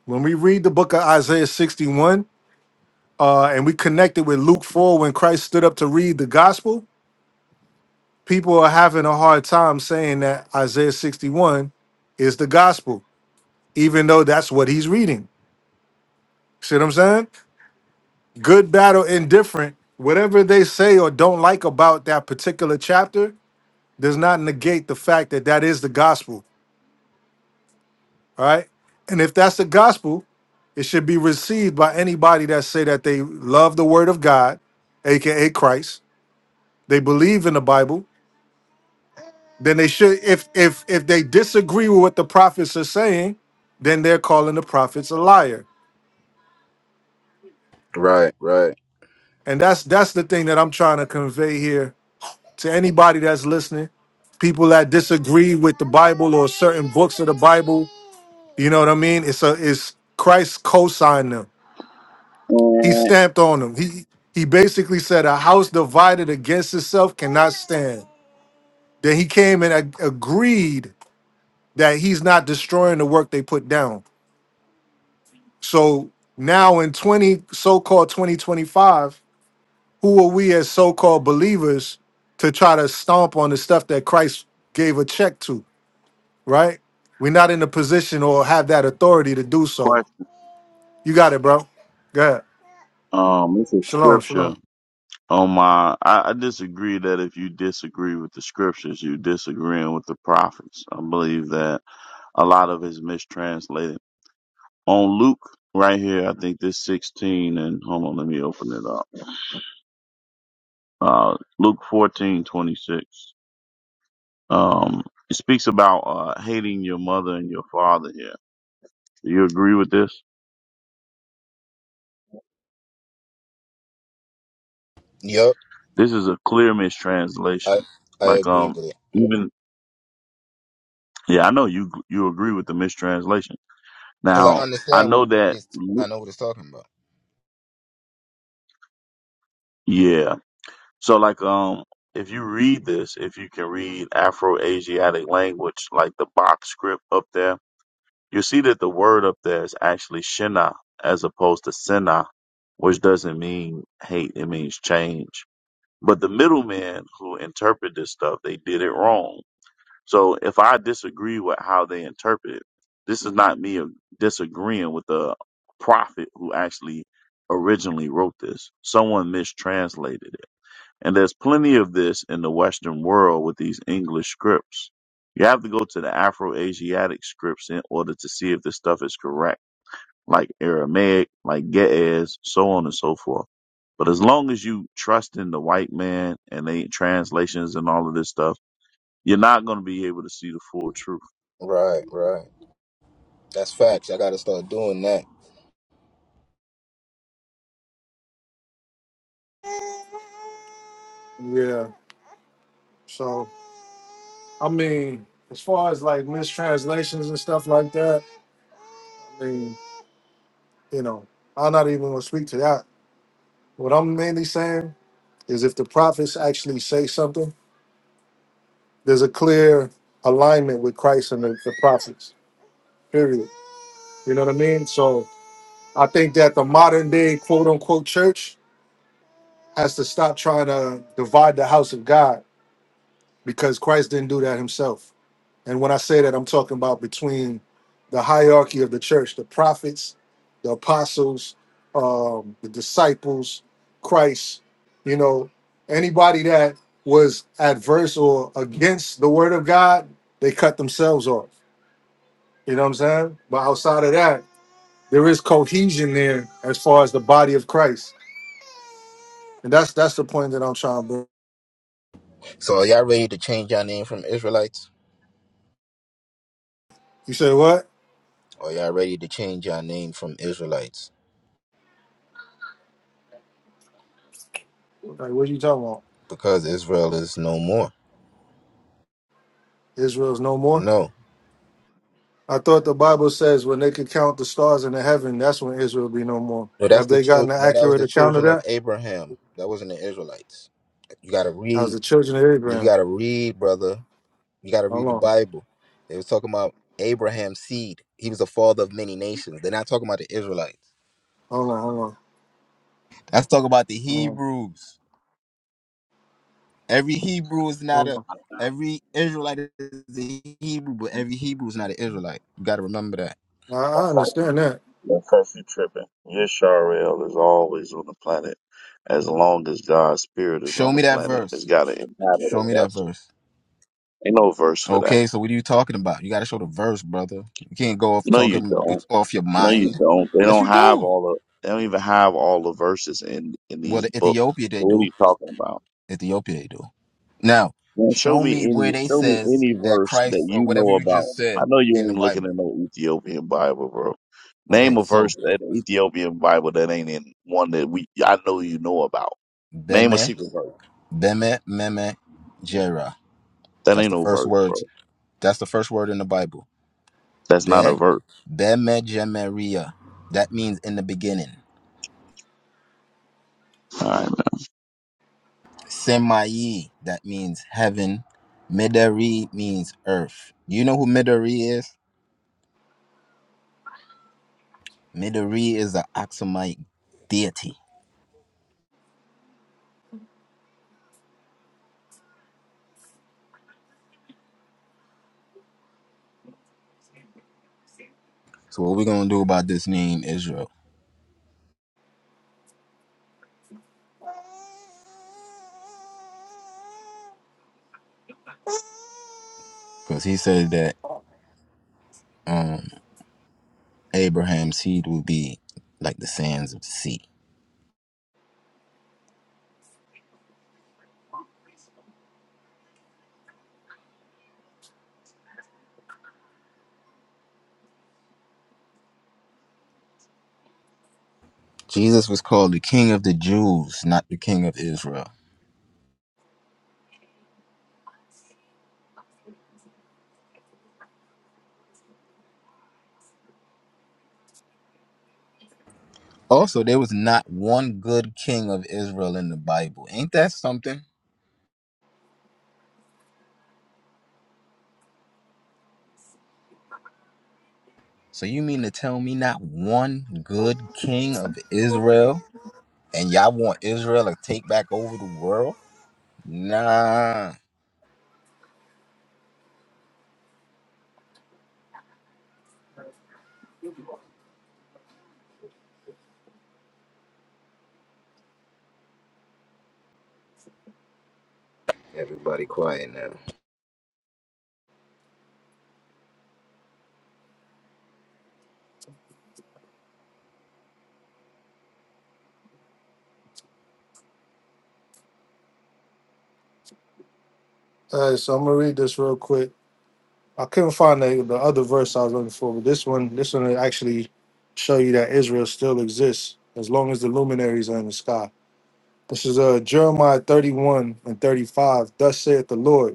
A: when we read the book of Isaiah 61 uh, and we connect it with Luke 4 when Christ stood up to read the gospel, people are having a hard time saying that Isaiah 61 is the gospel, even though that's what he's reading. See what I'm saying? good, bad, or indifferent, whatever they say or don't like about that particular chapter does not negate the fact that that is the gospel. All right. And if that's the gospel, it should be received by anybody that say that they love the word of God, aka Christ, they believe in the Bible, then they should if if if they disagree with what the prophets are saying, then they're calling the prophets a liar.
K: right, right.
A: And that's that's the thing that I'm trying to convey here to anybody that's listening, people that disagree with the Bible or certain books of the Bible. You know what I mean? It's a it's Christ co-signed them. He
N: And
A: stamped on them. He he basically said a house divided against itself cannot stand. Then he came and ag- agreed that he's not destroying the work they put down. So now in 20 so-called 2025, who are we as so-called believers to try to stomp on the stuff that Christ gave a check to? right? We're not in a position or have that authority to do so.
N: question.
A: You got it, bro. Good.
N: Um, it's a
A: Shalom, shalom.
N: scripture on my. I, I disagree that if you disagree with the scriptures, you disagreeing with the prophets. I believe that a lot of it's mistranslated. On Luke, right here, I think this 16, and hold on, let me open it up. Uh, Luke 14:26. Um, it speaks about uh, hating your mother and your father here. Do you agree with this?
K: Yup,
N: This is a clear
K: I
N: mistranslation.
K: I
N: Like,
K: agree
N: um,
K: with it
N: even Yeah, I know you you agree with the mistranslation.
K: because I
N: Now, I
K: understand
N: know
K: what
N: that
K: this. I know what it's talking about.
N: yeah. So like um if you read this, if you can read Afro-Asiatic language like the box script up there, you see that the word up there is actually shina as opposed to sena, which doesn't mean hate, it means change. But the middlemen who interpret this stuff, they did it wrong So if I disagree with how they interpret it, this is not me disagreeing with the prophet who actually originally wrote this. Someone mistranslated it. And there's plenty of this in the Western world with these English scripts. You have to go to the Afro Asiatic scripts in order to see if this stuff is correct, like Aramaic, like Ge'ez, so on and so forth. But as long as you trust in the white man and they translations and all of this stuff, you're not going to be able to see the full truth.
K: Right, right. That's facts. I gotta start doing that.
A: Yeah. So, I mean, as far as like mistranslations and stuff like that, I mean, you know, I'm not even going to speak to that. What I'm mainly saying is if the prophets actually say something, there's a clear alignment with Christ and the, the prophets, period. You know what I mean? So, I think that the modern day quote unquote church has to stop trying to divide the house of God because Christ didn't do that himself. And when I say that, I'm talking about between the hierarchy of the church, the prophets, the apostles, um, the disciples, Christ, you know, anybody that was adverse or against the word of God, they cut themselves off. You know what I'm saying? But outside of that, there is cohesion there as far as the body of Christ. And that's that's the point that I'm trying to bring.
K: So, are y'all ready to change your name from Israelites?
A: You say what?
K: Are y'all ready to change your name from Israelites?
A: Like, what are you talking about?
K: Because Israel is no more.
A: Israel's no more?
K: No,
A: I thought the Bible says when they could count the stars in the heaven, that's when Israel will be no more.
K: no, that's
A: Have
K: the
A: they gotten
K: child.
A: an
K: No, that was
A: accurate
K: the
A: account of
K: children of
A: that?
K: Abraham. That wasn't the Israelites. You got to
A: As
K: read.
A: the children of
K: You
A: Abraham.
K: got to read, brother. You got to
A: Hold
K: read the
A: on,
K: Bible. They was talking about Abraham's seed. He was the father of many nations. They're not talking about the Israelites.
A: hold on, hold on,
K: That's talking about the
A: hold on,
K: Hebrews. Every Hebrew is not
A: hold
K: a. Every Israelite is a Hebrew, but every Hebrew is not an Israelite. You got to remember that.
A: on. I, I understand that.
N: Don't fuck you tripping. Yisrael is always on the planet. As long as God's spirit is
K: Show
N: on the
K: me that
N: planet, it's
K: verse.
N: got to inhabit a
K: Show me that
N: vessel.
K: verse.
N: Ain't no verse for that.
K: Okay, so what are you talking about? You got to show the verse, brother. You can't go off
N: No, you
K: talking
N: don't.
K: with, off your
N: No, you
K: mind.
N: don't. They
K: Yes,
N: don't
K: you
N: have
K: do.
N: all the. They don't even have all the verses in in
K: Well,
N: these
K: the
N: books.
K: Ethiopia they
N: So what are
K: do.
N: you talking about?
K: Ethiopia they do. Now,
N: Man, show
K: show
N: me
K: me where
N: any
K: they
N: show me
K: says
N: any
K: that
N: verse that
K: Christ or
N: you
K: whatever
N: know
K: you
N: about.
K: just
N: I
K: said
N: know you
K: in the
N: ain't looking
K: Bible.
N: at no Ethiopian Bible, bro. Name
K: Okay,
N: a
K: so
N: verse that Ethiopian Bible that ain't in one that we I know you know about. Name a
K: beme
N: secret verse.
K: beme meme jera.
N: That
K: That's
N: ain't
K: the
N: no
K: first
N: verse, bro.
K: words. That's the first word in the Bible.
N: That's not a
K: Be
N: verse.
K: beme jemeria. That means in the beginning.
N: All right.
K: Semayi, that means heaven. Midari means earth. You know who Midari is? Midari is an Aksumite deity. So what we're gonna do about this name Israel? Because he said that um Abraham's seed will be like the sands of the sea. Jesus was called the king of the Jews, not the king of Israel. Also, there was not one good king of Israel in the Bible. Ain't that something? So you mean to tell me not one good king of Israel? And y'all want Israel to take back over the world? Nah. Everybody quiet now.
A: All right, so I'm gonna read this real quick. I couldn't find the, the other verse I was looking for, but this one, this one will actually show you that Israel still exists as long as the luminaries are in the sky. This is uh, Jeremiah 31 and 35. Thus saith the Lord.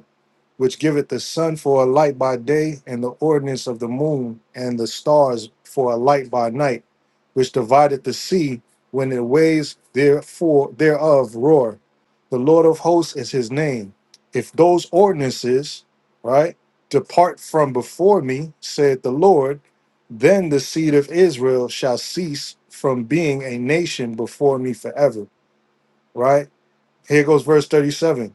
A: which giveth the sun for a light by day, and the ordinance of the moon and the stars for a light by night, which divideth the sea when the waves therefore thereof roar. The Lord of hosts is his name. If those ordinances, right, depart from before me, saith the Lord, then the seed of Israel shall cease from being a nation before me forever. Right? Here goes verse 37.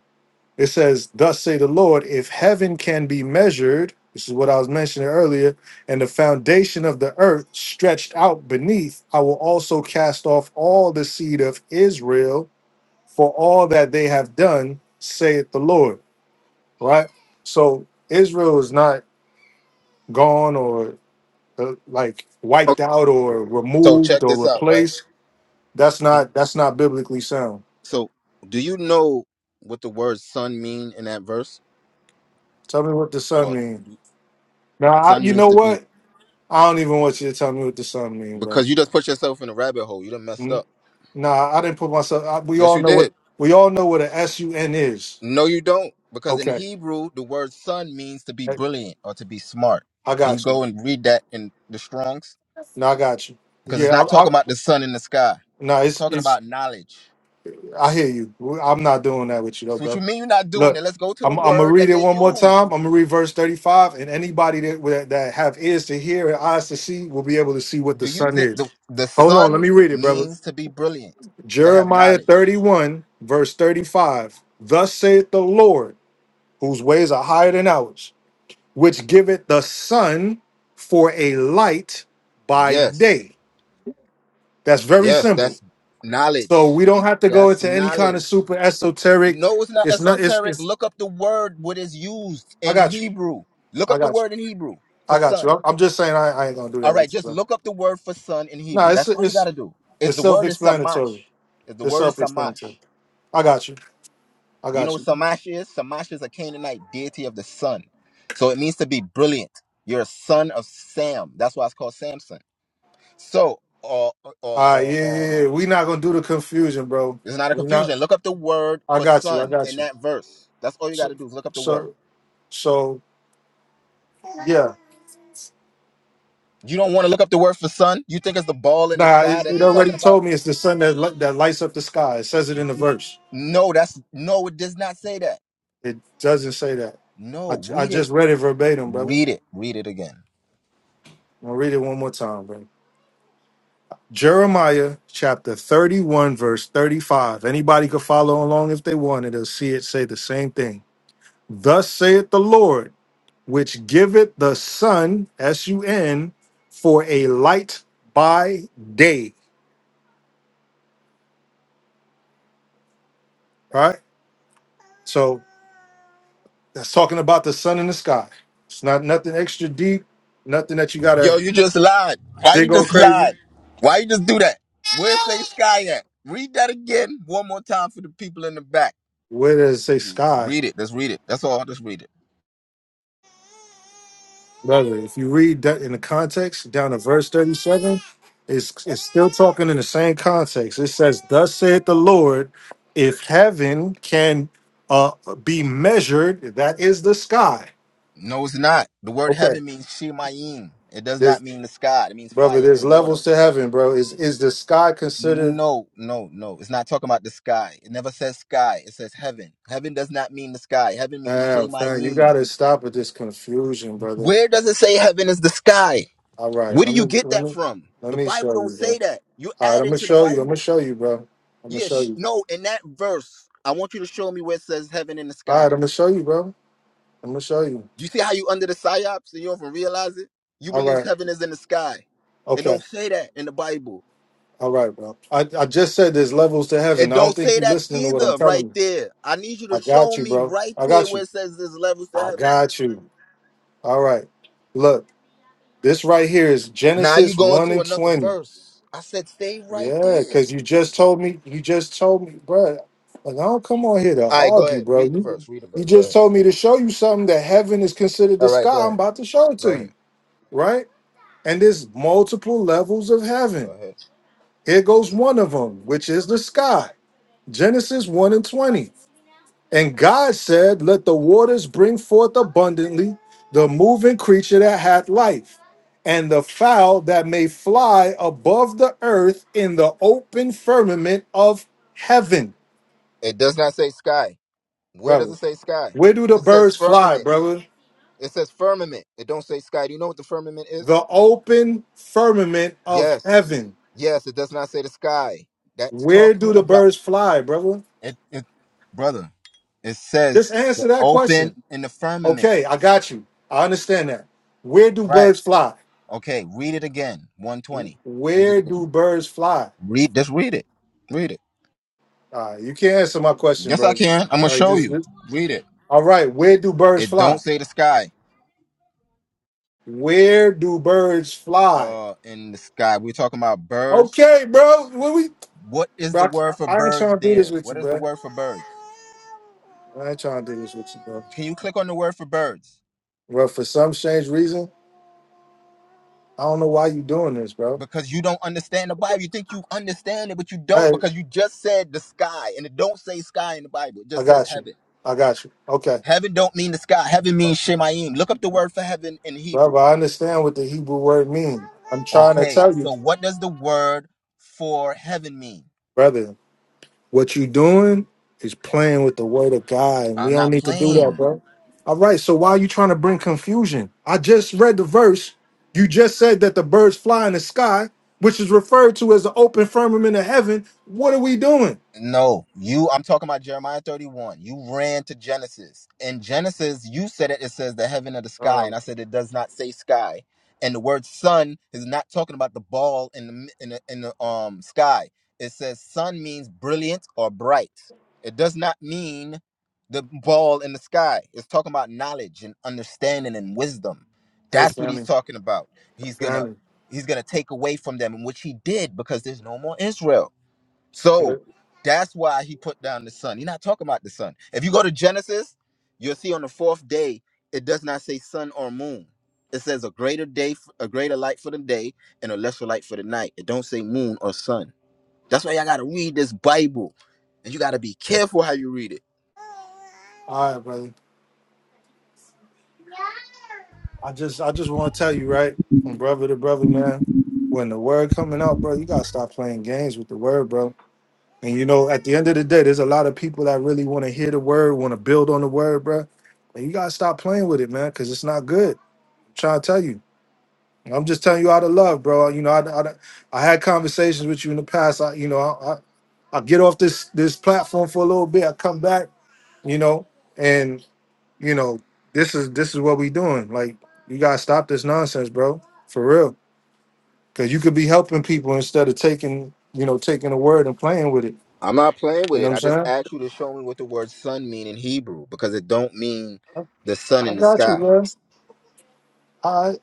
A: It says, Thus say the Lord, if heaven can be measured, this is what I was mentioning earlier, and the foundation of the earth stretched out beneath, I will also cast off all the seed of Israel for all that they have done, saith the Lord. Right? So Israel is not gone or uh, like wiped out or
K: Okay, so
A: removed
K: check
A: or
K: this out, right?
A: replaced. That's
K: Do you-
A: not that's not biblically sound.
K: So do you know what the word "son" mean in that verse?
A: Tell me what the sun
K: Or
A: means. Now I,
K: "son"
A: you
K: means
A: know
K: to be
A: what? I don't even want you to tell me what the sun mean, bro.
K: because you just put yourself in a rabbit hole. You done messed
A: Hmm?
K: up.
A: Nah, I didn't put myself. I, we
K: Yes,
A: all
K: you
A: know what
K: did.
A: we all know what a S U N is.
K: No, you don't. Because in
A: Okay,
K: Hebrew, the word "son" means to be
A: I,
K: brilliant or to be smart.
A: I
K: Can you
A: got you.
K: go and read that in the Strong's?
A: No, I got you.
K: Because it's
A: Yeah,
K: not
A: I, I,
K: talking about the sun in the sky.
A: no,
K: It's
A: it's
K: talking
A: it's.
K: about knowledge.
A: I hear you. I'm not doing that with you though,
K: So what you
A: bro.
K: mean you're not doing
A: Look,
K: it? Let's go to the
A: I'm I'm gonna
K: word
A: read
K: that
A: it
K: they
A: one more
K: used.
A: time. I'm gonna read verse 35, and anybody that that that have ears to hear and eyes to see will be able to see what the
K: Do you
A: sun
K: think
A: is.
K: the the
A: Hold on, let
K: sun
A: me read it, brother.
K: means to be brilliant, to have
A: Jeremiah
K: knowledge?
A: 31, verse 35. Thus saith the Lord. whose ways are higher than ours, which giveth the sun for a light by
K: Yes,
A: day. That's very
K: yes,
A: simple.
K: that's knowledge.
A: So we don't have to go
K: That's
A: into any kind of
K: knowledge.
A: super esoteric.
K: No, it's not
A: It's not. It's.
K: esoteric.
A: It's.
K: Look up the word what is used
A: I
K: in
A: got you.
K: Hebrew. Look
A: I
K: up the
A: got you.
K: word in Hebrew for
A: I got you.
K: sun.
A: I'm, I'm just saying. I, I ain't gonna do
K: All
A: that
K: right,
A: with you,
K: just
A: bro.
K: look up the word for sun in
A: Nah,
K: Hebrew.
A: it's
K: That's all you got
A: it's
K: to do. If
A: it's
K: the word is samash,
A: self-explanatory.
K: if the
A: It's
K: word is
A: self-explanatory.
K: samash,
A: I got you. I
K: Do you know
A: got
K: what
A: you.
K: Samash is? Samash is a Canaanite deity of the sun. So it means to be brilliant. You're a son of Sam. That's why it's called Samson. So, or, or,
A: All right. Yeah,
K: or, um,
A: yeah. yeah. We not gonna do the confusion, bro.
K: it's not a
A: We not.
K: confusion. Look up the word
A: I
K: for
A: got you. I
K: son
A: got
K: in
A: you.
K: that verse. That's all you got
A: So,
K: to do is look up the word.
A: so, so. Yeah.
K: You don't want to look up the word for sun? You think it's the ball in the
A: Nah,
K: sky
A: it,
K: that
A: it
K: they talking
A: already
K: about?
A: told me it's the sun that li- that lights up the sky. It says it in the verse.
K: No, that's no, it does not say that.
A: It doesn't say that. I,
K: No,
A: j- I
K: read it.
A: just read it verbatim, brother.
K: Read it. Read it again.
A: I'm gonna read it one more time, brother. Jeremiah chapter 31, verse 35. Anybody could follow along if they wanted. They'll see it say the same thing. Thus saith the Lord, which giveth the sun, S U N, for a light by day. All right. So That's talking about the sun in the sky. It's not nothing extra deep, nothing that you
K: Yo,
A: gotta
K: you just lied. Why you
A: dig all
K: just
A: crazy.
K: lied? Why you just do that? Where say sky at? Read that again one more time for the people in the back.
A: Where does it say
K: You
A: sky?
K: read it. Let's read it. That's all. Just read it.
A: Brother, if you read that in the context down to verse 37, it's, it's still talking in the same context. It says, Thus saith the Lord, if heaven can uh, be measured, that is the sky.
K: No, it's not. The word
A: Okay.
K: heaven means Shemayim. It does not
A: There's
K: mean the sky. It means
A: brother,
K: fire
A: there's
K: and water.
A: levels to heaven, bro. Is is the sky considered
K: No, no, no. It's not talking about the sky. It never says sky. It says heaven. Heaven does not mean the sky. Heaven means
A: uh, fam, you
K: Shemayim.
A: gotta stop with this confusion, brother
K: Where does it say heaven is the sky?
A: All right,
K: Where
A: let
K: do you
A: me
K: get
A: let
K: that
A: me
K: from?
A: let
K: The
A: me
K: Bible
A: show
K: don't
A: you, bro.
K: say that. You
A: All right,
K: add
A: I'm gonna
K: into the
A: show you. I'm gonna
K: Bible.
A: show you, bro. I'm gonna
K: Yeah,
A: show
K: sh-
A: you.
K: no, in that verse, I want you to show me where it says heaven in the
A: All right,
K: sky.
A: I'm gonna show you, bro. I'm gonna show you.
K: You see how you under the psyops and you don't even realize it? You
A: All
K: believe
A: right,
K: heaven is in the sky. It
A: okay.
K: don't say that in the Bible.
A: All right, bro. I, I just said there's levels to heaven.
K: It
A: I don't
K: don't
A: think
K: say
A: you
K: that
A: listening to what I'm
K: either,
A: telling
K: right
A: you.
K: there. I need you to
A: I got
K: show
A: you,
K: me
A: bro.
K: right
A: I
K: there
A: got
K: where
A: you.
K: it says there's levels to
A: I
K: heaven.
A: got you. All right. Look, this right here is
K: Now you
A: Genesis
K: go
A: 1
K: into
A: and
K: another
A: 20.
K: verse. I said stay right
A: Yeah,
K: there.
A: because you just told me, you just told me, bro. Like, I don't come on here to
K: All right, go
A: argue,
K: ahead.
A: bro.
K: Read the
A: You,
K: verse. Read the
A: you
K: verse. Go
A: just
K: ahead.
A: told me to show you something that heaven is considered the
K: All right, go
A: sky. I'm
K: ahead.
A: about to show it
K: Go
A: to
K: ahead.
A: you, right? And there's multiple levels of
K: Go
A: heaven.
K: ahead.
A: Here goes one of them, which is the sky. Genesis 1 and 20. And God said, Let the waters bring forth abundantly the moving creature that hath life, and the fowl that may fly above the earth in the open firmament of heaven.
K: It does not say sky. Where does
A: Brother,
K: it say sky?
A: where do the
K: It says
A: birds fly,
K: firmament.
A: brother?
K: It says firmament. It don't say sky. Do you know what the firmament is?
A: The open firmament of
K: Yes.
A: heaven.
K: Yes, it does not say the sky. That's
A: Where
K: talking
A: do the
K: about
A: birds fly, brother?
K: It, it, brother, it
A: Just
K: says the
A: answer that
K: open
A: question.
K: in the firmament.
A: Okay, I got you. I understand that. Where do
K: Right.
A: birds fly?
K: Okay. Read it again. 120. Read it
A: Where do
K: again.
A: birds fly?
K: Read. Just read it. Read it.
A: All right, you can't answer my question,
K: Yes, I
A: bro.
K: can. I'm gonna
A: Like
K: show
A: this,
K: you.
A: this.
K: Read it.
A: All right, where do birds
K: It don't
A: fly?
K: say the sky.
A: Where do birds fly?
K: Uh, in the sky. We're talking about birds.
A: Okay, bro. What we,
K: What is
A: bro?
K: the
A: I,
K: word
A: can't-
K: for
A: I ain't
K: birds
A: trying to do this
K: there?
A: with you,
K: What is the
A: bro.
K: word for birds?
A: I ain't trying to do this with you, bro.
K: Can you click on the word for birds?
A: Bro, for some strange reason, I don't know why you doing this, bro.
K: Because you don't understand the Bible. You think you understand it, but you don't
A: Hey,
K: because you just said the sky, and it don't say sky in the Bible. It
A: I
K: just says
A: got you.
K: heaven.
A: I got you. Okay,
K: Heaven don't mean the sky. Heaven means Shemayim. Look up the word for heaven in
A: brother.
K: Hebrew.
A: I understand what the Hebrew word means. I'm trying to
K: Okay.
A: tell you,
K: So what does the word for heaven mean?
A: brother. What you doing is playing with the word of God, and we
K: I'm
A: don't
K: not
A: need to do that,
K: playing.
A: bro. All right, so why are you trying to bring confusion? I just read the verse. You just said that the birds fly in the sky, which is referred to as the open firmament of heaven. What are we doing?
K: No, you. I'm talking about Jeremiah 31. You ran to Genesis. In Genesis, you said it. It says the heaven of the sky, and
A: Oh,
K: I said it does not say sky. And the word sun is not talking about the ball in the mi- in the, in the um sky. It says sun means brilliant or bright. It does not mean the ball in the sky. It's talking about knowledge and understanding and wisdom.
A: hey,
K: That's what he's
A: family,
K: talking about. He's gonna
A: family.
K: he's gonna take away from them, which he did because there's no more Israel.
A: Hey,
K: So that's why he put down the sun. He's not talking about the sun. If you go to Genesis, you'll see on the fourth day, it does not say sun or moon. It says a greater day, f- a greater light for the day, and a lesser light for the night. It don't say moon or sun. That's why y'all gotta read this Bible, and you gotta be careful how you read it.
A: all right, brother. I just, I just want to tell you, right, from brother to brother, man. When the word coming out, bro, you gotta stop playing games with the word, bro. And you know, at the end of the day, there's a lot of people that really want to hear the word, want to build on the word, bruh. And you gotta stop playing with it, man, because it's not good. I'm trying to tell you. I'm just telling you out of love, bro. You know, I, I, I had conversations with you in the past. I, you know, I, I, I get off this this platform for a little bit. I come back, you know, and you know, this is this is what we doing. Like, you gotta stop this nonsense, bro, for real. Because you could be helping people instead of taking, you know, taking a word and playing with it.
K: I'm not playing
A: You
K: with
A: know
K: it. I
A: what
K: just
A: I'm
K: asked you to show me what the word sun mean in Hebrew because it don't mean
A: saying?
K: the sun
A: I
K: in the
A: got you,
K: sky.
A: man. I,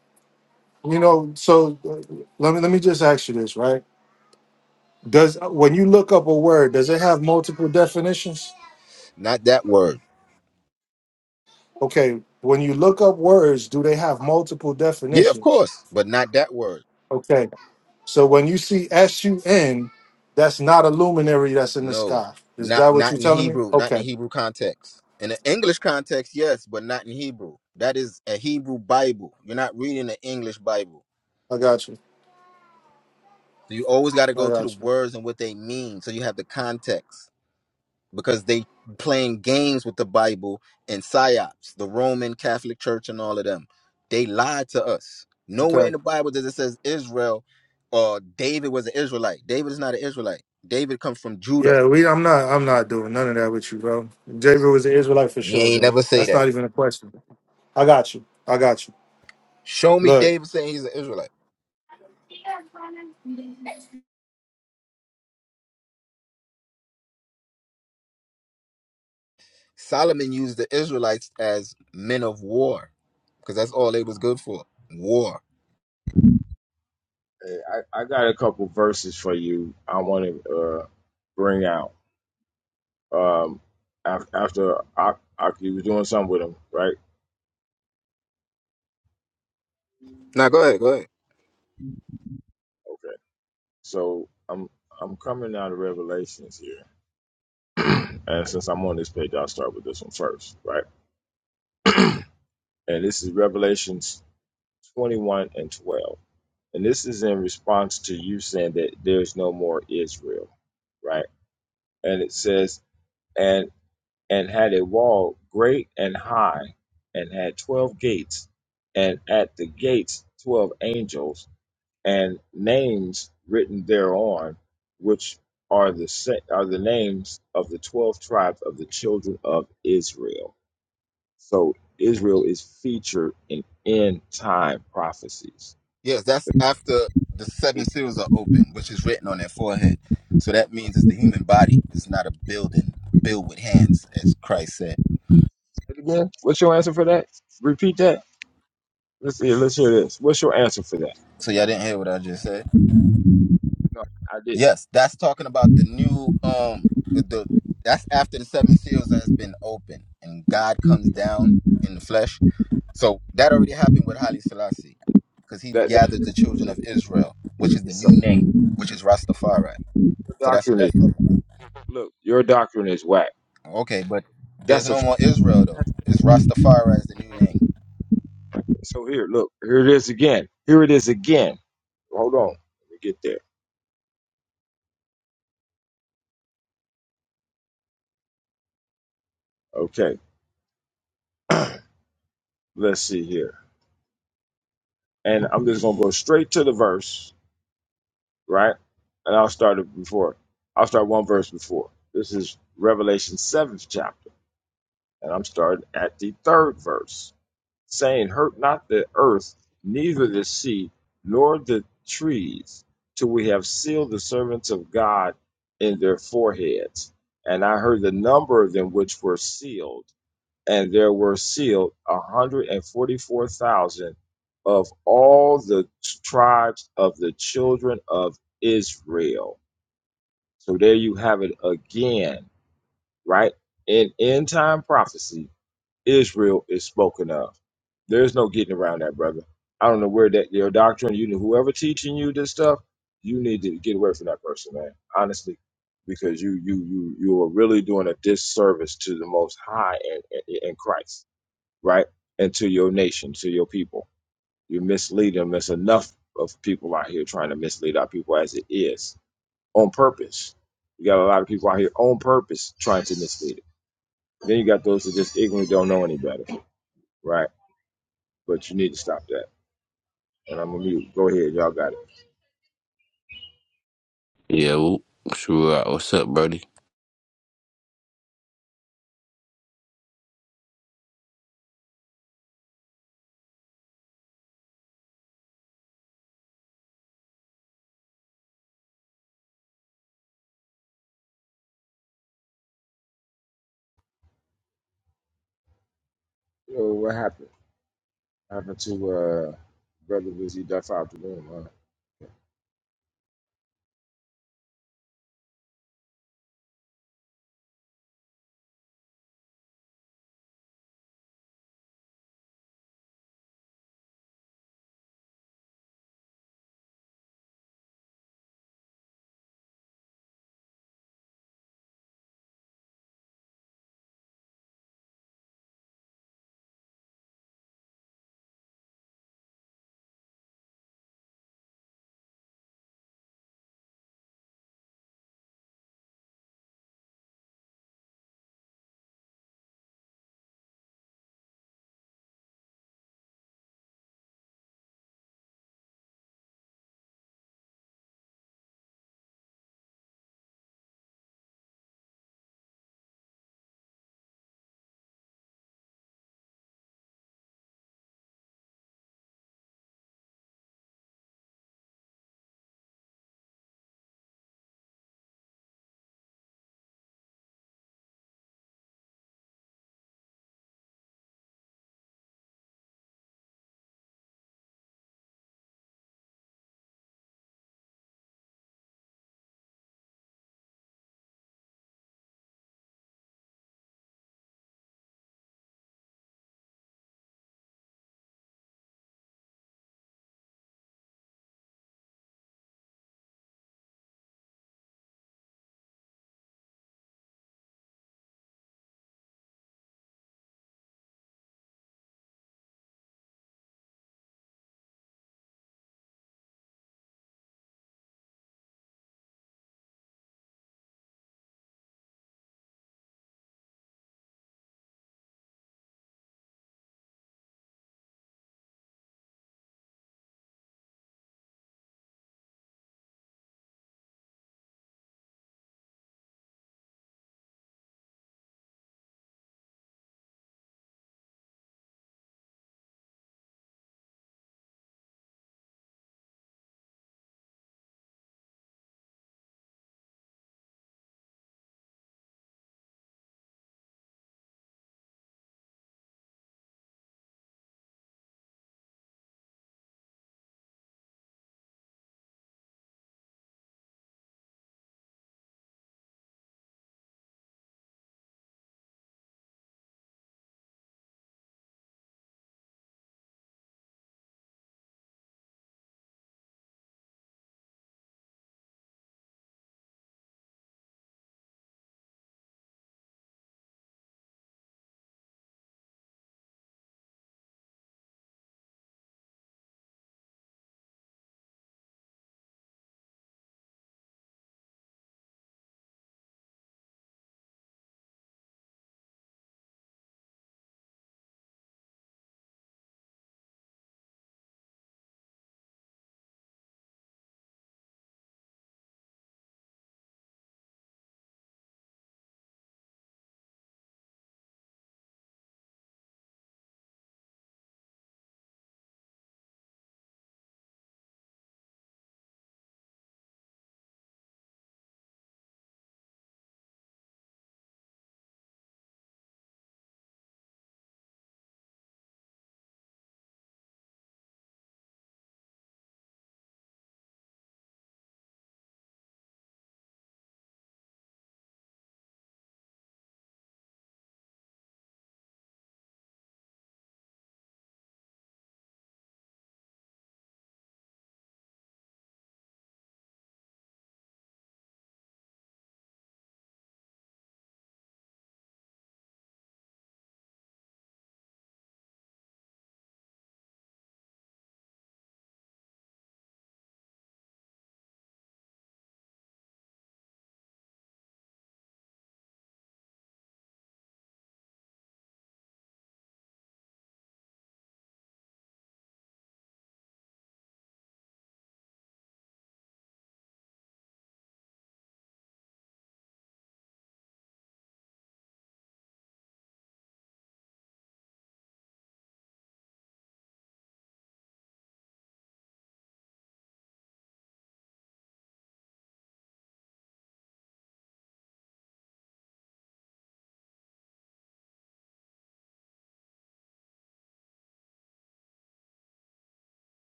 A: you know, so uh, let me let me just ask you this, right? Does uh, when you look up a word, does it have multiple definitions?
K: Not that word.
A: Okay, when you look up words, do they have multiple
K: Yeah, of
A: definitions?
K: course, but not that word.
A: Okay, so when you see S U N, that's not a luminary that's in the
K: No,
A: sky. Is
K: not
A: that what
K: not
A: you're
K: in
A: telling me?
K: Hebrew, not in
A: Okay,
K: the Hebrew context. In the English context, yes, but not in Hebrew. That is a Hebrew Bible. You're not reading the English Bible.
A: I got you.
K: So you always got to
A: I
K: go to the
A: got you.
K: words and what they mean. So you have the context because they playing games with the Bible and psyops, the Roman Catholic Church and all of them. They lied to us. Nowhere in
A: Okay.
K: the Bible does it says Israel or David was an Israelite. David is not an Israelite. David comes from Judah.
A: Yeah, we. I'm not. I'm not doing none of that with you, bro. David was an Israelite for
K: You
A: sure,
K: ain't
A: bro.
K: never say
A: That's
K: that.
A: not even a question. I got you. I got you.
K: Show me
A: Look,
K: David saying he's an Israelite. Solomon used the Israelites as men of war because that's all they was good for. War.
M: Hey, I, I got a couple verses for you. I want to uh, bring out um, af- after Ak- Aki was doing something with him, right?
K: Now go ahead, go ahead.
M: Okay, so I'm I'm coming out of Revelations here, and since I'm on this page, I'll start with this one first, right? and this is Revelations 21 and 12. And this is in response to you saying that there's no more Israel, right? And it says, and and had a wall great and high, and had 12 gates, and at the gates 12 angels, and names written thereon, which are the sa- are the names of the 12 tribes of the children of Israel So Israel is featured in end time prophecies.
K: Yes, that's after the seven seals are open, which is written on their forehead. So that means it's the human body. It's not a building built with hands, as Christ said.
M: Again, what's your answer for that? Repeat that. Let's see. Let's hear this. What's your answer for that?
K: So y'all didn't hear what I just said?
M: No, I did
K: Yes, that's talking about the new um the that's after the seven seals has been opened and God comes down in the flesh So that already happened with Haile Selassie, because he's
M: that. That
K: gathered the children of Israel, which is the new
M: some
K: name, which is Rastafari.
M: your
K: So that's what
M: doctrine is
K: that's talking about.
M: look. Your doctrine is whack.
K: Okay, but there's
M: That's a
K: no
M: few.
K: more Israel though. It's Rastafari is the new name.
M: So here, look. Here it is again. Here it is again. Hold on. Let me get there. Okay. Let's see here. And I'm just gonna go straight to the verse right? And I'll start it before. I'll start one verse before. This is Revelation 7th chapter, and I'm starting at the third verse, saying, Hurt not the earth, neither the sea, nor the trees, till we have sealed the servants of God in their foreheads. And I heard the number of them which were sealed and there were sealed 144,000 of all the tribes of the children of Israel. So there you have it again, right? In end time prophecy, Israel is spoken of. There's no getting around that, brother. I don't know where that your doctrine, you know, whoever teaching you this stuff, you need to get away from that person, man. Honestly, because you you you you are really doing a disservice to the Most High and in, in in Christ right? And to your nation, to your people. You mislead them. There's enough of people out here trying to mislead our people as it is on purpose. You got a lot of people out here on purpose trying to mislead it. Then you got those that just ignorantly don't know any better, right? But you need to stop that. And I'm gonna mute. Go ahead, y'all got it.
O: Yeah, well, sure. What's up, Brody?
M: Yo, what happened? Happened to uh brother Busy Duff out the room, huh?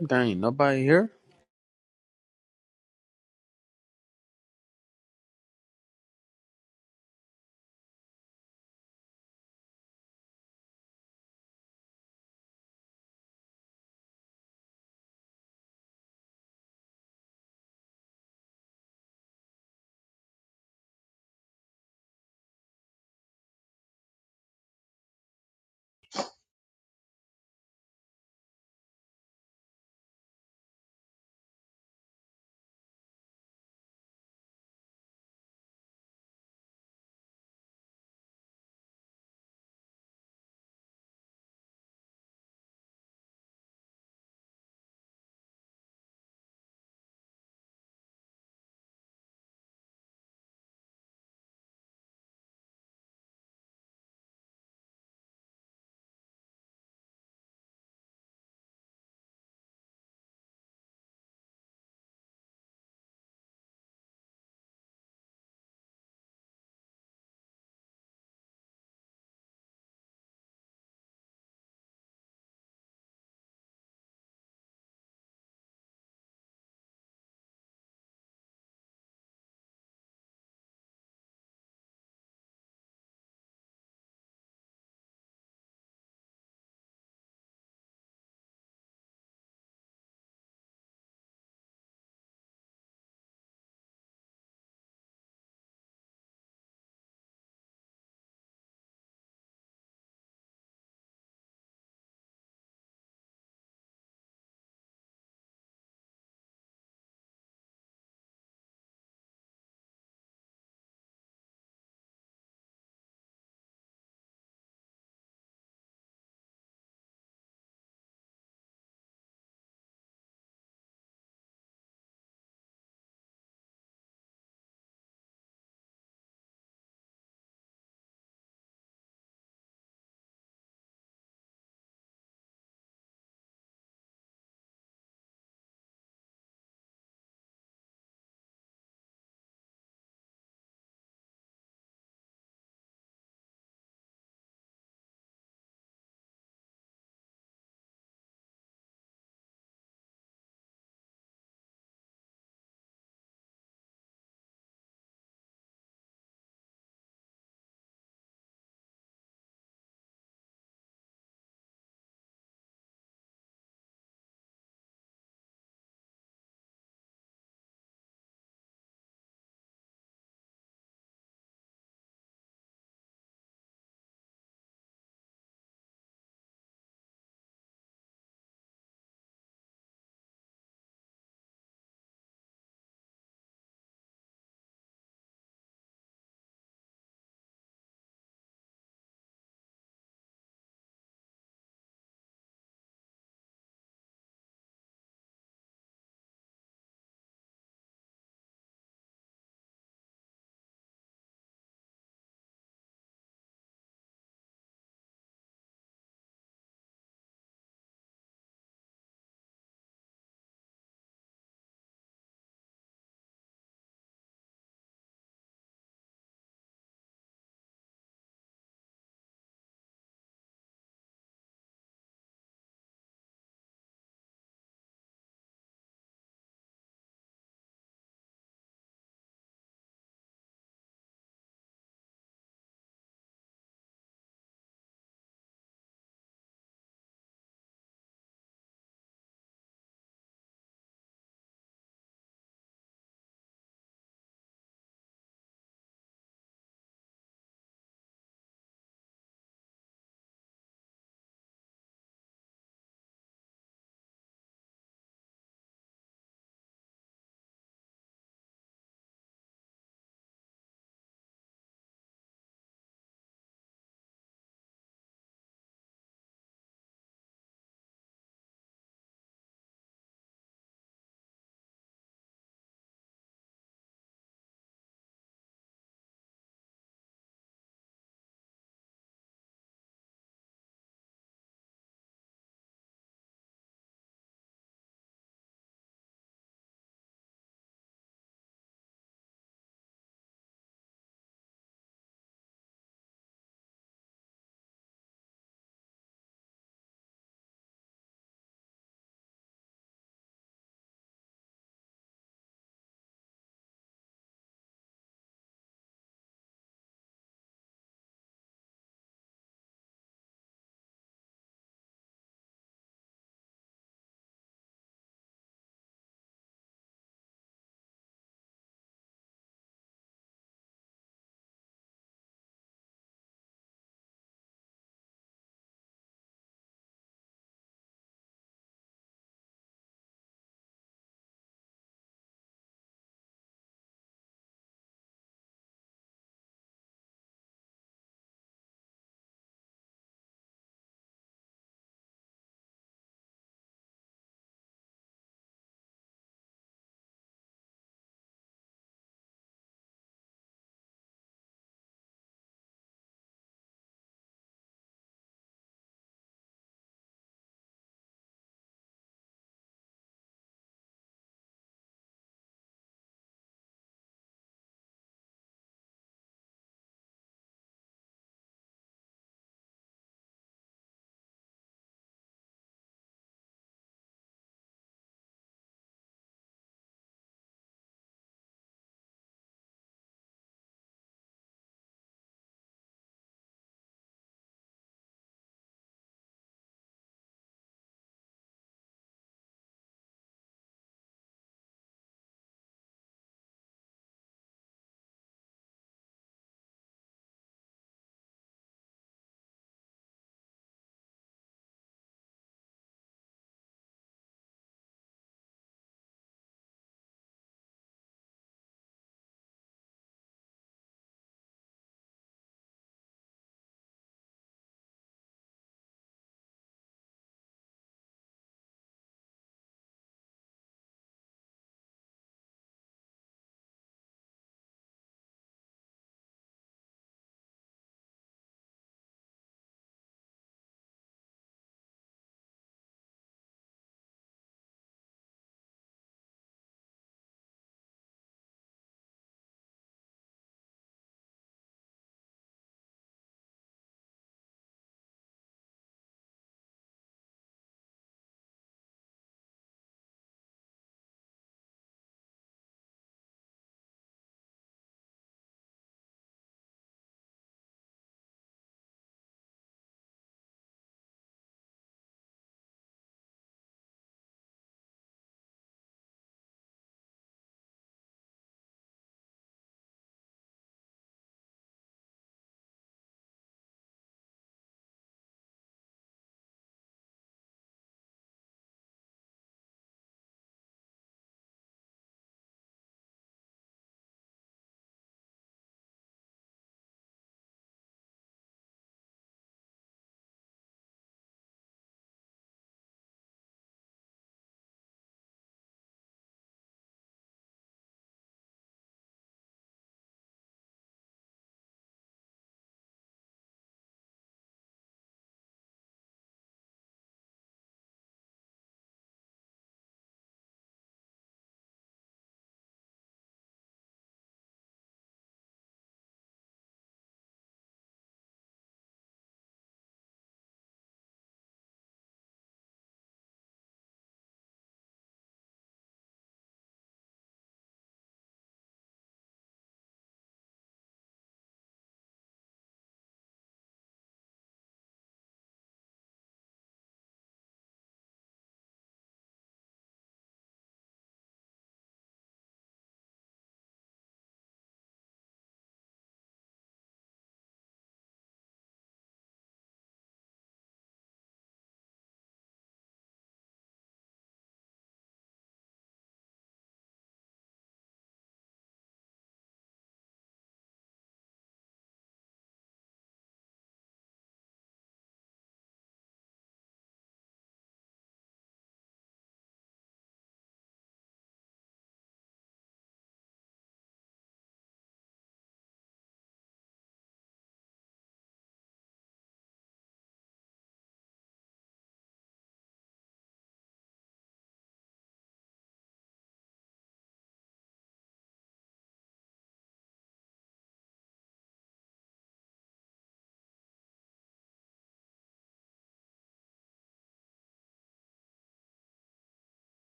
P: There ain't nobody here.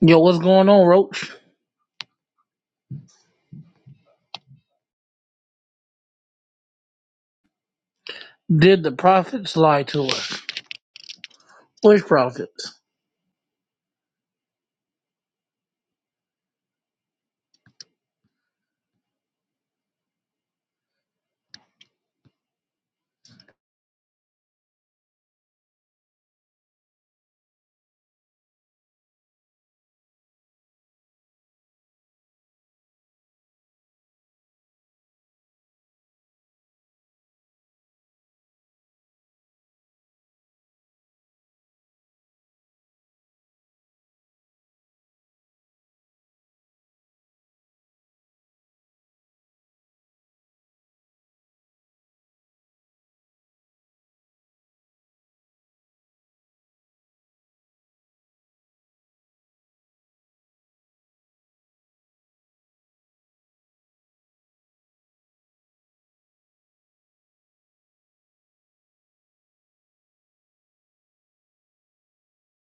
Q: Yo, what's going on, Roach? Did the prophets lie to us? Which prophets?